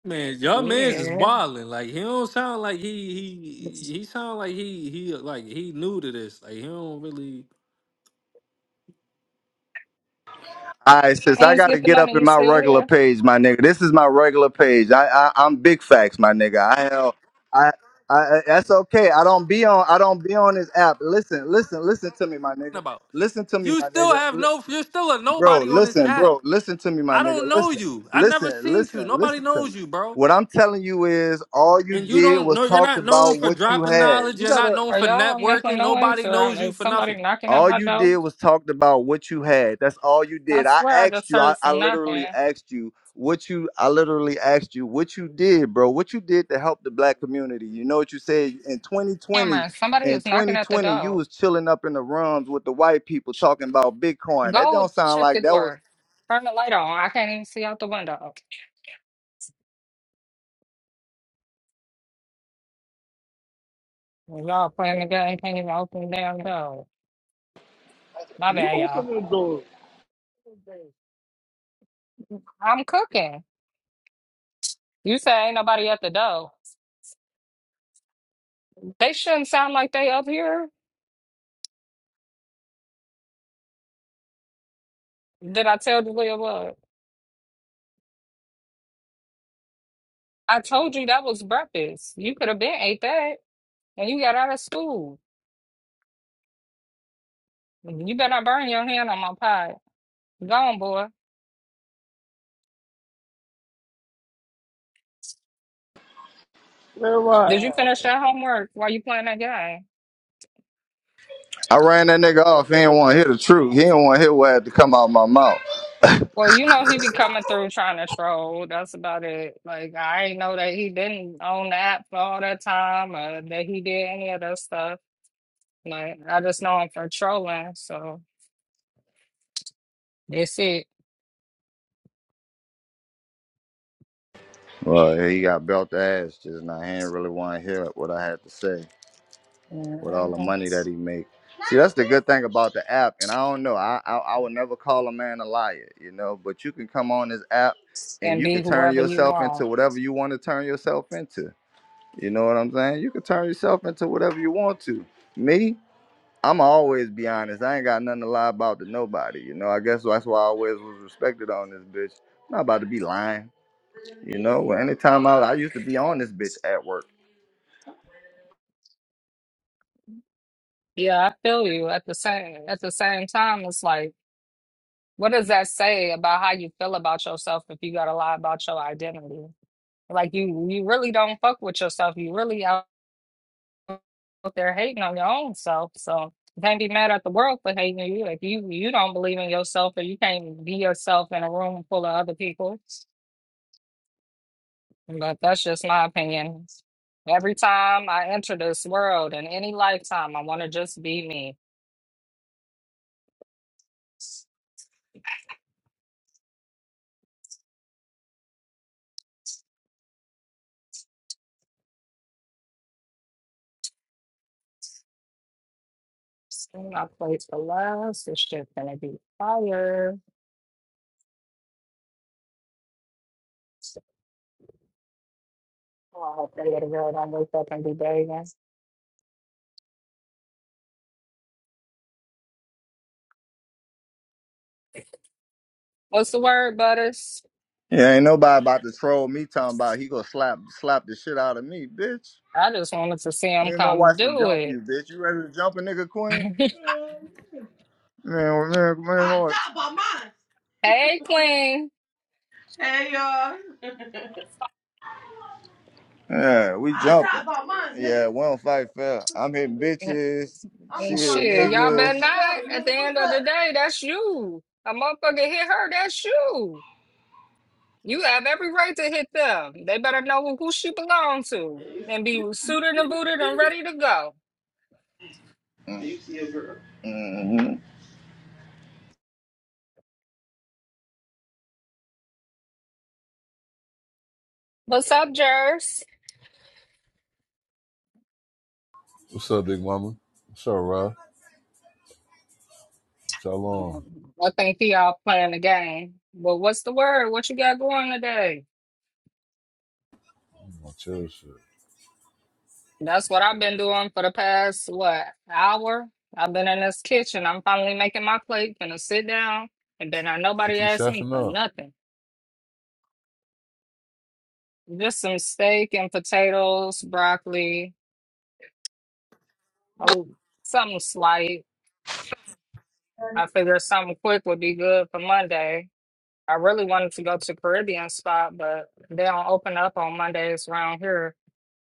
[SPEAKER 8] Man, your man's is
[SPEAKER 1] Yeah.
[SPEAKER 8] wilding. Like he don't sound like he he he
[SPEAKER 1] Let's
[SPEAKER 8] sound like he he like he new to this. Like he don't really
[SPEAKER 9] All right, sis, I gotta
[SPEAKER 1] get the
[SPEAKER 9] get up
[SPEAKER 1] money.
[SPEAKER 9] in
[SPEAKER 1] You
[SPEAKER 9] my
[SPEAKER 1] still
[SPEAKER 9] regular
[SPEAKER 1] here?
[SPEAKER 9] page, my nigga. This is my regular page. I, I I'm big facts, my nigga. I hell, I, I I- that's okay. I don't be on I don't be on this app. Listen, listen, listen to me, my nigga.
[SPEAKER 8] about.
[SPEAKER 9] Listen to me,
[SPEAKER 8] You
[SPEAKER 9] my
[SPEAKER 8] still
[SPEAKER 9] nigga.
[SPEAKER 8] have
[SPEAKER 9] Li-
[SPEAKER 8] no. You're still a
[SPEAKER 9] bro,
[SPEAKER 8] nobody on this
[SPEAKER 9] listen,
[SPEAKER 8] app.
[SPEAKER 9] bro, listen to me, my
[SPEAKER 8] I don't
[SPEAKER 9] nigga.
[SPEAKER 8] know
[SPEAKER 9] Listen,
[SPEAKER 8] you. I never
[SPEAKER 9] listen,
[SPEAKER 8] seen you.
[SPEAKER 9] listen,
[SPEAKER 8] Nobody
[SPEAKER 9] listen to me.
[SPEAKER 8] knows you, bro.
[SPEAKER 9] What I'm telling you is all you
[SPEAKER 8] And you
[SPEAKER 9] did
[SPEAKER 8] don't
[SPEAKER 9] was
[SPEAKER 8] know you're
[SPEAKER 9] talked
[SPEAKER 8] not
[SPEAKER 9] about
[SPEAKER 8] known for
[SPEAKER 9] what you
[SPEAKER 8] dropping
[SPEAKER 9] had.
[SPEAKER 8] knowledge.
[SPEAKER 9] You
[SPEAKER 8] You're not
[SPEAKER 9] gotta
[SPEAKER 8] known
[SPEAKER 1] Are
[SPEAKER 8] for
[SPEAKER 1] y'all making
[SPEAKER 8] networking.
[SPEAKER 1] noise
[SPEAKER 8] Nobody knows
[SPEAKER 1] or
[SPEAKER 8] you
[SPEAKER 1] is
[SPEAKER 8] for
[SPEAKER 1] somebody
[SPEAKER 8] nothing.
[SPEAKER 1] knocking at
[SPEAKER 9] All
[SPEAKER 1] my
[SPEAKER 9] you
[SPEAKER 1] door?
[SPEAKER 9] did was talked about what you had. That's all you
[SPEAKER 1] I
[SPEAKER 9] did. I
[SPEAKER 1] swear I
[SPEAKER 9] asked
[SPEAKER 1] just
[SPEAKER 9] you. I,
[SPEAKER 1] heard
[SPEAKER 9] I
[SPEAKER 1] some knocking.
[SPEAKER 9] literally asked you what you. I literally asked you what you did, bro. What you did to help the black community. You know what you said in 2020.
[SPEAKER 1] Cameron, somebody
[SPEAKER 9] In
[SPEAKER 1] is knocking at the
[SPEAKER 9] 2020, you
[SPEAKER 1] door.
[SPEAKER 9] was chilling up in the rooms with the white people talking about Bitcoin. That
[SPEAKER 1] Go
[SPEAKER 9] don't sound
[SPEAKER 1] check the
[SPEAKER 9] like that was.
[SPEAKER 1] door. Turn the light on. I can't even see out the window. Well, Y'all playing the game, can't even open the damn door. My
[SPEAKER 4] You
[SPEAKER 1] bad, y'all.
[SPEAKER 4] open the door.
[SPEAKER 1] I'm cooking. You say ain't nobody at the door. They shouldn't sound like they up here. Did I tell Julia what? I told you that was breakfast. You could have been ate that, and you got out of school. You better not burn your hand on my pie. Go on, boy.
[SPEAKER 4] Where
[SPEAKER 1] Did you
[SPEAKER 4] Rod?
[SPEAKER 1] finish your homework while you playing that game?
[SPEAKER 9] I ran that nigga off. He didn't want to hear the truth. He didn't want to hear what had to come out of my mouth.
[SPEAKER 1] Well, you know he be coming through trying to troll. That's about it. Like I ain't know that he didn't own the app for all that time, or that he did any of that stuff. Like I just know him for trolling. So that's it.
[SPEAKER 9] Well, he got belt ass just now. He didn't really want to hear what I had to say. with all the
[SPEAKER 1] And
[SPEAKER 9] money that he make. See, that's the good thing about the app. And I don't know, I, I I would never call a man a liar, you know. But you can come on this app, and you can
[SPEAKER 1] be
[SPEAKER 9] turn
[SPEAKER 1] whoever you
[SPEAKER 9] yourself into
[SPEAKER 1] want.
[SPEAKER 9] whatever you want to turn yourself into. You know what I'm saying? You can turn yourself into whatever you want to. Me, I'm always be honest. I ain't got nothing to lie about to nobody. You know, I guess that's why I always was respected on this bitch. I'm not about to be lying. You know, anytime I, I used to be on this bitch at work.
[SPEAKER 1] Yeah, I feel you. At the same at the same time, it's like. What does that say about how you feel about yourself if you gotta lie about your identity? Like you, you really don't fuck with yourself. You really out there hating on your own self. So you can't be mad at the world for hating you. If you you don't believe in yourself, or you can't be yourself in a room full of other people. But that's just my opinion. Every time I enter this world in any lifetime, I want to just be me. Sing my place for last. This shit's gonna be fire. Oh, I hope that little girl don't wake up and be begging. What's the word, Butters?
[SPEAKER 9] Yeah, ain't nobody about to troll me talking about he gonna slap slap the shit out of me, bitch.
[SPEAKER 1] I just wanted to see
[SPEAKER 9] Me
[SPEAKER 1] him
[SPEAKER 9] and my
[SPEAKER 1] come
[SPEAKER 9] wife will
[SPEAKER 1] do
[SPEAKER 9] jump
[SPEAKER 1] it.
[SPEAKER 9] you, bitch. You ready to jump a nigga, Queen? Man, man, man. I'm Lord. talking about mine.
[SPEAKER 1] hey, Queen.
[SPEAKER 9] Hey, y'all. Yeah, we i jumping. talking about mine, nigga. Yeah, we don't fight fair. I'm hitting bitches. I'm she
[SPEAKER 1] And
[SPEAKER 9] hitting
[SPEAKER 1] shit,
[SPEAKER 9] niggas. mine
[SPEAKER 1] y'all better not.
[SPEAKER 9] water,
[SPEAKER 1] At
[SPEAKER 9] nigga.
[SPEAKER 1] the end of
[SPEAKER 9] What's
[SPEAKER 1] the
[SPEAKER 9] up?
[SPEAKER 1] day, that's you. A motherfucker hit her, that's you. You have every right to hit them. They better know who, who she belong to and be suited and booted and ready to go.
[SPEAKER 9] Mm. Do You see a girl.
[SPEAKER 1] What's up, Jers?
[SPEAKER 10] What's up, big mama? What's up, Rob? Shalom.
[SPEAKER 1] I think y'all playing the game. But what's the word? What you got going today?
[SPEAKER 10] My chill shit.
[SPEAKER 1] That's what I've been doing for the past, what, hour? I've been in this kitchen. I'm finally making my plate, gonna sit down, and then not
[SPEAKER 10] What
[SPEAKER 1] nobody
[SPEAKER 10] you
[SPEAKER 1] ask me
[SPEAKER 10] chefing
[SPEAKER 1] for
[SPEAKER 10] up?
[SPEAKER 1] nothing. Just some steak and potatoes, broccoli, oh, something slight. I figured something quick would be good for Monday. I really wanted to go to Caribbean spot, but they don't open up on Mondays around here.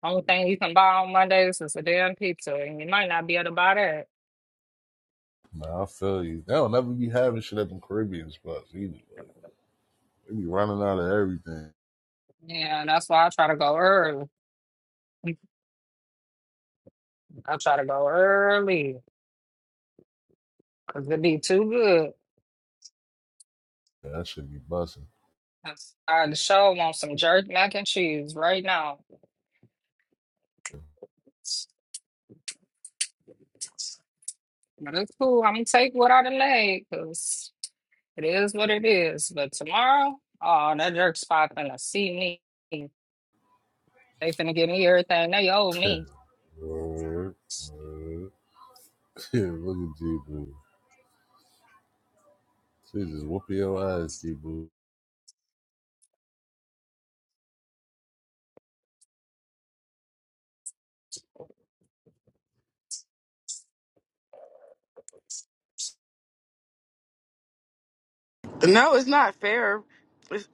[SPEAKER 1] Only thing you can buy on Mondays is a damn pizza, and you might not be able to buy that.
[SPEAKER 10] Nah, I feel you. They don't never be having shit at them Caribbean spots either. They be running out of everything.
[SPEAKER 1] Yeah, that's why I try to go early. I try to go early because it be too good.
[SPEAKER 10] Yeah, that should be busting.
[SPEAKER 1] I the show want some jerk mac and cheese right now. But it's cool. I'm gonna take what I done laid because it is what it is. But tomorrow, oh, that jerk spot finna see me. They finna give me everything they owe me.
[SPEAKER 10] Yeah, Look at G Boo. She just whooping your ass, G Boo.
[SPEAKER 11] No, it's not fair. It's,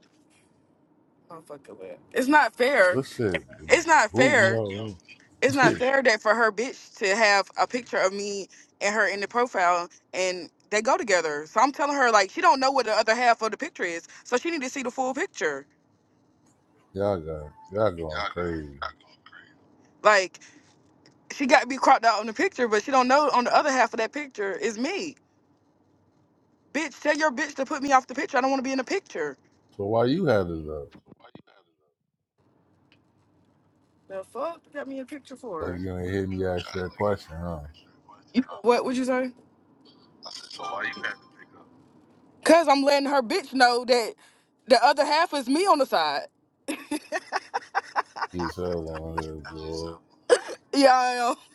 [SPEAKER 11] it's not fair.
[SPEAKER 10] This shit be
[SPEAKER 11] It's not
[SPEAKER 10] booting
[SPEAKER 11] fair.
[SPEAKER 10] your room.
[SPEAKER 11] It's not fair that for her bitch to have a picture of me and her in the profile and they go together. So I'm telling her like she don't know what the other half of the picture is. So she need to see the full picture.
[SPEAKER 10] y'all got y'all going crazy.
[SPEAKER 11] Like she got to be cropped out on the picture, but she don't know on the other half of that picture is me. Bitch, tell your bitch to put me off the picture. I don't want to be in the picture.
[SPEAKER 10] So why you had it up?
[SPEAKER 11] The fuck? Got me in a picture for?
[SPEAKER 10] Like
[SPEAKER 11] her.
[SPEAKER 10] you ain't hear me ask you that question, huh?
[SPEAKER 11] You know, what would you say? Cause I'm letting her bitch know that the other half is me on the side.
[SPEAKER 10] He's hell on here, bro.
[SPEAKER 11] Yeah, I am.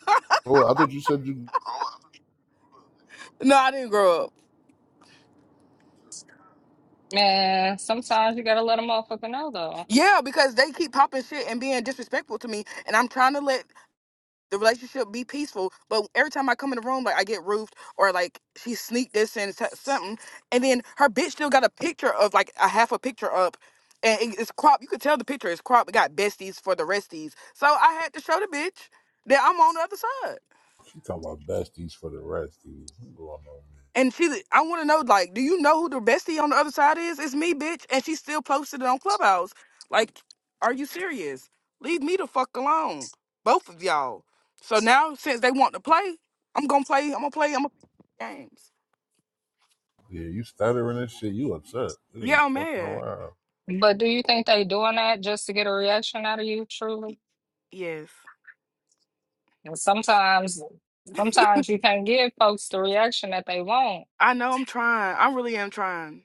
[SPEAKER 10] Oh, I thought you said you
[SPEAKER 11] No, I didn't grow up.
[SPEAKER 1] Man, sometimes you gotta let a motherfucker know though.
[SPEAKER 11] Yeah, because they keep popping shit and being disrespectful to me, and I'm trying to let the relationship be peaceful. But every time I come in the room, like I get roofed or like she sneaked this and s- something, and then her bitch still got a picture of like a half a picture up, and it- it's crop. You could tell the picture is crop. It got besties for the resties, so I had to show the bitch that I'm on the other side.
[SPEAKER 10] you talking about besties for the resties. What's going on, man?
[SPEAKER 11] And she, I want to know, like, do you know who the bestie on the other side is? It's me, bitch. And she still posted it on Clubhouse. Like, are you serious? Leave me the fuck alone, both of y'all. So now, since they want to play, I'm gonna play. I'm gonna play. I'm gonna play games.
[SPEAKER 10] Yeah, you stuttering and shit. You upset. You
[SPEAKER 11] Yeah,
[SPEAKER 10] ain't
[SPEAKER 11] I'm
[SPEAKER 10] fucking
[SPEAKER 11] mad.
[SPEAKER 10] around.
[SPEAKER 1] But do you think they doing that just to get a reaction out of you? Truly,
[SPEAKER 11] Y- Yes,
[SPEAKER 1] and sometimes, sometimes you can't give folks the reaction that they want.
[SPEAKER 11] I know. I'm trying. I really am trying.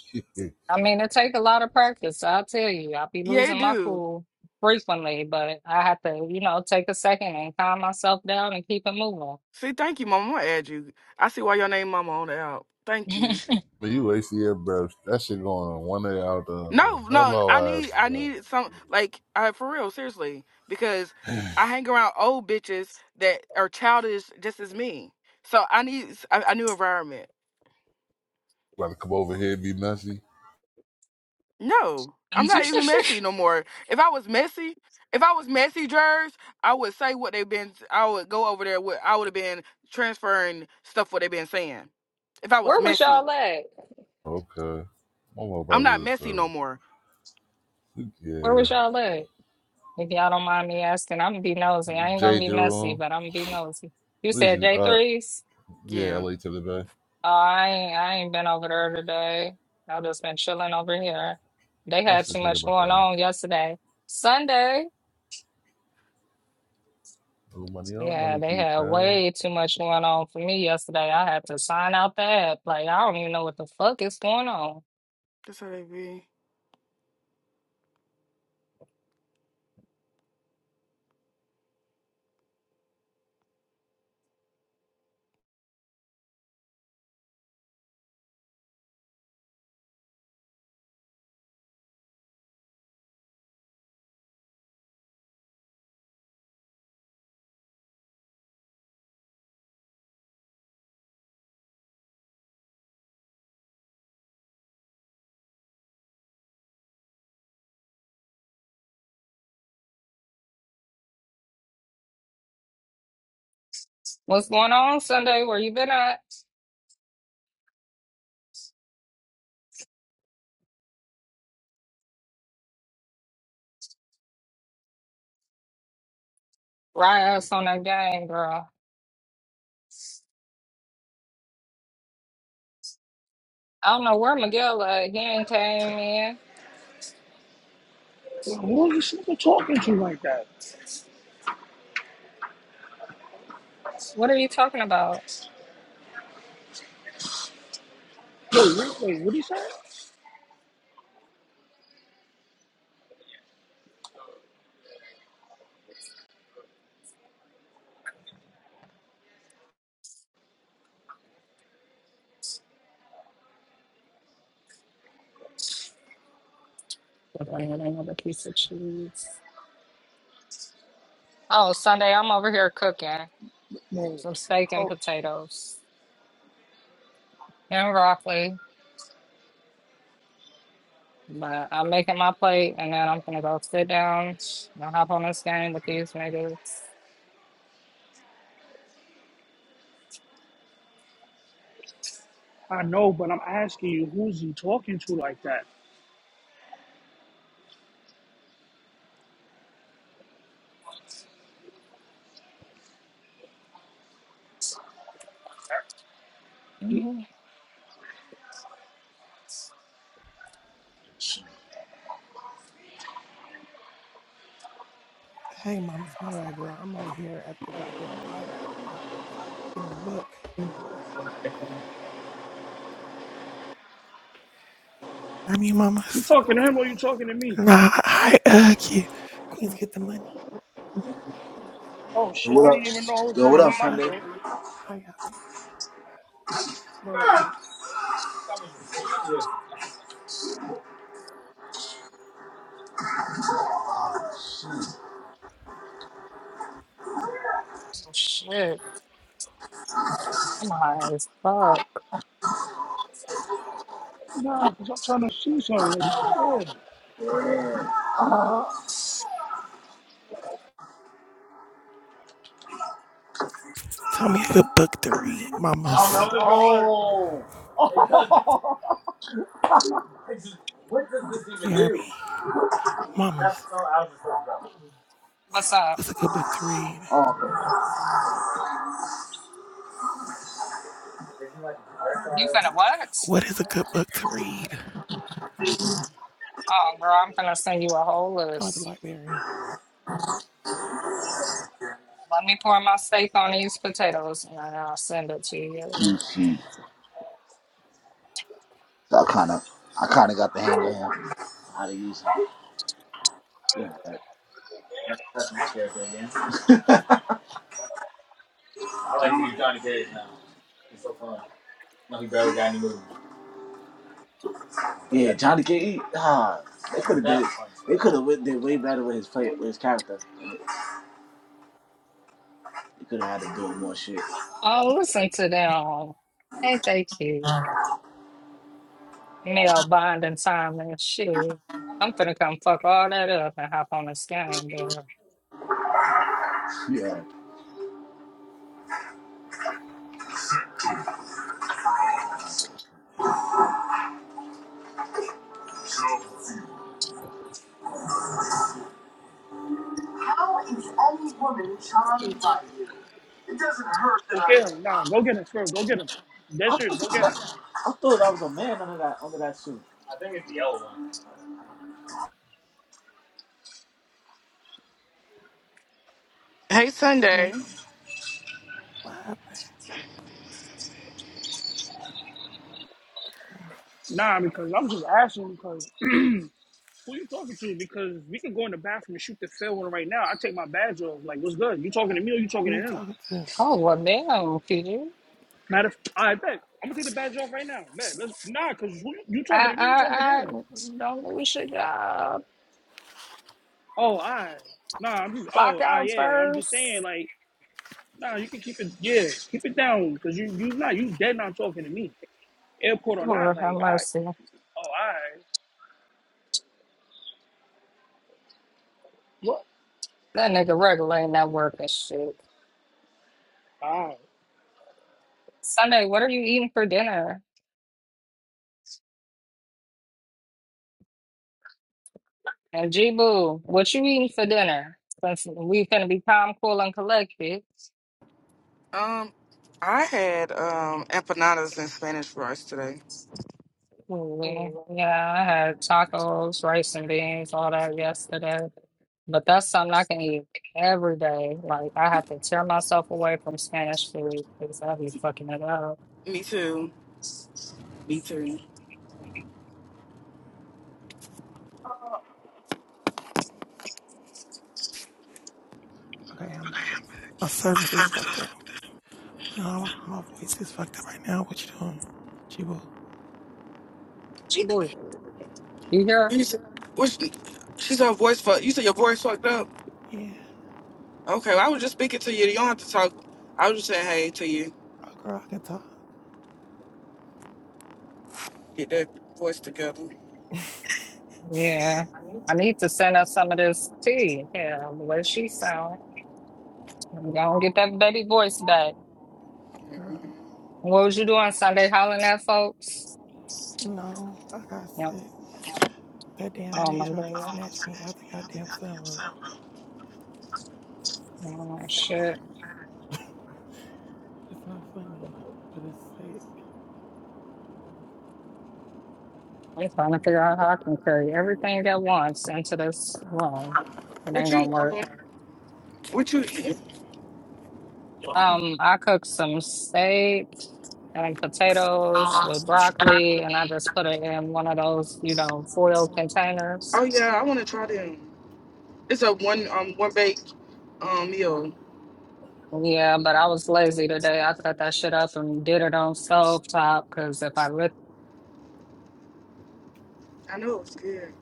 [SPEAKER 10] but
[SPEAKER 1] I mean, it take a lot of practice. I'll tell you, I'll be
[SPEAKER 11] Yeah, it
[SPEAKER 1] losing my
[SPEAKER 11] do.
[SPEAKER 1] cool frequently, but I have to, you know, take a second and calm myself down and keep it moving.
[SPEAKER 11] See, thank you, Mama. I'm gonna add you. I see why your name, Mama, on the app. Thank you.
[SPEAKER 10] you wasting your breath. That shit going on one day out the other.
[SPEAKER 11] No, no, I
[SPEAKER 10] Hello,
[SPEAKER 11] need
[SPEAKER 10] asses.
[SPEAKER 11] I
[SPEAKER 10] Man.
[SPEAKER 11] need some like I for real, seriously, because I hang around old bitches that are childish just as me. So I need s- a, a new environment.
[SPEAKER 10] About to come over here and be messy.
[SPEAKER 11] No, I'm not even messy no more. If I was messy, if I was messy, Jers, I would say what they've been. I would go over there. With, I would have been transferring stuff what they've been saying. If I was
[SPEAKER 1] Where was
[SPEAKER 11] messy,
[SPEAKER 1] y'all at?
[SPEAKER 10] Okay. My little
[SPEAKER 11] I'm not
[SPEAKER 10] brother is
[SPEAKER 11] messy
[SPEAKER 10] uh,
[SPEAKER 11] no more.
[SPEAKER 1] Where
[SPEAKER 10] yeah.
[SPEAKER 1] was y'all at? If y'all don't mind me asking, I'm gonna be nosy. I ain't gonna
[SPEAKER 10] Jay
[SPEAKER 1] be messy,
[SPEAKER 10] Jerome.
[SPEAKER 1] but I'm gonna be nosy. You
[SPEAKER 10] What is
[SPEAKER 1] said
[SPEAKER 10] he? Uh,
[SPEAKER 1] J3s?
[SPEAKER 10] yeah,
[SPEAKER 11] Yeah,
[SPEAKER 10] LA to the Bay.
[SPEAKER 1] Oh, I ain't, I ain't been over there today. I've just been chilling over here. They had
[SPEAKER 10] Watch this
[SPEAKER 1] too
[SPEAKER 10] nigga
[SPEAKER 1] much
[SPEAKER 10] about
[SPEAKER 1] going
[SPEAKER 10] that.
[SPEAKER 1] on yesterday. Sunday.
[SPEAKER 10] Oh, money, oh,
[SPEAKER 1] Yeah,
[SPEAKER 10] money,
[SPEAKER 1] they
[SPEAKER 10] keep
[SPEAKER 1] had
[SPEAKER 10] that.
[SPEAKER 1] way too much going on for me yesterday. I had to sign out the app. Like, I don't even know what the fuck is going on.
[SPEAKER 11] that's how they be.
[SPEAKER 1] What's going on Sunday? Where you been at? Right ass on that game, girl. I don't know where Miguel at. He ain't came in.
[SPEAKER 4] Like, Who is this nigga talking to like that?
[SPEAKER 1] What are you talking about?
[SPEAKER 4] Yo, wait, wait what he say?
[SPEAKER 1] But I had another piece of cheese. Oh, Sunday, I'm over here cooking
[SPEAKER 4] No.
[SPEAKER 1] some steak and
[SPEAKER 4] Oh,
[SPEAKER 1] potatoes and broccoli. But I'm making my plate and then I'm gonna go sit down and hop on this game with these niggas.
[SPEAKER 4] I know, but I'm asking you, who's he talking to like that?
[SPEAKER 1] Mhm.
[SPEAKER 12] Hey, mamas, my bad, girl. I'm over here at the goddamn library getting the book. I'm you,
[SPEAKER 4] You
[SPEAKER 12] mamas.
[SPEAKER 4] talking to him or you talking to me?
[SPEAKER 12] Nah, I uh, you. Queens get the money.
[SPEAKER 4] Oh
[SPEAKER 3] Yo,
[SPEAKER 4] shit, I
[SPEAKER 3] what
[SPEAKER 4] didn't
[SPEAKER 3] up?
[SPEAKER 4] even know who's
[SPEAKER 3] Yo, what
[SPEAKER 12] Hey,
[SPEAKER 3] up,
[SPEAKER 4] on my
[SPEAKER 12] Ra.
[SPEAKER 3] Sunday? I
[SPEAKER 4] phone,
[SPEAKER 12] How y'all been?
[SPEAKER 4] bro.
[SPEAKER 1] Oh, shit, I'm high as fuck.
[SPEAKER 4] Nah, cause I'm trying to see something. Yeah,
[SPEAKER 12] Tell me a good book to read,
[SPEAKER 3] don't
[SPEAKER 12] mamas.
[SPEAKER 3] know. Oh, it's just- what does this even
[SPEAKER 12] You hear
[SPEAKER 3] do?
[SPEAKER 12] me?
[SPEAKER 3] That's
[SPEAKER 12] Mamas,
[SPEAKER 3] no, I was just talking about.
[SPEAKER 1] What's up?
[SPEAKER 12] what's a good book to read?
[SPEAKER 3] Oh, okay. Isn't like a
[SPEAKER 1] You finna
[SPEAKER 3] projectile?
[SPEAKER 1] what?
[SPEAKER 12] What is a good book to read?
[SPEAKER 1] Oh, girl, I'm finna send you a whole
[SPEAKER 12] Going to the
[SPEAKER 1] list.
[SPEAKER 12] library.
[SPEAKER 1] Let me pour my steak on these potatoes and then I'll send it to you.
[SPEAKER 3] Hmm. I kind of, I kind of got the hang of him. Yeah. Never touch my character again. I like to be Johnny Cage now. It's so fun. No, he barely got any moves. Yeah, Johnny Cage. Ah, they could have did. They could have did way better with his play with his character. They could have had to do more shit.
[SPEAKER 1] Oh, listen to them. Ain't they cute? Nail binding time and shit. I'm finna come fuck all that up and hop on this game, girl.
[SPEAKER 3] Yeah. How is any woman charmed by you? It doesn't hurt that
[SPEAKER 4] go get
[SPEAKER 3] I.
[SPEAKER 4] him. Nah, go get him first. Go get him. That's serious. Go get him.
[SPEAKER 3] I think it's the yellow one.
[SPEAKER 11] Hey,
[SPEAKER 12] Hey,
[SPEAKER 11] Sunday.
[SPEAKER 12] what happened? girl?
[SPEAKER 4] Nah, because I'm just asking because who you talking to? Because we could go in the bathroom and shoot the fair one right now. I take my badge off. Like, what's good? You talking to me or you
[SPEAKER 12] Who are
[SPEAKER 4] talking to
[SPEAKER 12] you
[SPEAKER 4] him?
[SPEAKER 12] talking to?
[SPEAKER 1] Oh, well, damn, PG.
[SPEAKER 4] Matter of I bet. I'm gonna take the badge off right now. Bet. Let's nah, cause who, you
[SPEAKER 1] I,
[SPEAKER 4] talking to me, you talking to
[SPEAKER 1] I, I
[SPEAKER 4] him.
[SPEAKER 1] don't we should uh,
[SPEAKER 4] Oh, I nah, I'm just
[SPEAKER 1] clock
[SPEAKER 4] oh I
[SPEAKER 1] out
[SPEAKER 4] yeah. I'm just saying
[SPEAKER 1] first?
[SPEAKER 4] like nah, you can keep it yeah, keep it down because you you not you dead not talking to me. Airport or not,
[SPEAKER 1] Lord have
[SPEAKER 4] like I
[SPEAKER 1] mercy.
[SPEAKER 4] oh I what
[SPEAKER 1] That nigga regulating that work and shit.
[SPEAKER 4] I
[SPEAKER 1] Sunday, what are you eating for dinner? And G Boo, what you eating for dinner? Since we finna be calm, cool, and collected.
[SPEAKER 11] Um, I had um empanadas and Spanish fries today.
[SPEAKER 1] Yeah, yeah, I had tacos, rice and beans, all that yesterday. But that's something I can eat every day. Like I have to tear myself away from Spanish food because I be fucking it up.
[SPEAKER 11] Me too. Me too.
[SPEAKER 12] Okay, I'm back. My service is fucked up. But uh, my voice is fucked up right now. What you doing? Chibu?
[SPEAKER 1] She doing it. You hear?
[SPEAKER 11] You said, which, she said her voice fucked. You said your voice fucked up.
[SPEAKER 12] Yeah.
[SPEAKER 11] Okay, well, I was just speaking to you. You don't have to talk. I was just saying hey to you.
[SPEAKER 12] Oh, girl, I can talk,
[SPEAKER 11] Get that voice together.
[SPEAKER 1] Yeah. I need to send her some of this tea. Yeah, the way she sound. I'm gonna get that baby voice back.
[SPEAKER 11] Mhm.
[SPEAKER 12] girl.
[SPEAKER 1] What was you doing Sunday hollering at folks?
[SPEAKER 12] No, I got
[SPEAKER 1] Yep.
[SPEAKER 12] sick. That damn
[SPEAKER 1] Oh my
[SPEAKER 12] nigga tried to
[SPEAKER 1] god.
[SPEAKER 12] snatch me out the goddamn sunroof.
[SPEAKER 1] Oh shit.
[SPEAKER 12] It's not funny, but it's sick. He
[SPEAKER 1] I'm trying to figure out how I can carry everything at once into this room. It
[SPEAKER 11] What
[SPEAKER 1] ain't gonna
[SPEAKER 11] you?
[SPEAKER 1] work.
[SPEAKER 11] Um, what you?
[SPEAKER 12] said, "Hmm,
[SPEAKER 1] Um, I cooked some steak and potatoes with broccoli, and I just put it in one of those, you know, foil containers.
[SPEAKER 11] Oh yeah, I want to try them. It's a one um one baked um meal.
[SPEAKER 1] Yeah, but I was lazy today. I cut that shit up and did it on stove top because if I lit
[SPEAKER 11] I know it's good.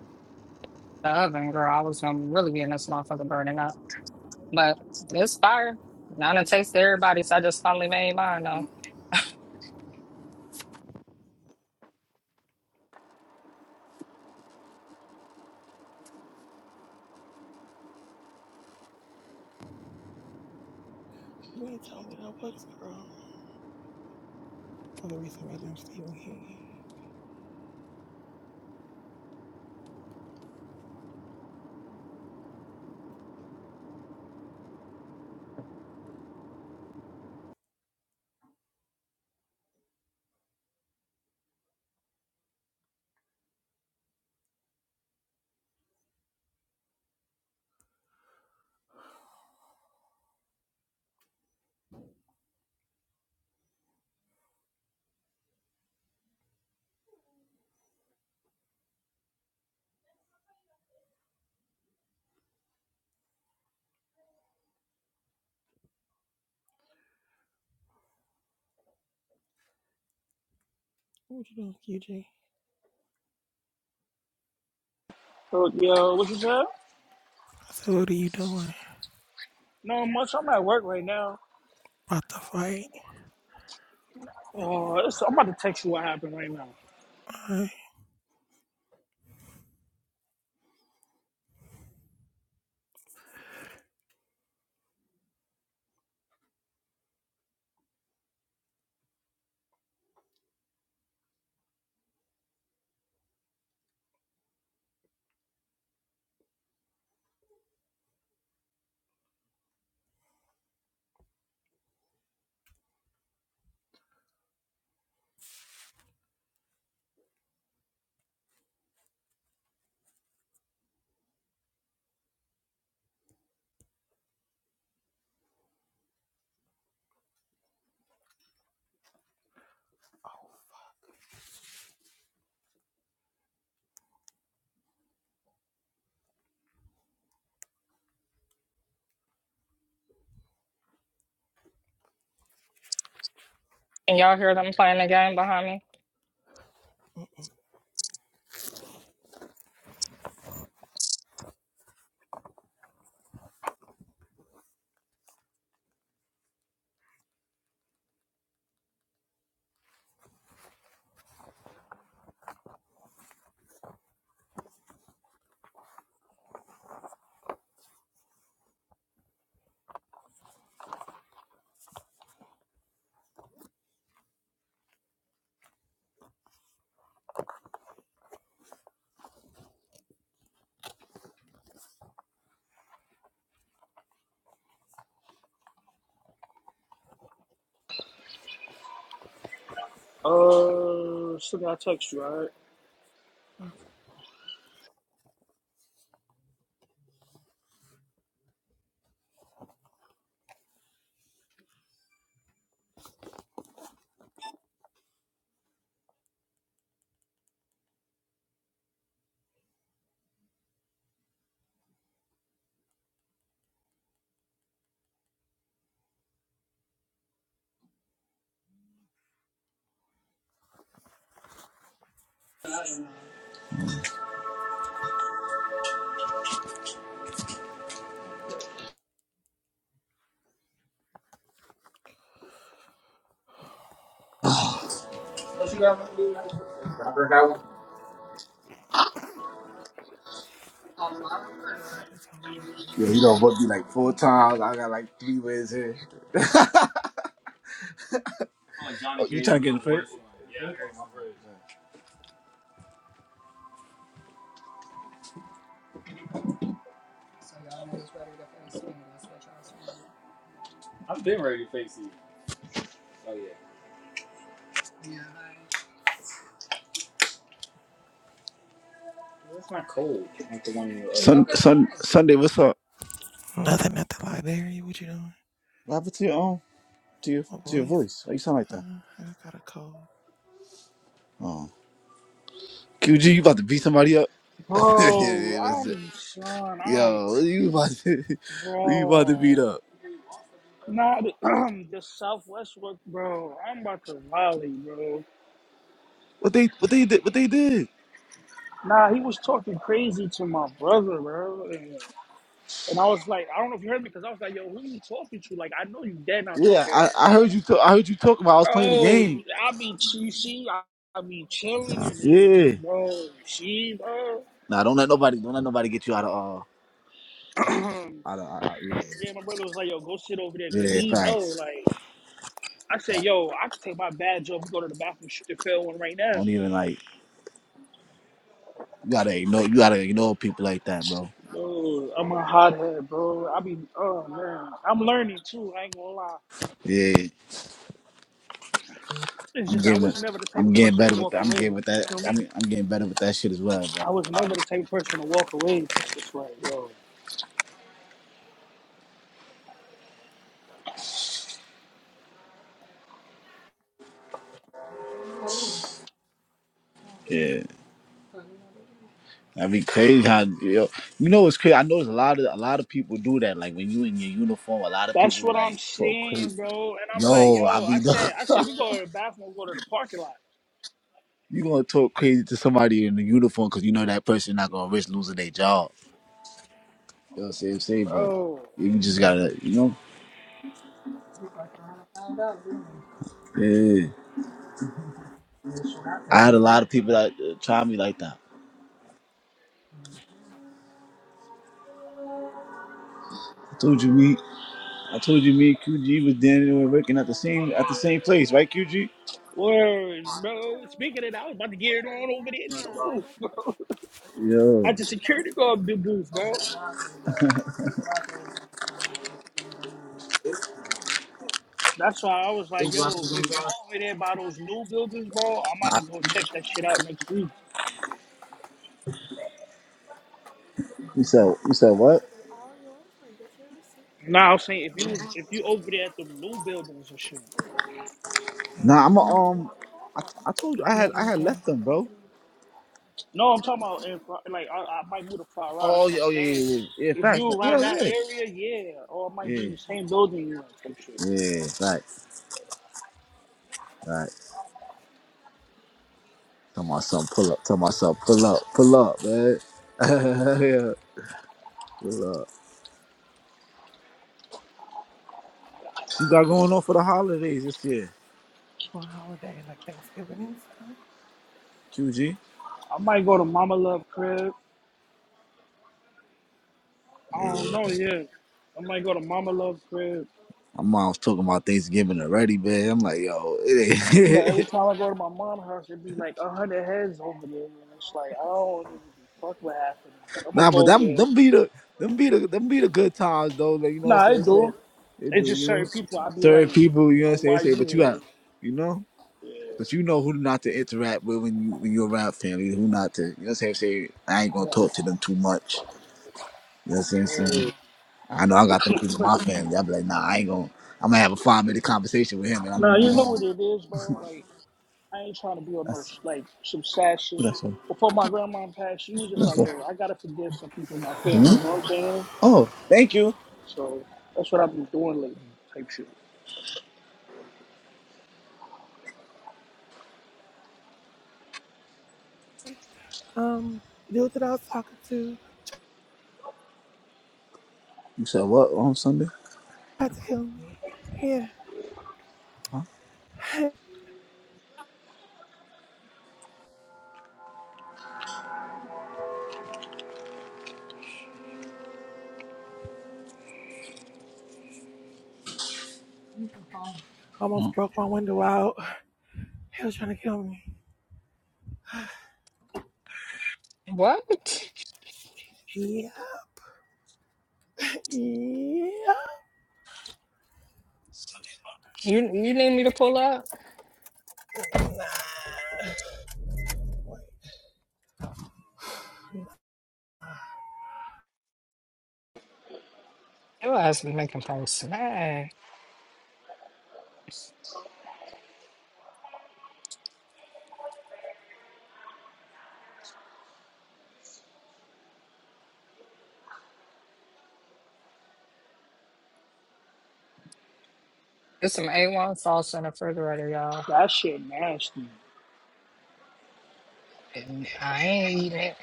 [SPEAKER 1] the oven, girl, I was gonna really be in this motherfucker burning up. But it's fire. Not a taste to everybody's. I just finally made mine though.
[SPEAKER 12] You ain't tell me no books, girl. All the reason why damn Stephen King. What you doing, QJ?
[SPEAKER 4] so yo what you said?
[SPEAKER 12] I said, what are you doing?
[SPEAKER 4] No much. I'm at work right now.
[SPEAKER 12] About to fight?
[SPEAKER 4] Oh, it's, I'm about to text you what happened right now.
[SPEAKER 12] Alright.
[SPEAKER 1] And y'all hear them playing the game behind me?
[SPEAKER 4] Uh, still gotta text you, alright?
[SPEAKER 3] Remember that one?
[SPEAKER 12] nothing told me that
[SPEAKER 3] Yo, you know what? Be like four times. I got like three ways here. Oh, like Oh, you trying to get in the face? Yeah, that was the I've been ready to face you. Oh yeah. It's not cold. Like the one you. Uh, Sun, sun, Sunday. What's up?
[SPEAKER 12] What you doing?
[SPEAKER 3] What happened to your own. to your
[SPEAKER 12] My
[SPEAKER 3] to your
[SPEAKER 12] voice?
[SPEAKER 3] voice? Why you sound like that?
[SPEAKER 12] Uh, I got a cold.
[SPEAKER 3] Oh, QG, you about to beat somebody up? What's
[SPEAKER 4] Bro,
[SPEAKER 3] it?
[SPEAKER 4] I'm son, I'm
[SPEAKER 3] Yo, who you about to, who you about to beat
[SPEAKER 4] bro.
[SPEAKER 3] up?
[SPEAKER 4] Nah, the, the Southwest work, bro. I'm about to volley, bro.
[SPEAKER 3] What they, what they did, what they did?
[SPEAKER 4] Nah, he was talking crazy to my brother, bro. And, and I was like, I don't know if you heard me, because I was like, yo, who you talking to? Like, I know you dead now
[SPEAKER 3] Yeah,
[SPEAKER 4] talking.
[SPEAKER 3] I, I heard you. T- I heard you talk about. I was playing the
[SPEAKER 4] Oh,
[SPEAKER 3] game.
[SPEAKER 4] I be cheesy. I, I be chilling and it's,
[SPEAKER 3] Yeah.
[SPEAKER 4] just, bro, she, bro.
[SPEAKER 3] Nah, don't let nobody. Don't let nobody get you out of. Uh, out of. Out, out, yeah.
[SPEAKER 4] yeah, my brother was like, yo, go sit over there, because
[SPEAKER 3] yeah,
[SPEAKER 4] he know,
[SPEAKER 3] thanks.
[SPEAKER 4] like, I said, yo, I can take my badge off and go to the bathroom, shoot the film one right now.
[SPEAKER 3] Don't even like. You gotta ignore. You gotta ignore people like that, bro.
[SPEAKER 4] No, I'm a hothead, bro. I be, oh man, I'm learning too. I ain't gonna lie.
[SPEAKER 3] Yeah, I'm getting. I'm getting better with that. I'm getting with
[SPEAKER 4] You
[SPEAKER 3] that.
[SPEAKER 4] feel
[SPEAKER 3] I
[SPEAKER 4] me?
[SPEAKER 3] mean, I'm getting better with that shit as well, bro.
[SPEAKER 4] I would
[SPEAKER 3] I understand.
[SPEAKER 4] take person to walk away, bro. That's right, yo.
[SPEAKER 3] Yeah, that'd be crazy. How yo. you know what's crazy? I know there's a lot of a lot of people do that. Like when you in your uniform, a lot of
[SPEAKER 4] That's
[SPEAKER 3] people
[SPEAKER 4] what I'm
[SPEAKER 3] like talk crazy.
[SPEAKER 4] saying, bro. And I'm like,
[SPEAKER 3] Yo, I
[SPEAKER 4] yo,
[SPEAKER 3] be
[SPEAKER 4] I
[SPEAKER 3] done.
[SPEAKER 4] said, I said, we go to the bathroom, go to the parking lot,
[SPEAKER 3] You gonna talk crazy to somebody in the uniform because you know that person not gonna risk losing their job. You know what I'm saying? Say, but
[SPEAKER 4] bro.
[SPEAKER 3] you just gotta, you know. Yeah, I had a lot of people that uh, tried me like that. I told you me, I told you me, and QG was then and working at the same at the same place, right, QG?
[SPEAKER 4] Word, bro. Speaking of that, I was about to get it on over there
[SPEAKER 3] Yo,
[SPEAKER 4] too, bro.
[SPEAKER 3] you
[SPEAKER 4] At the security guard big booth, bro. That's why I was like, yo, if you over there by those new buildings, bro, I'm about to go check that shit out next week.
[SPEAKER 3] said you said what?
[SPEAKER 4] Nah, I am saying if you was
[SPEAKER 12] Okay.
[SPEAKER 4] if you over there at the blue buildings and shit.
[SPEAKER 12] Thank
[SPEAKER 3] Nah, I'm a,
[SPEAKER 12] you.
[SPEAKER 3] um, I, I told you I
[SPEAKER 12] You
[SPEAKER 3] had
[SPEAKER 12] have a
[SPEAKER 3] I
[SPEAKER 12] good
[SPEAKER 3] had
[SPEAKER 12] day.
[SPEAKER 3] left them, bro.
[SPEAKER 4] No, I'm talking about if I- like I, I might move to Colorado.
[SPEAKER 3] Oh
[SPEAKER 4] That's what
[SPEAKER 3] yeah,
[SPEAKER 4] I'm
[SPEAKER 3] oh yeah, yeah,
[SPEAKER 4] saying.
[SPEAKER 3] yeah, yeah. Yeah,
[SPEAKER 4] If
[SPEAKER 3] Facts,
[SPEAKER 4] you
[SPEAKER 3] yeah,
[SPEAKER 4] around that
[SPEAKER 3] yeah,
[SPEAKER 4] area, yeah, or I might be in
[SPEAKER 3] yeah,
[SPEAKER 4] the same building you in some shit.
[SPEAKER 3] yeah. Facts, facts. Tell myself pull up. Tell myself pull up. Pull up, man. yeah, pull up. You got going on for the holidays this year,
[SPEAKER 12] on holiday like Thanksgiving and stuff.
[SPEAKER 3] QG?
[SPEAKER 4] I might go to Mama Love crib. I don't
[SPEAKER 3] Yeah.
[SPEAKER 4] know. Yeah, I might go to Mama Love crib.
[SPEAKER 3] My mom's talking about Thanksgiving already, man. I'm like, yo,
[SPEAKER 4] But
[SPEAKER 3] it
[SPEAKER 4] every
[SPEAKER 3] ain't.
[SPEAKER 4] time I go to my mom's house, it'd be like a hundred heads over there, and it's like I don't even be fuck what happened. But I'm gonna
[SPEAKER 3] nah,
[SPEAKER 4] go
[SPEAKER 3] but
[SPEAKER 4] over
[SPEAKER 3] them
[SPEAKER 4] there.
[SPEAKER 3] them be the them be the them be the good times though. Like you know
[SPEAKER 4] Nah,
[SPEAKER 3] what
[SPEAKER 4] I
[SPEAKER 3] I'm saying? Say,
[SPEAKER 4] do.
[SPEAKER 3] they do,
[SPEAKER 4] It's just
[SPEAKER 3] you know.
[SPEAKER 4] certain people. I'd be
[SPEAKER 3] Certain
[SPEAKER 4] like,
[SPEAKER 3] people, you
[SPEAKER 4] you
[SPEAKER 3] know what
[SPEAKER 4] know,
[SPEAKER 3] I'm saying?
[SPEAKER 4] why
[SPEAKER 3] Say,
[SPEAKER 4] you
[SPEAKER 3] but you got,
[SPEAKER 4] here?
[SPEAKER 3] you know. But you know who not to interact with when you when you're around family, who not to, you know what I'm saying? Say, I ain't gonna talk to them too much. You know what I'm
[SPEAKER 4] Nah.
[SPEAKER 3] saying? I know I got them people in my family. I'll be like, nah, I ain't gonna. I'm gonna have a five minute conversation with him, and
[SPEAKER 4] Now
[SPEAKER 3] I'm gonna
[SPEAKER 4] you
[SPEAKER 3] move
[SPEAKER 4] know
[SPEAKER 3] on.
[SPEAKER 4] what it is, bro. Like I ain't trying to be on no
[SPEAKER 3] That's
[SPEAKER 4] sh- like some sad shit.
[SPEAKER 3] that's what.
[SPEAKER 4] Before my grandma passed, she was just
[SPEAKER 3] That's
[SPEAKER 4] like,
[SPEAKER 3] what.
[SPEAKER 4] "Yo, I gotta forgive some people in my
[SPEAKER 3] Hmm?
[SPEAKER 4] family." You know what I'm saying?
[SPEAKER 3] Oh, thank you.
[SPEAKER 4] So that's what I've been doing lately, type shit.
[SPEAKER 12] Um, the dude that I was talking to
[SPEAKER 3] You said what on Sunday?
[SPEAKER 12] tried to kill me. Yeah,
[SPEAKER 3] Huh?
[SPEAKER 12] almost broke my window out. He was trying to kill me.
[SPEAKER 1] What?
[SPEAKER 12] Yeah, yeah.
[SPEAKER 1] You you need me to pull up? Your ass be making posts tonight. There's some A1 sauce in the refrigerator, y'all.
[SPEAKER 4] That shit nasty.
[SPEAKER 1] And I ain't eating it.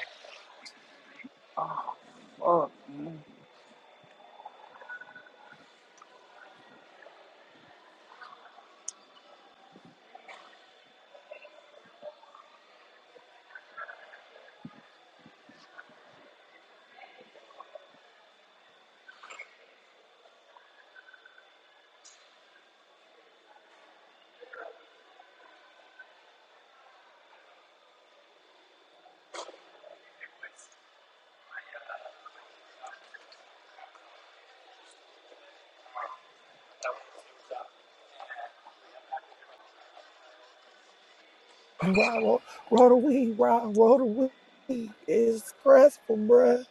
[SPEAKER 4] Fuck. Man.
[SPEAKER 12] Raw roll, roll the weed, raw roll the weed. It's stressful, bruh.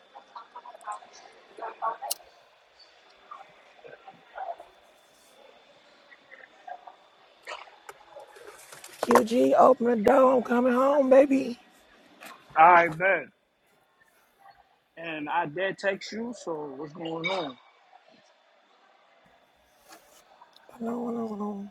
[SPEAKER 12] QG, open the door. I'm coming home, baby.
[SPEAKER 4] I bet. And I did text you, so what's going on?
[SPEAKER 12] No, no, no.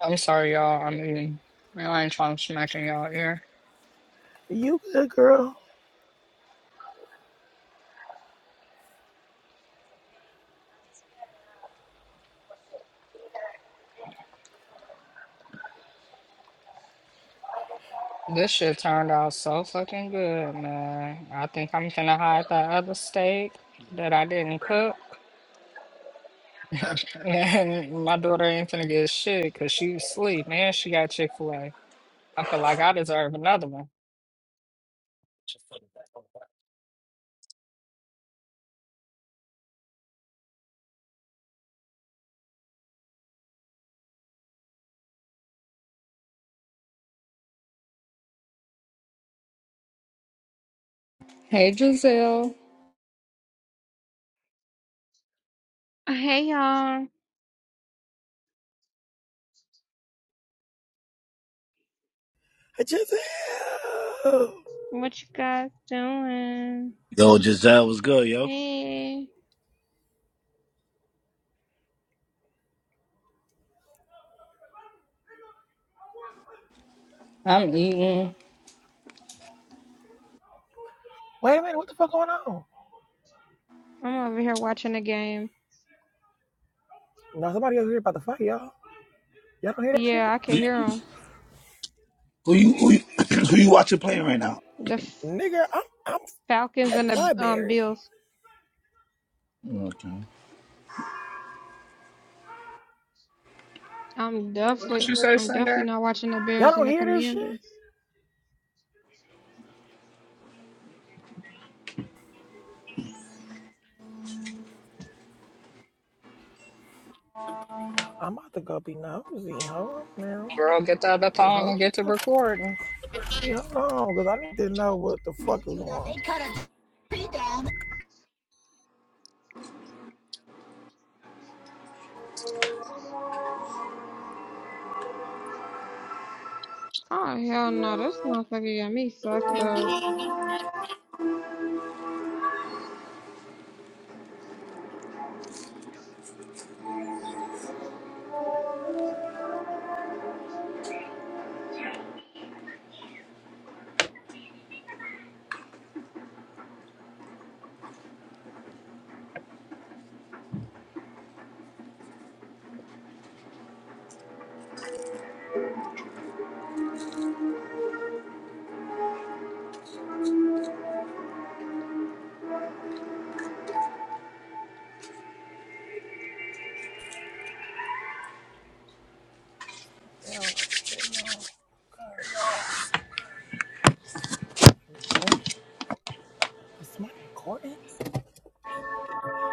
[SPEAKER 1] I'm sorry, y'all. I'm eating. Well, I ain't trying to smack in y'all ear.
[SPEAKER 12] You good, girl?
[SPEAKER 1] This shit turned out so fucking good, man. I think I'm finna hide that other steak that I didn't cook. And my daughter ain't finna get shit because she asleep, man. She got Chick-fil-A. I feel like I deserve another one. Hey, Giselle.
[SPEAKER 13] Hey y'all,
[SPEAKER 12] I just.
[SPEAKER 13] what you guys doing?
[SPEAKER 3] Yo, Giselle was good, yo.
[SPEAKER 13] Hey,
[SPEAKER 1] I'm eating.
[SPEAKER 12] Wait a minute, what the fuck going on?
[SPEAKER 13] I'm over here watching the game.
[SPEAKER 12] No, somebody over here about to fight y'all. Y'all don't hear that shit?
[SPEAKER 13] Yeah, I can
[SPEAKER 3] You-
[SPEAKER 13] hear them.
[SPEAKER 3] Who you who you, who you watching playing right now?
[SPEAKER 13] The F-
[SPEAKER 12] Nigga, I'm I'm
[SPEAKER 13] Falcons
[SPEAKER 12] at
[SPEAKER 13] and
[SPEAKER 12] the
[SPEAKER 13] the um
[SPEAKER 12] library.
[SPEAKER 13] Bills.
[SPEAKER 3] Okay.
[SPEAKER 13] I'm
[SPEAKER 1] What
[SPEAKER 13] definitely,
[SPEAKER 1] you say,
[SPEAKER 13] I'm definitely
[SPEAKER 1] Cinder?
[SPEAKER 13] not watching the
[SPEAKER 12] Y'all
[SPEAKER 13] Bears
[SPEAKER 12] don't
[SPEAKER 13] and the
[SPEAKER 12] hear this shit?
[SPEAKER 13] Commanders.
[SPEAKER 12] I'm about to go be nosy. Hold on now.
[SPEAKER 1] Girl, get the other
[SPEAKER 12] Cause
[SPEAKER 1] phone
[SPEAKER 12] what
[SPEAKER 1] and
[SPEAKER 12] the
[SPEAKER 1] get to
[SPEAKER 12] fuck?
[SPEAKER 1] recording.
[SPEAKER 12] Hey, Hold on, cause I need to know what the fuck is going on. They cut us Down
[SPEAKER 13] Oh hell no, this motherfucker got me fucked up.
[SPEAKER 12] What's going Down over here, y'all. God. Somebody recording? Is somebody recording?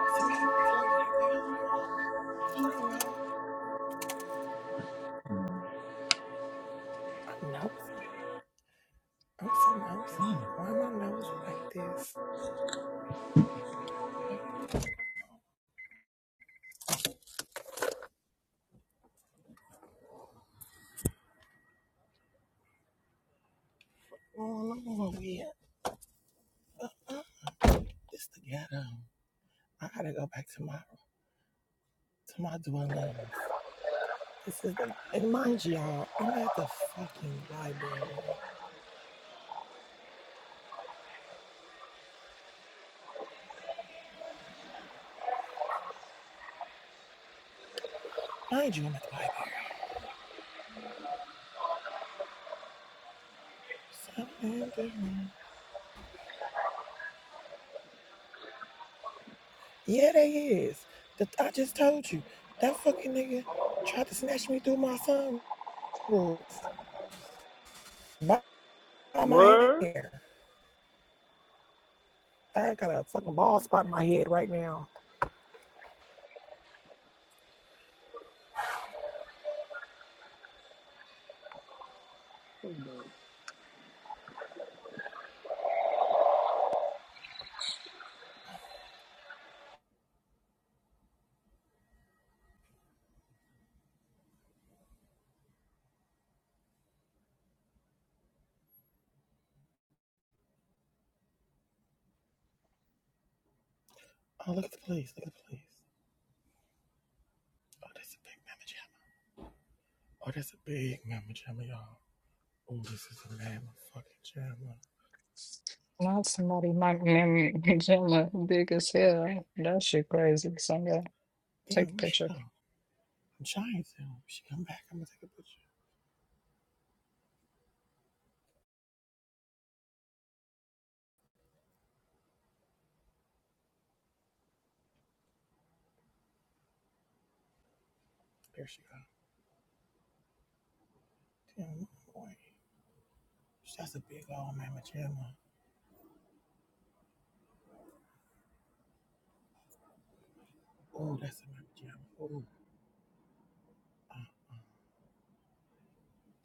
[SPEAKER 12] Somebody recording it. Wait, hold on, hold on. Hold on, y'all. I'm nosy. I'm so nosy. Why am I nosy like this? What the fuck is going on over here? Huh? This the ghetto. I gotta go back to my to my dwellings. This is the and mind you, y'all, I'm at the fucking library. Mind you, I'm at the library. Something different. Yeah, they is. The, I just told you that fucking nigga tried to snatch me through my sunroof by my
[SPEAKER 4] Word.
[SPEAKER 12] hair. I got a fucking bald spot in my head right now. Oh, look at the police. Look at the police. Oh, that's a big mama jamma. Oh, that's a big mama jamma, y'all. Oh, this is a mama fucking jamma.
[SPEAKER 1] Now somebody might name me Gemma big as hell. That shit crazy. Cinder, take
[SPEAKER 12] Damn,
[SPEAKER 1] a
[SPEAKER 12] where's she
[SPEAKER 1] picture.
[SPEAKER 12] go? I'm trying to. She come back. I'm gonna take a picture. There she go. Damn, boy. That's a big old mama jamma. Oh, that's a mama jamma. Oh, uh,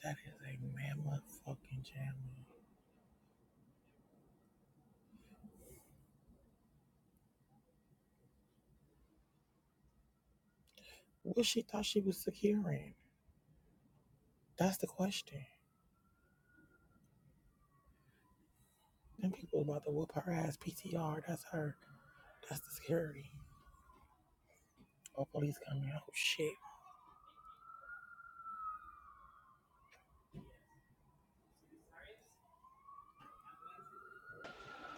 [SPEAKER 12] that is a mama fucking jamma. What she thought she was securing? That's the question. Them people about to whoop her ass. PTR. That's her. That's the security. Oh, police coming. Oh shit.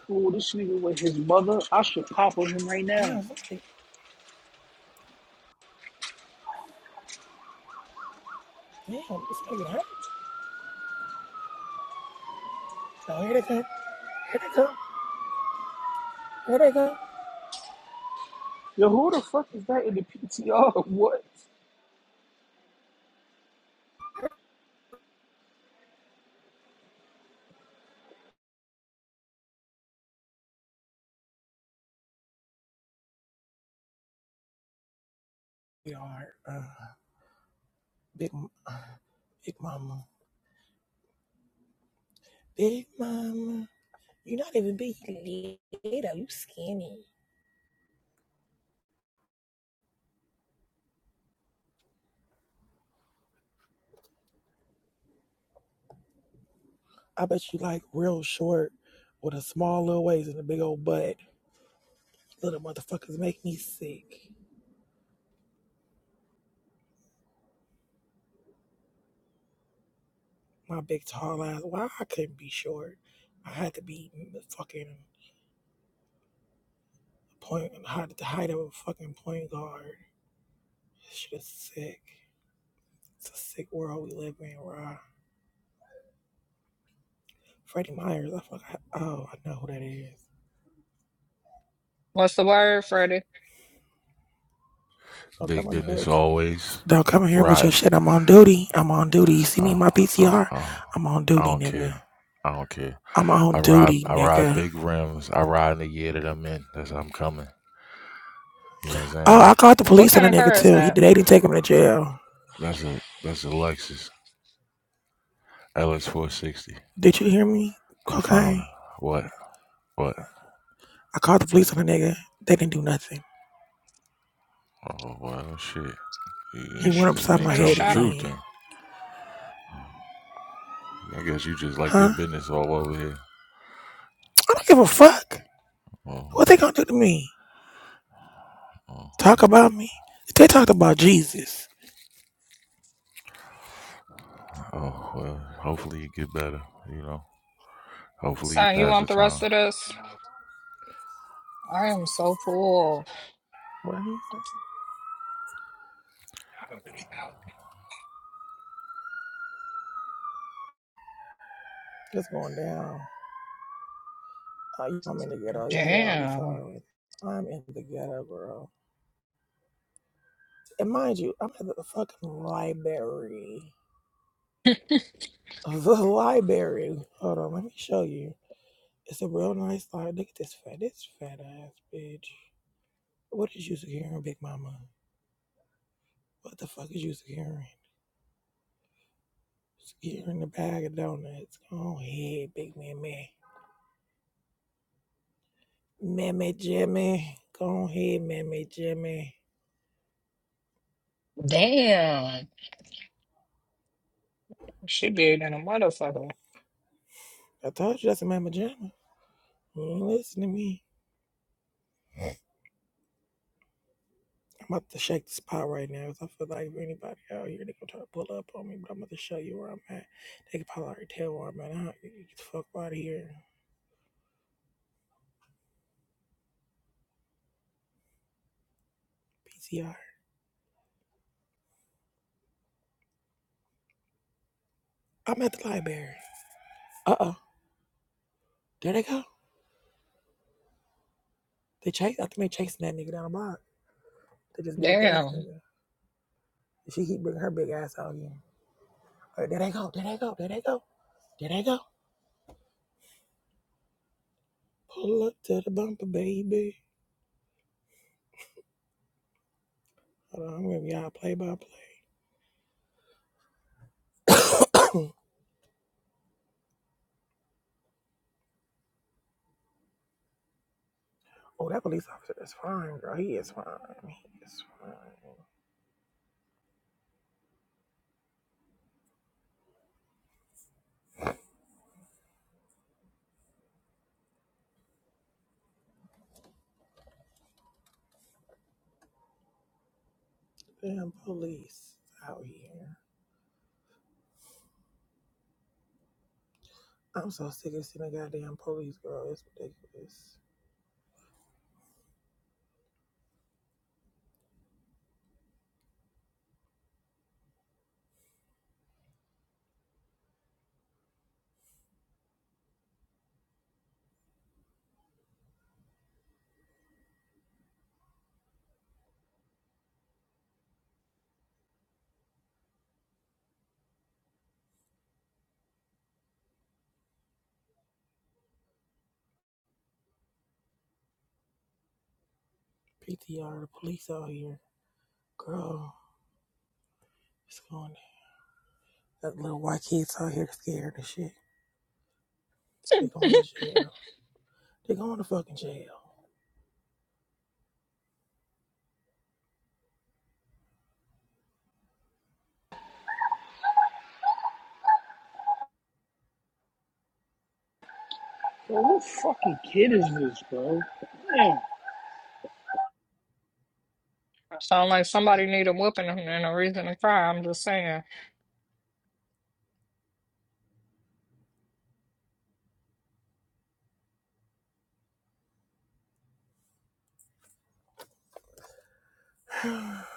[SPEAKER 4] Oh, this nigga with his mother. I should pop on him right now.
[SPEAKER 12] Damn, somebody. Damn, somebody get hurt. Oh, here they come. Here they come. Here they come.
[SPEAKER 4] Yo, who the fuck is that in the PTR? What?
[SPEAKER 12] We are uh, big, uh, big mama. Big mama. You're not even big. I bet you like real short with a small little waist and a big old butt. Little motherfuckers make me sick. My big tall ass. Why I couldn't be short? I had to be the fucking point, had the height of a fucking point guard. Shit is sick. It's a sick world we live in, raw. Freddie Myers. I fuck. Oh, I know who that is.
[SPEAKER 1] What's the word, Freddie?
[SPEAKER 12] Don't come
[SPEAKER 14] Big
[SPEAKER 12] in here
[SPEAKER 14] business
[SPEAKER 12] with.
[SPEAKER 14] always.
[SPEAKER 12] Don't come in here with your
[SPEAKER 14] Riding,
[SPEAKER 12] shit. I'm on duty. I'm on duty. You see me in
[SPEAKER 14] uh,
[SPEAKER 12] my
[SPEAKER 14] I,
[SPEAKER 12] PCR?
[SPEAKER 14] I,
[SPEAKER 12] I'm on
[SPEAKER 14] I
[SPEAKER 12] duty,
[SPEAKER 14] don't
[SPEAKER 12] nigga.
[SPEAKER 14] care. I don't care.
[SPEAKER 12] I'm on
[SPEAKER 14] I ride,
[SPEAKER 12] duty,
[SPEAKER 14] I ride
[SPEAKER 12] nigga.
[SPEAKER 14] big rims. I ride in the year that I'm in. That's how I'm coming. You know what I'm
[SPEAKER 12] Oh,
[SPEAKER 14] saying?
[SPEAKER 12] I called the
[SPEAKER 1] What
[SPEAKER 12] police on
[SPEAKER 1] kind
[SPEAKER 12] the
[SPEAKER 1] of
[SPEAKER 12] nigga
[SPEAKER 1] car is
[SPEAKER 12] too. He
[SPEAKER 1] that?
[SPEAKER 12] they didn't take him to jail.
[SPEAKER 14] That's a that's a Lexus LS 460
[SPEAKER 12] Did you hear me?
[SPEAKER 14] I found
[SPEAKER 12] Okay.
[SPEAKER 14] it. What? What?
[SPEAKER 12] I called the police on the nigga. They didn't do nothing.
[SPEAKER 14] Oh well, shit. You
[SPEAKER 1] I
[SPEAKER 12] He went
[SPEAKER 1] should
[SPEAKER 14] you
[SPEAKER 12] upside my
[SPEAKER 14] ain't
[SPEAKER 1] have
[SPEAKER 12] head
[SPEAKER 14] telling the
[SPEAKER 1] shot him.
[SPEAKER 14] truth
[SPEAKER 12] again.
[SPEAKER 14] then. I guess you just like your
[SPEAKER 12] Huh?
[SPEAKER 14] business all over here.
[SPEAKER 12] I don't give a fuck.
[SPEAKER 14] Oh
[SPEAKER 12] What they
[SPEAKER 14] well.
[SPEAKER 12] gonna do to me?
[SPEAKER 14] Oh
[SPEAKER 12] Talk
[SPEAKER 14] well.
[SPEAKER 12] about me? They talked about Jesus.
[SPEAKER 14] Oh well. Hopefully you get better. You know. Hopefully you
[SPEAKER 1] Son, you
[SPEAKER 14] pass
[SPEAKER 1] want
[SPEAKER 14] the
[SPEAKER 1] the rest
[SPEAKER 14] time.
[SPEAKER 1] of this? I am so full.
[SPEAKER 12] What he said? What's going down? Oh, you know I'm in the ghetto. Y'all hear all these
[SPEAKER 1] Damn.
[SPEAKER 12] songs. I'm in the ghetto, bro. And mind you, I'm at the fucking library. The library. Hold on, let me show you. It's a real nice slide. Look at this fat, this fat ass bitch. What is you securing, Big Mama? What the fuck is you securing? Securing the bag of donuts. Go ahead, Big Mammy. Mammy Jimmy. Go ahead, Mammy Jimmy.
[SPEAKER 1] Damn. She big than a motherfucker.
[SPEAKER 12] I told you that's a Mammy Jimmy. You ain't listen to me. I'm about to shake this pot right now. now 'cause I feel like if anybody out here, they gonna try to pull up on me, but I'm about to show you where I'm at. They can probably already tell where I'm at. Huh? Get the fuck out of here. PCR. I'm at the library. Uh-oh. There they go. They chase. I think they chasing that nigga down the block. They just beat up the other
[SPEAKER 1] Damn.
[SPEAKER 12] nigga. And she keep bringing her big ass out here. All right, there they go. There they go. There they go. There they go. Pull up to the bumper, baby. Hold on, I'm gonna give y'all play by play. oh, that police officer is fine, girl. He is fine. He is fine. Damn police out here. I'm so sick of seeing the goddamn police, girl. It's ridiculous. PTR, the police out here, girl. It's going. on? That little white kids out here scared and shit. They going to jail. They're going to fucking jail.
[SPEAKER 4] Bro, what fucking kid is this, bro? Damn.
[SPEAKER 1] Sound like somebody need a whooping and and a reason to cry. I'm just saying.
[SPEAKER 12] Man,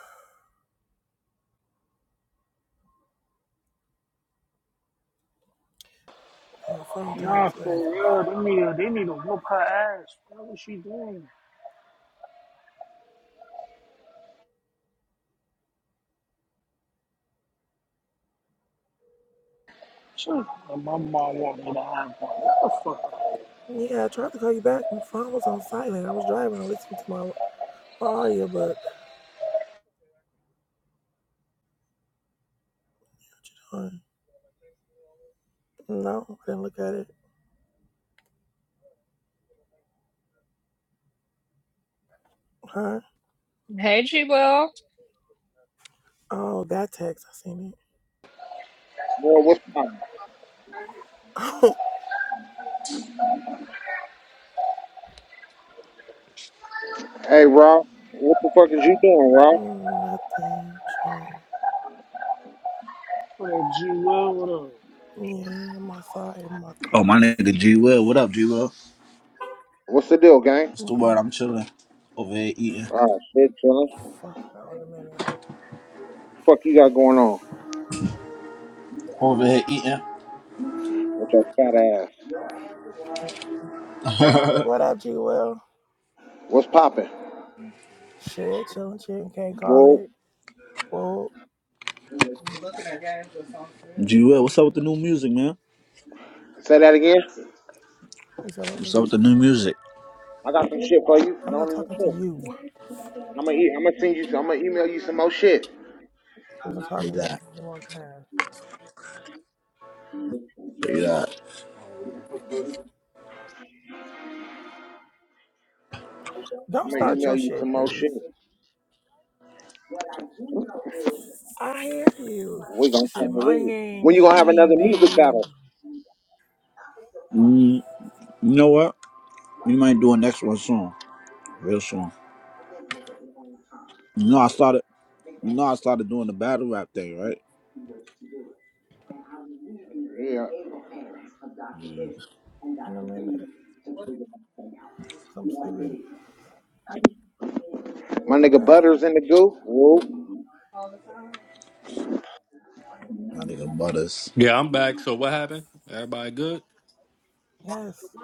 [SPEAKER 12] phone tag
[SPEAKER 4] Nah,
[SPEAKER 12] is crazy.
[SPEAKER 4] for real. They need, they need to whoop her ass. What was she doing? Sure. My mom want me to have one. What the fuck?
[SPEAKER 12] Yeah, I tried to call you back. My phone was on silent. I was driving. I listened to my, my audiobook. Uh, No, I didn't look at it. Huh?
[SPEAKER 1] Hey, G Will.
[SPEAKER 12] Oh, that text. I seen
[SPEAKER 15] Man, what's up?
[SPEAKER 12] it.
[SPEAKER 15] Hey, Rob. What the fuck is you doing, Rob?
[SPEAKER 12] Nothing. Chilling.
[SPEAKER 4] What up, G Will? What up?
[SPEAKER 12] Yeah, I'm outside in my
[SPEAKER 3] Oh, my
[SPEAKER 12] car.
[SPEAKER 3] nigga G Will. What up, G Will?
[SPEAKER 15] What's the deal, gang?
[SPEAKER 3] What's the
[SPEAKER 12] Yeah.
[SPEAKER 3] word? I'm chilling over here eating.
[SPEAKER 15] Oh, shit, chillin'.
[SPEAKER 12] Fuck no in a minute.
[SPEAKER 15] Fuck you got going on
[SPEAKER 3] Over here eating.
[SPEAKER 15] with your fat ass?
[SPEAKER 12] What up, G Will?
[SPEAKER 15] What's poppin'?
[SPEAKER 12] Shit, chilling, chilling. Can't call
[SPEAKER 15] Whoa.
[SPEAKER 12] it. Well,
[SPEAKER 3] G Will, what's up with the new music, man?
[SPEAKER 15] Say that again?
[SPEAKER 12] it's all over.
[SPEAKER 3] What's up with the new music?
[SPEAKER 15] I got some shit for you.
[SPEAKER 12] I'm
[SPEAKER 15] Don't
[SPEAKER 12] not
[SPEAKER 15] even
[SPEAKER 12] talking to
[SPEAKER 15] trip.
[SPEAKER 12] you. I
[SPEAKER 15] I'm gonna eat. I'm gonna send you. I'm gonna email you some more shit.
[SPEAKER 12] wasn't
[SPEAKER 3] Say
[SPEAKER 12] talking to you.
[SPEAKER 3] that.
[SPEAKER 12] It's been a
[SPEAKER 3] Say that.
[SPEAKER 12] Don't
[SPEAKER 15] I'm gonna
[SPEAKER 12] start your
[SPEAKER 15] email you
[SPEAKER 12] shit,
[SPEAKER 15] some more
[SPEAKER 12] please.
[SPEAKER 15] shit.
[SPEAKER 12] I hear you.
[SPEAKER 15] We gonna
[SPEAKER 12] You said,
[SPEAKER 15] come to
[SPEAKER 12] My
[SPEAKER 15] leave. When
[SPEAKER 12] name's
[SPEAKER 15] you gonna have
[SPEAKER 12] G,
[SPEAKER 15] another music
[SPEAKER 12] babe.
[SPEAKER 15] battle?
[SPEAKER 3] Mm, you know what? We might do a next one soon. Real strong. You know I started you know I started doing the battle rap thing, right?
[SPEAKER 15] Yeah.
[SPEAKER 3] Yeah.
[SPEAKER 12] In a minute, 'cause I'm sleepy.
[SPEAKER 15] My nigga
[SPEAKER 12] Okay.
[SPEAKER 15] Butters in the goo. Whoa.
[SPEAKER 3] My nigga Butters.
[SPEAKER 8] Yeah, I'm back. So what happened? Everybody good?
[SPEAKER 12] Yes.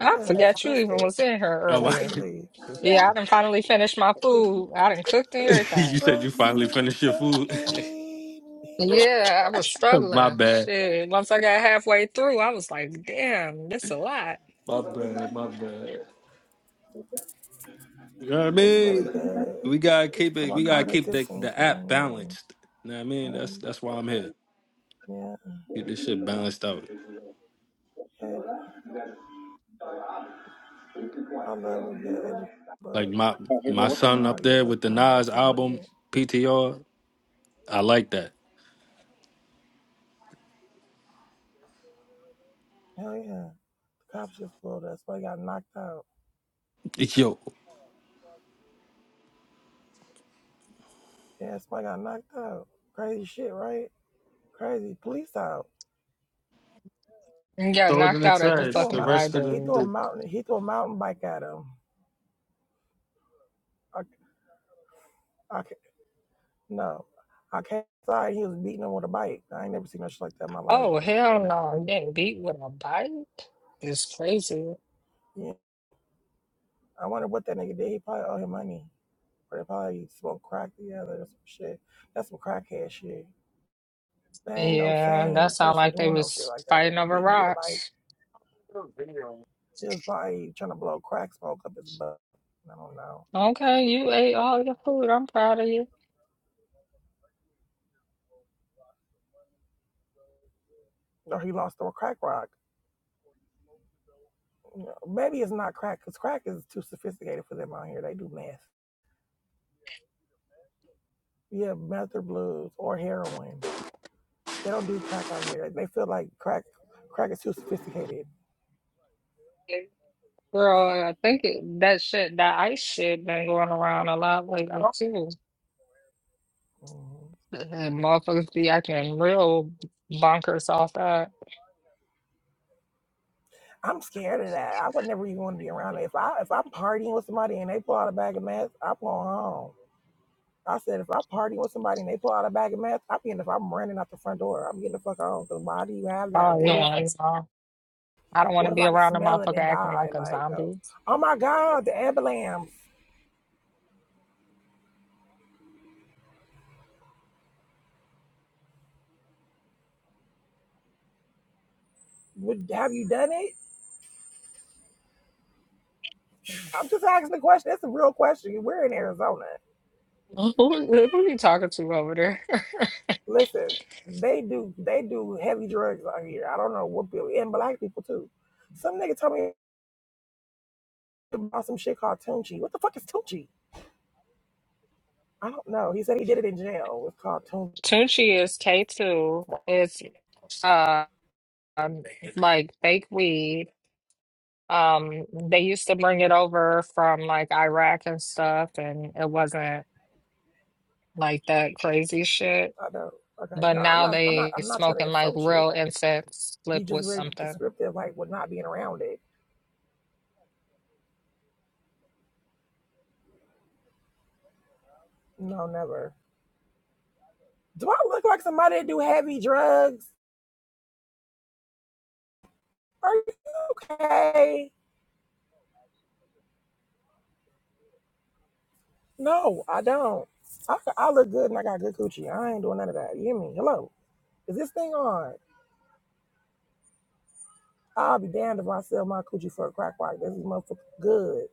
[SPEAKER 1] I
[SPEAKER 12] Yes.
[SPEAKER 1] forgot you
[SPEAKER 12] Trust
[SPEAKER 1] even
[SPEAKER 12] it.
[SPEAKER 1] was in here
[SPEAKER 8] Oh my!
[SPEAKER 12] Trust and
[SPEAKER 1] earlier.
[SPEAKER 12] believe.
[SPEAKER 1] Yeah, I done finally finished my food. I done cooked and
[SPEAKER 8] you
[SPEAKER 1] everything.
[SPEAKER 8] said you
[SPEAKER 12] Trust
[SPEAKER 8] finally
[SPEAKER 12] and
[SPEAKER 8] finished your food.
[SPEAKER 12] believe me.
[SPEAKER 1] Yeah, I was
[SPEAKER 8] my
[SPEAKER 1] struggling.
[SPEAKER 8] bad.
[SPEAKER 1] Shit. Once I got halfway through, I was like, damn, this a lot.
[SPEAKER 8] My bad. My bad. You know what I
[SPEAKER 12] It's really
[SPEAKER 8] mean?
[SPEAKER 12] good.
[SPEAKER 8] We gotta
[SPEAKER 12] It's
[SPEAKER 8] keep it.
[SPEAKER 12] about
[SPEAKER 8] We gotta keep
[SPEAKER 12] cognitive
[SPEAKER 8] the the app
[SPEAKER 12] thinking
[SPEAKER 8] balanced. You know what I
[SPEAKER 12] and,
[SPEAKER 8] mean? That's
[SPEAKER 12] um,
[SPEAKER 8] that's why I'm here.
[SPEAKER 12] yeah.
[SPEAKER 8] Get this shit balanced out.
[SPEAKER 12] And I love a good education
[SPEAKER 8] Like
[SPEAKER 12] book,
[SPEAKER 8] my
[SPEAKER 15] Oh, here go.
[SPEAKER 8] my
[SPEAKER 12] especially if
[SPEAKER 15] What's her
[SPEAKER 12] it's an
[SPEAKER 8] son
[SPEAKER 15] name?
[SPEAKER 8] up there
[SPEAKER 12] audiobook
[SPEAKER 8] with the
[SPEAKER 12] and I ain't got to
[SPEAKER 8] Nas
[SPEAKER 12] sit and read
[SPEAKER 8] album
[SPEAKER 12] it.
[SPEAKER 8] PTR. I like that.
[SPEAKER 12] Hell yeah. The cops just pulled us. We got knocked out.
[SPEAKER 8] Yo,
[SPEAKER 12] Yeah, that's why I got knocked out. Crazy shit, right? Crazy police out.
[SPEAKER 1] You got
[SPEAKER 8] throw it in
[SPEAKER 1] knocked
[SPEAKER 8] the
[SPEAKER 1] out at the
[SPEAKER 12] He
[SPEAKER 8] trash.
[SPEAKER 12] threw a
[SPEAKER 1] fucking
[SPEAKER 8] The
[SPEAKER 12] mou-
[SPEAKER 8] rest of
[SPEAKER 12] he
[SPEAKER 1] library.
[SPEAKER 12] threw a
[SPEAKER 8] the
[SPEAKER 12] mountain he threw a mountain bike at him. I, I ca- no, I came inside. He was beating him with a bike. I ain't never seen no shit like that in my life.
[SPEAKER 1] Oh, hell no. You Getting beat with a bike It's crazy.
[SPEAKER 12] Yeah, I wonder what that nigga did. He probably owe him money, or they probably smoked crack together or some shit. That's some crackhead shit. There ain't no
[SPEAKER 1] Yeah, that
[SPEAKER 12] sane
[SPEAKER 1] sound
[SPEAKER 12] person
[SPEAKER 1] like they
[SPEAKER 12] doing no shit
[SPEAKER 1] was
[SPEAKER 12] like that,
[SPEAKER 1] fighting over
[SPEAKER 12] beating you with a bike.
[SPEAKER 1] rocks.
[SPEAKER 12] He was probably trying to blow crack smoke up his butt. I don't know.
[SPEAKER 1] Okay, you ate all your food. I'm proud of you.
[SPEAKER 12] Or he lost a crack rock. you know, maybe it's not crack because crack is too sophisticated for them out here. They do meth. Yeah, meth or blues or heroin. They don't do crack out here. They feel like crack crack is too sophisticated.
[SPEAKER 1] Girl, I think it, that shit, that ice shit been going around a lot lately too.
[SPEAKER 12] Mhm.
[SPEAKER 1] And motherfuckers be acting real bonkers off that.
[SPEAKER 12] I'm scared of that. I would never even want to be around it. If I if I'm partying with somebody and they pull out a bag of meth, I'm going home. I said if I'm partying with somebody and they pull out a bag of meth, I'm getting if I'm running out the front door, I'm getting the fuck home. Cause why do you have that?
[SPEAKER 1] Oh
[SPEAKER 12] What if
[SPEAKER 1] yeah, you know, I don't want
[SPEAKER 12] what
[SPEAKER 1] to
[SPEAKER 12] if
[SPEAKER 1] be
[SPEAKER 12] I can
[SPEAKER 1] around a
[SPEAKER 12] smell it
[SPEAKER 1] motherfucker
[SPEAKER 12] and
[SPEAKER 1] acting
[SPEAKER 12] die?
[SPEAKER 1] like a
[SPEAKER 12] Like, oh,
[SPEAKER 1] zombie.
[SPEAKER 12] oh my God, the ambulance. Would have you done it? I'm just asking the question. It's a real question. We're in Arizona.
[SPEAKER 1] Who, who are you talking to over there?
[SPEAKER 12] Listen, they do they do heavy drugs out here. I don't know what people and black people too. Some nigga told me about some shit called Tunchi. What the fuck is Tunchi? I don't know. He said he did it in jail. It's called Tunchi.
[SPEAKER 1] Tunchi is K2. It's uh, um, like fake weed. Um, they used to bring it over from like Iraq and stuff, and it wasn't like that crazy shit.
[SPEAKER 12] I know. Okay,
[SPEAKER 1] But
[SPEAKER 12] no, I'm
[SPEAKER 1] now
[SPEAKER 12] not. I'm not.
[SPEAKER 1] they
[SPEAKER 12] I'm not trying to
[SPEAKER 1] smoking like
[SPEAKER 12] insult you.
[SPEAKER 1] real incense, flip
[SPEAKER 12] You just
[SPEAKER 1] with
[SPEAKER 12] very
[SPEAKER 1] something.
[SPEAKER 12] descriptive, like with not being around it. No, never. Do I look like somebody that do heavy drugs? Are you okay? No, I don't. I, I look good and I got good coochie. I ain't doing none of that. You hear me? Hello. Is this thing on? I'll be damned if I sell my coochie for a crack rock. This is motherfucker good.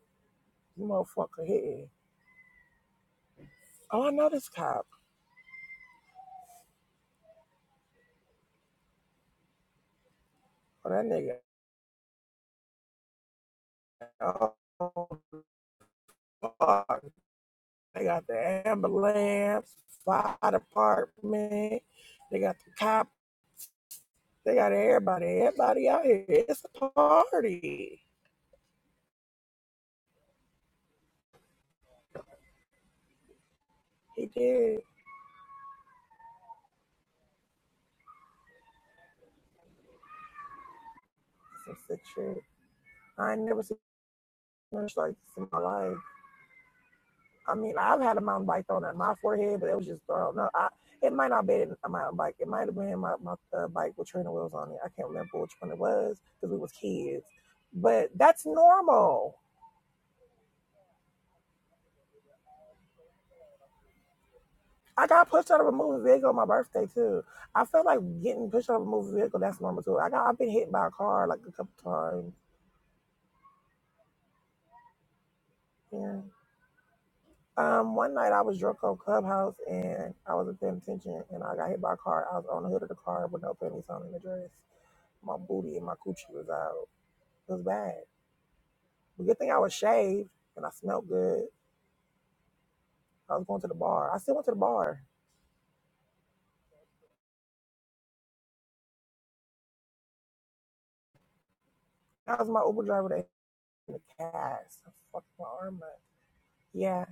[SPEAKER 12] You motherfucker hitting. Oh, I know this cop. Oh, that nigga. Oh, fuck. They got the ambulance, fire department. They got the cop. They got everybody. Everybody out here. It's a party. He did some sick shit. I ain't never seen much like this in my life. I mean, I've had a mountain bike thrown at my forehead, but it was just thrown. No, I, it might not have been a mountain bike. It might have been my, my uh, bike with training wheels on it. I can't remember which one it was because we was kids. But that's normal. I got pushed out of a moving vehicle on my birthday too. I feel like getting pushed out of a moving vehicle. That's normal too. I got I've been hit by a car like a couple times. Yeah. Um, one night I was drunk on Clubhouse and I wasn't paying attention and I got hit by a car. I was on the hood of the car with no panties on and a dress. My booty and my coochie was out. It was bad. The good thing I was shaved and I smelled good. I was going to the bar. I still went to the bar. That was my Uber driver that hit me in the cast. I fucked my arm up. Yeah.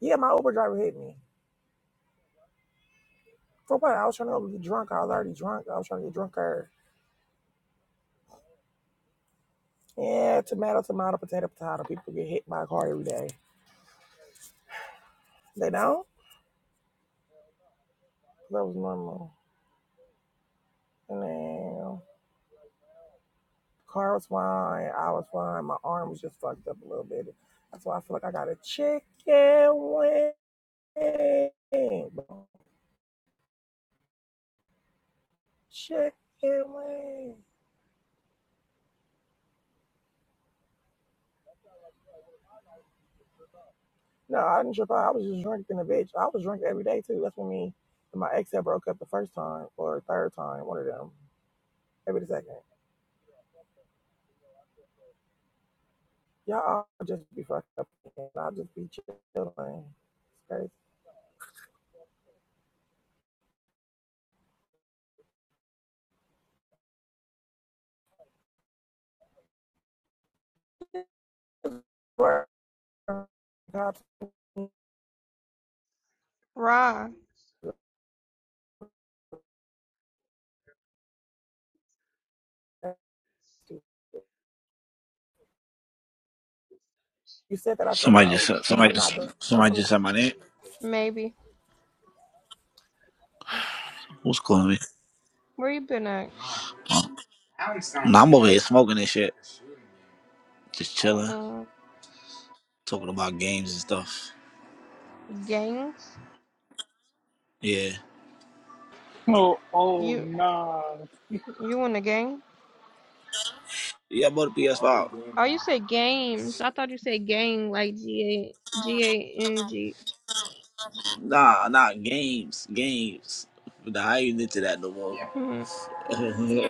[SPEAKER 12] Yeah, my Uber driver hit me. For what? I was trying to get drunk. I was already drunk. I was trying to get drunker. Yeah, tomato, tomato, potato, potato. People get hit by a car every day. They don't? That was normal. And then the car was fine. I was fine. My arm was just fucked up a little bit. That's why I feel like I got a chicken wing. Check it, man. No, I didn't trip out. I was just drinking a bitch. I was drunk every day too. That's when me and my ex had broke up the first time or third time, one of them. Every the second. Y'all all just be fucked up and I'll just be chilling. It's crazy.
[SPEAKER 13] Rah,
[SPEAKER 12] You said that out your
[SPEAKER 3] Somebody
[SPEAKER 12] mouth.
[SPEAKER 3] just uh, somebody
[SPEAKER 12] I'm not
[SPEAKER 3] just
[SPEAKER 12] doing I'm
[SPEAKER 3] somebody
[SPEAKER 12] from
[SPEAKER 3] just
[SPEAKER 12] the-
[SPEAKER 3] said my name.
[SPEAKER 13] maybe.
[SPEAKER 3] Who's calling me?
[SPEAKER 13] Where you been at?
[SPEAKER 3] Oh. Nah, I'm over here smoking and shit. Just chilling.
[SPEAKER 13] Um,
[SPEAKER 3] Talking about games and stuff.
[SPEAKER 13] gangs?
[SPEAKER 3] Yeah.
[SPEAKER 4] Oh, oh,
[SPEAKER 13] You,
[SPEAKER 4] nah.
[SPEAKER 13] you in the gang?
[SPEAKER 3] Yeah, I'm about the PS5.
[SPEAKER 13] Oh, you said games. I thought you said gang like G A G A N G.
[SPEAKER 3] Nah, nah, games. Games. Nah, I ain't into that no more.
[SPEAKER 13] Hmm.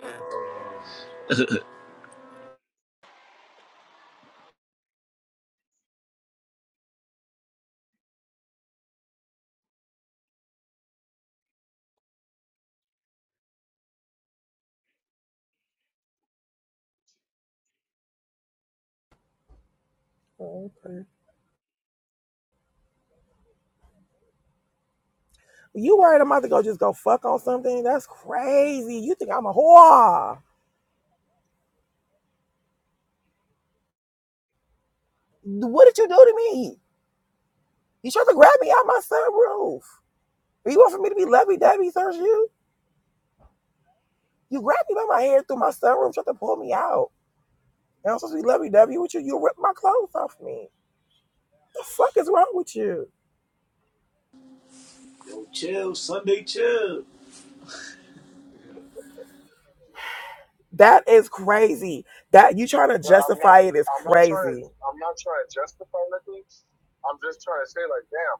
[SPEAKER 12] okay. You worried I'm about to go just go fuck on something? That's crazy. You think I'm a whore. What did you do to me? You tried to grab me out my sunroof. you want for me to be lovey dovey, sir, you you grabbed me by my hair through my sunroof, tried to pull me out. And I'm supposed to be lovey dovey with you. You ripped my clothes off me. The fuck is wrong with you?
[SPEAKER 3] chill, Sunday chill.
[SPEAKER 12] That is crazy. That you trying to But i not. justify it is I'm crazy. not trying. crazy. I'm not trying to justify nothing. I'm just trying to say, like, damn.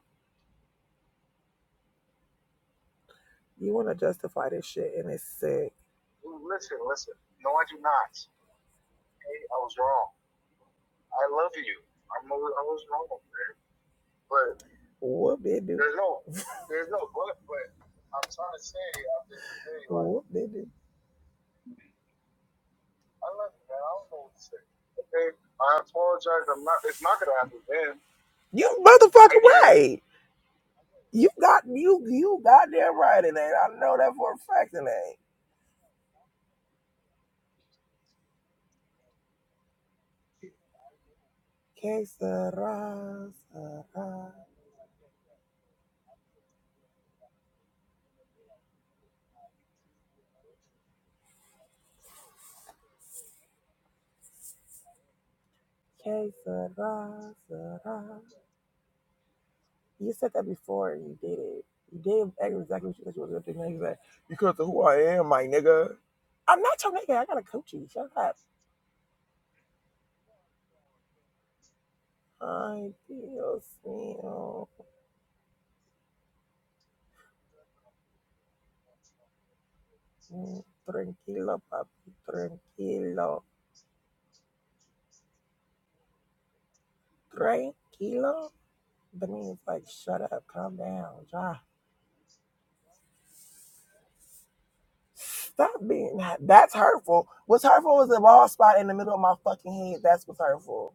[SPEAKER 12] You want to justify this shit, and it's sick. Listen, listen. No, I do not. Hey, I was wrong. I love you. I'm. I was wrong. man. But Whoop baby. there's no there's no but. But I'm trying to say at the end of the day, like Whoop it I love you, man. I don't know what to say. Okay, I apologize. I'm not. It's not gonna happen then. You I motherfucking guarantee. right. You got you you goddamn right it ain't. I know that for a fact it ain't. Que sera, sera. Que sera, sera. You said that before and you did it. You did exactly what you said you were going to do. Now you said, because of who I am, my nigga. I'm not your nigga. I got to coach you. Shut up. Ay, Dios mío. Mm, Tranquilo, papi. Tranquilo. Tranquilo? That means like, shut up. Calm down. Ja. Stop being that's hurtful. What's hurtful was the bald spot in the middle of my fucking head. That's what's hurtful.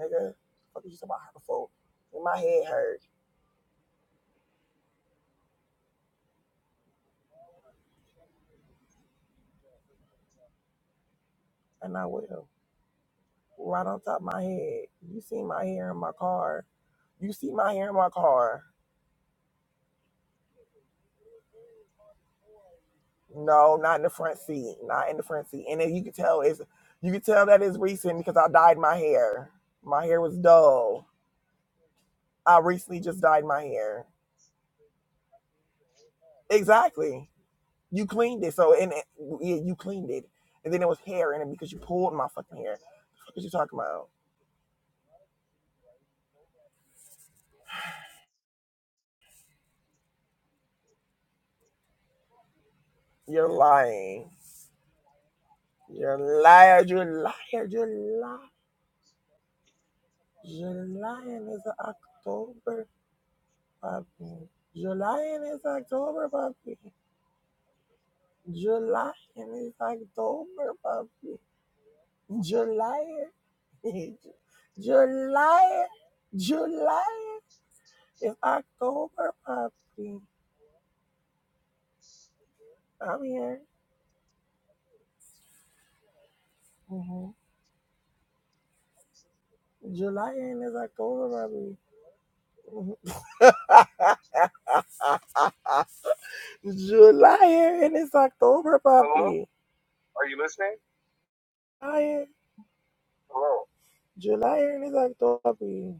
[SPEAKER 12] Nigga. What the fuck are you talking about hurtful? In my head hurt. and I will. Right on top of my head. You see my hair in my car. You see my hair in my car. No, not in the front seat. Not in the front seat. And then you can tell it's you can tell that it's recent because I dyed my hair. My hair was dull. I recently just dyed my hair. Exactly. You cleaned it. So and it, yeah, you cleaned it. And then it was hair in it because you pulled my fucking hair. What you talking about? You're lying. You're liar. You're liar. You're liar. July is October puppy. July is October puppy. July is October puppy. July. July. July is October puppy. I'm here. hmm July is October puppy. July and it's October puppy. Hello? Are you listening? July July and it's October.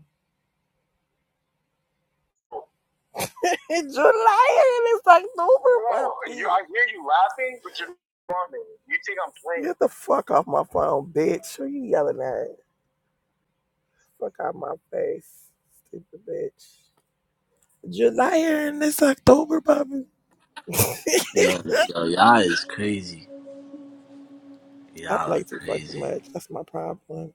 [SPEAKER 12] July and it's October, No, you, I hear you laughing, but you're not me. You think I'm playing. Get the fuck off my phone, bitch. Who you yelling at? Fuck out my face, stupid bitch. July and it's October, Bobby.
[SPEAKER 3] Yo, yo, y'all is crazy.
[SPEAKER 12] I
[SPEAKER 3] Y'all are
[SPEAKER 12] play too fucking
[SPEAKER 3] crazy.
[SPEAKER 12] much. That's my problem.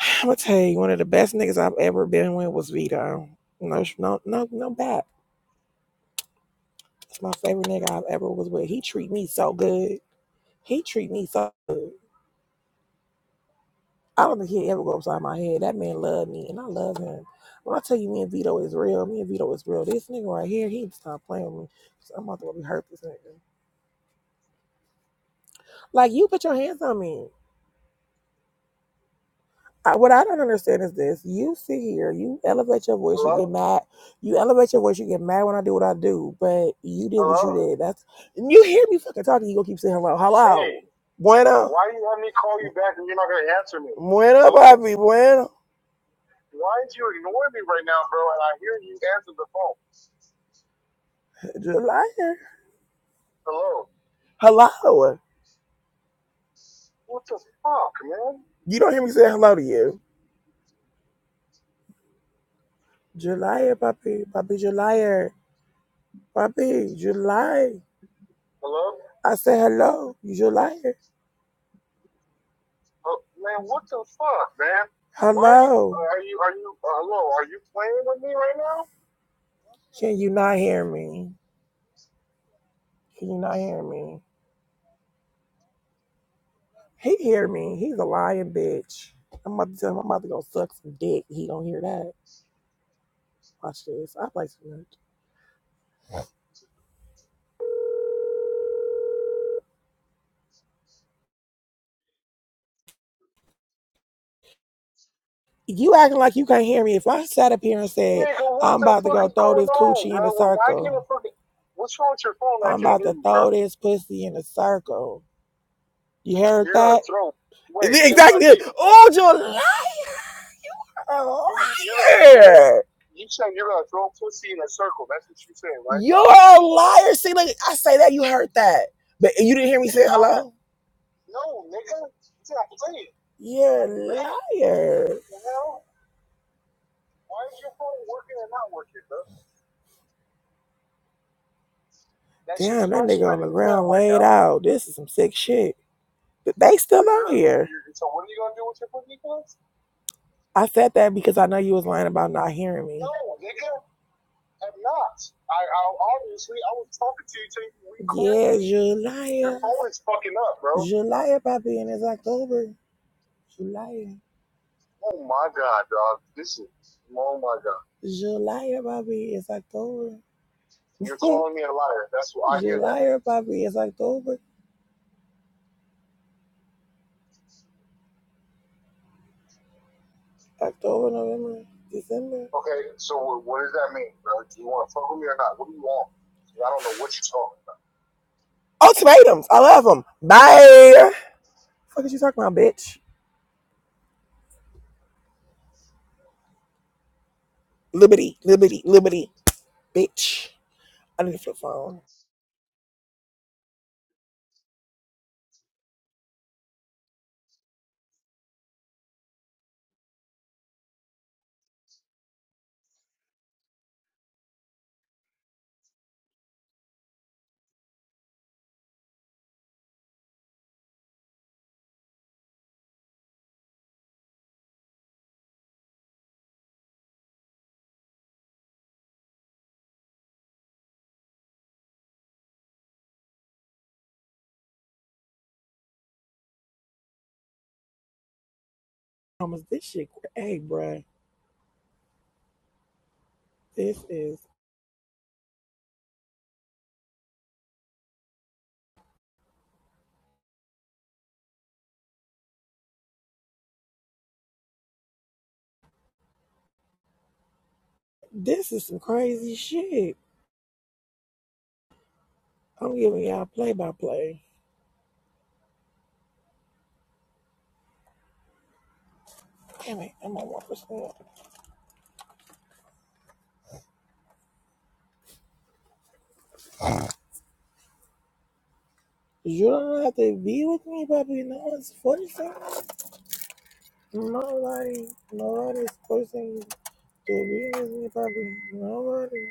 [SPEAKER 12] I'm gonna tell you, one of the best niggas I've ever been with was Vito. No, no, no, no, bad. That's my favorite nigga I've ever was with. He treat me so good. He treat me so good. I don't think he'd ever go upside my head. That man love me and I love him. When I tell you me and Vito is real, me and Vito is real. This nigga right here, he stop playing with me. So I'm about to really hurt this nigga. Like you put your hands on me. I, what I don't understand is this. You sit here, you elevate your voice, Hello? you get mad. You elevate your voice, you get mad when I do what I do. But you did Hello? what you did. That's and you hear me fucking talking, you gonna keep saying hello. Hello. Hey. Bueno. Why you you you're me me? call you back and you're not gonna answer me? Bueno, papi, bueno. Why did you ignore me right now, bro? And I hear you answer the phone. You're a liar. Hello. Hello. What the fuck, man? You don't hear me say hello to you. You're a liar, puppy. Puppy, you're a liar. Puppy, you're a liar. Hello? I said hello. You're a liar. Oh, man, what the fuck, man? Why are you, Hello. are you, are you, uh, hello, are you playing with me right now? Can you not hear me? Can you not hear me? He hear me. He's a lying bitch. I'm about to tell him I'm about to go suck some dick. He don't hear that. Watch this. I play some notes. You acting like you can't hear me. If I sat up here and said Nigga, I'm about to go throw this coochie in a circle, What's wrong with your phone? I am about to throw this pussy in a circle. You heard that? Exactly. Oh, you. Oh, Jordan. a you liar. you saying you're gonna throw pussy in a circle. That's what you saying, right? You're a liar. See, like I say that, you heard that. But you didn't hear me say No, hello? no, nigga. You're not playing. You're a liar. What the hell? Why is your phone working and not working, bro? That Damn, that nigga on the ground laid out. This is some sick shit. But they still out here. so what are you gonna do with your pussy, please? I said that because I know you was lying about not hearing me. No, nigga. am not. I, I obviously I was talking to you till we quit. Yeah, July. Your phone is fucking up, bro. July, papi, and it's October. July. Oh my god, dog. This is oh my god. July, papi, it's October. You're calling me a liar. That's what I hear July, papi, it's October. October, November, December. Okay, so what, what does that mean, bro? Do you want to fuck with me or not? What do you want? I don't know what you're talking about. Ultimatums. I love them. Bye. What the fuck is you talking about, bitch? Liberty, liberty, liberty, bitch. I need to flip phone. Thomas, this shit, hey, bruh, this is this is some crazy shit. I'm giving y'all play by play. Damn it, I'm on one percent. You don't have to be with me, puppy. No one's forcing. Nobody, nobody's forcing you to be with me, puppy. Nobody,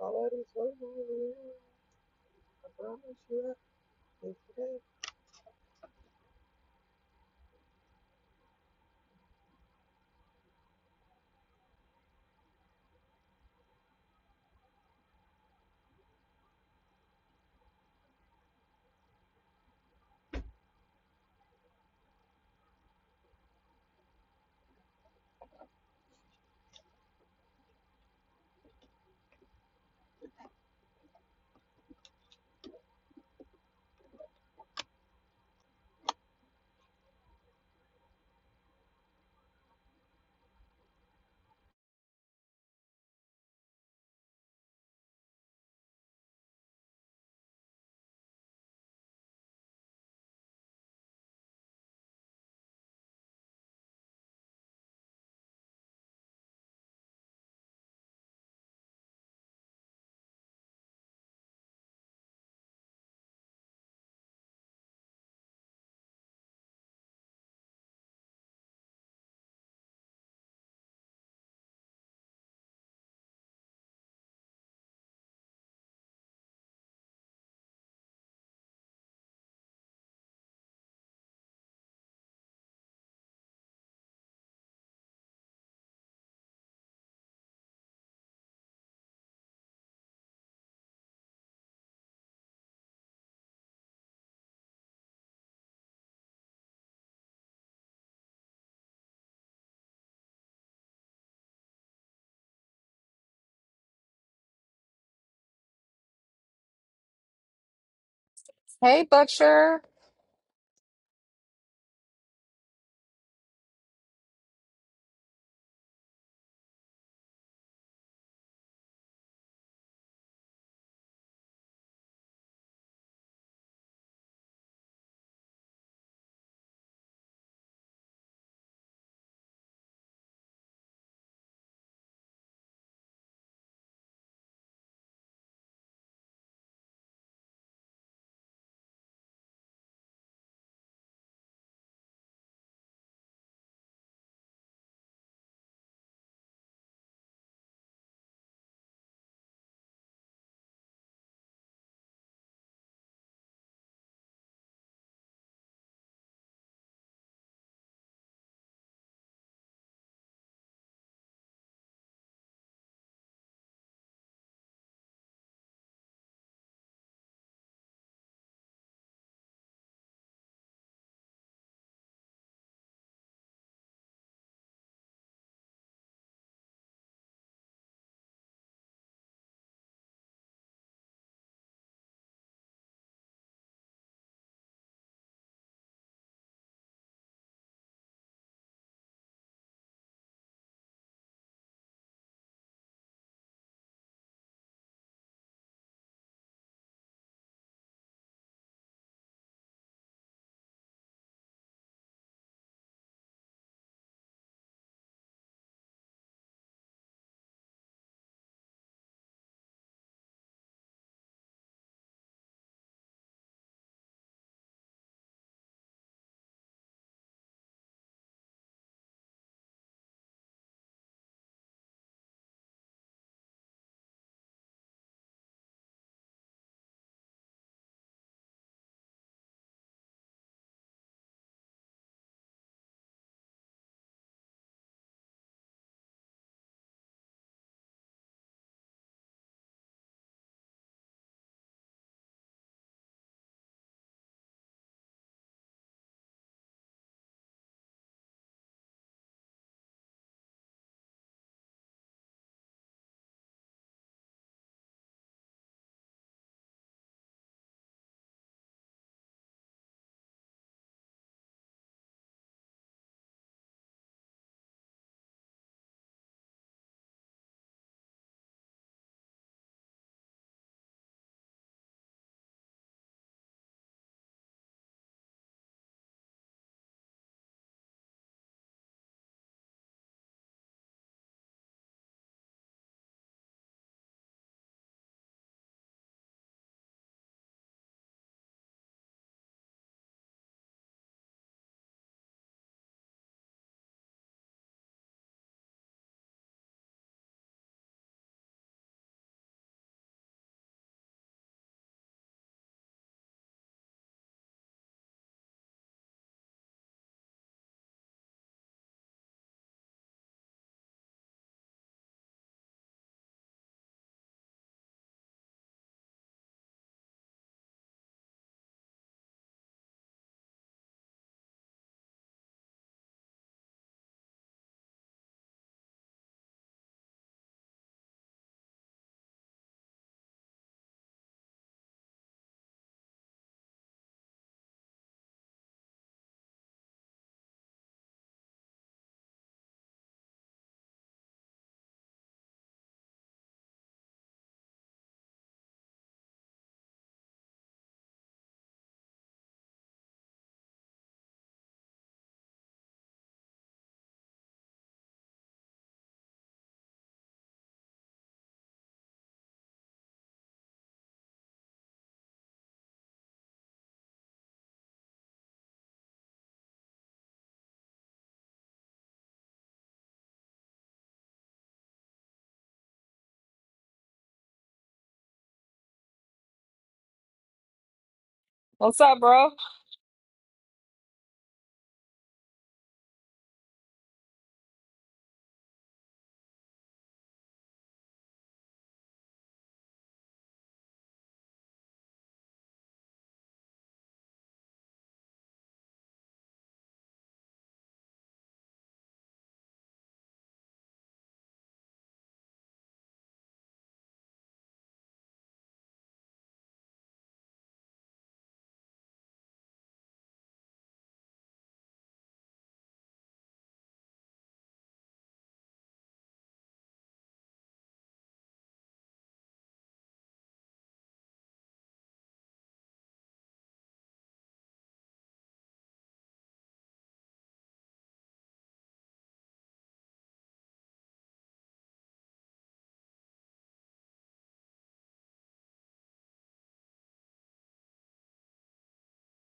[SPEAKER 12] nobody's forcing you. to be with me. I promise you that. It's okay.
[SPEAKER 1] Hey, Butcher. What's up, bro?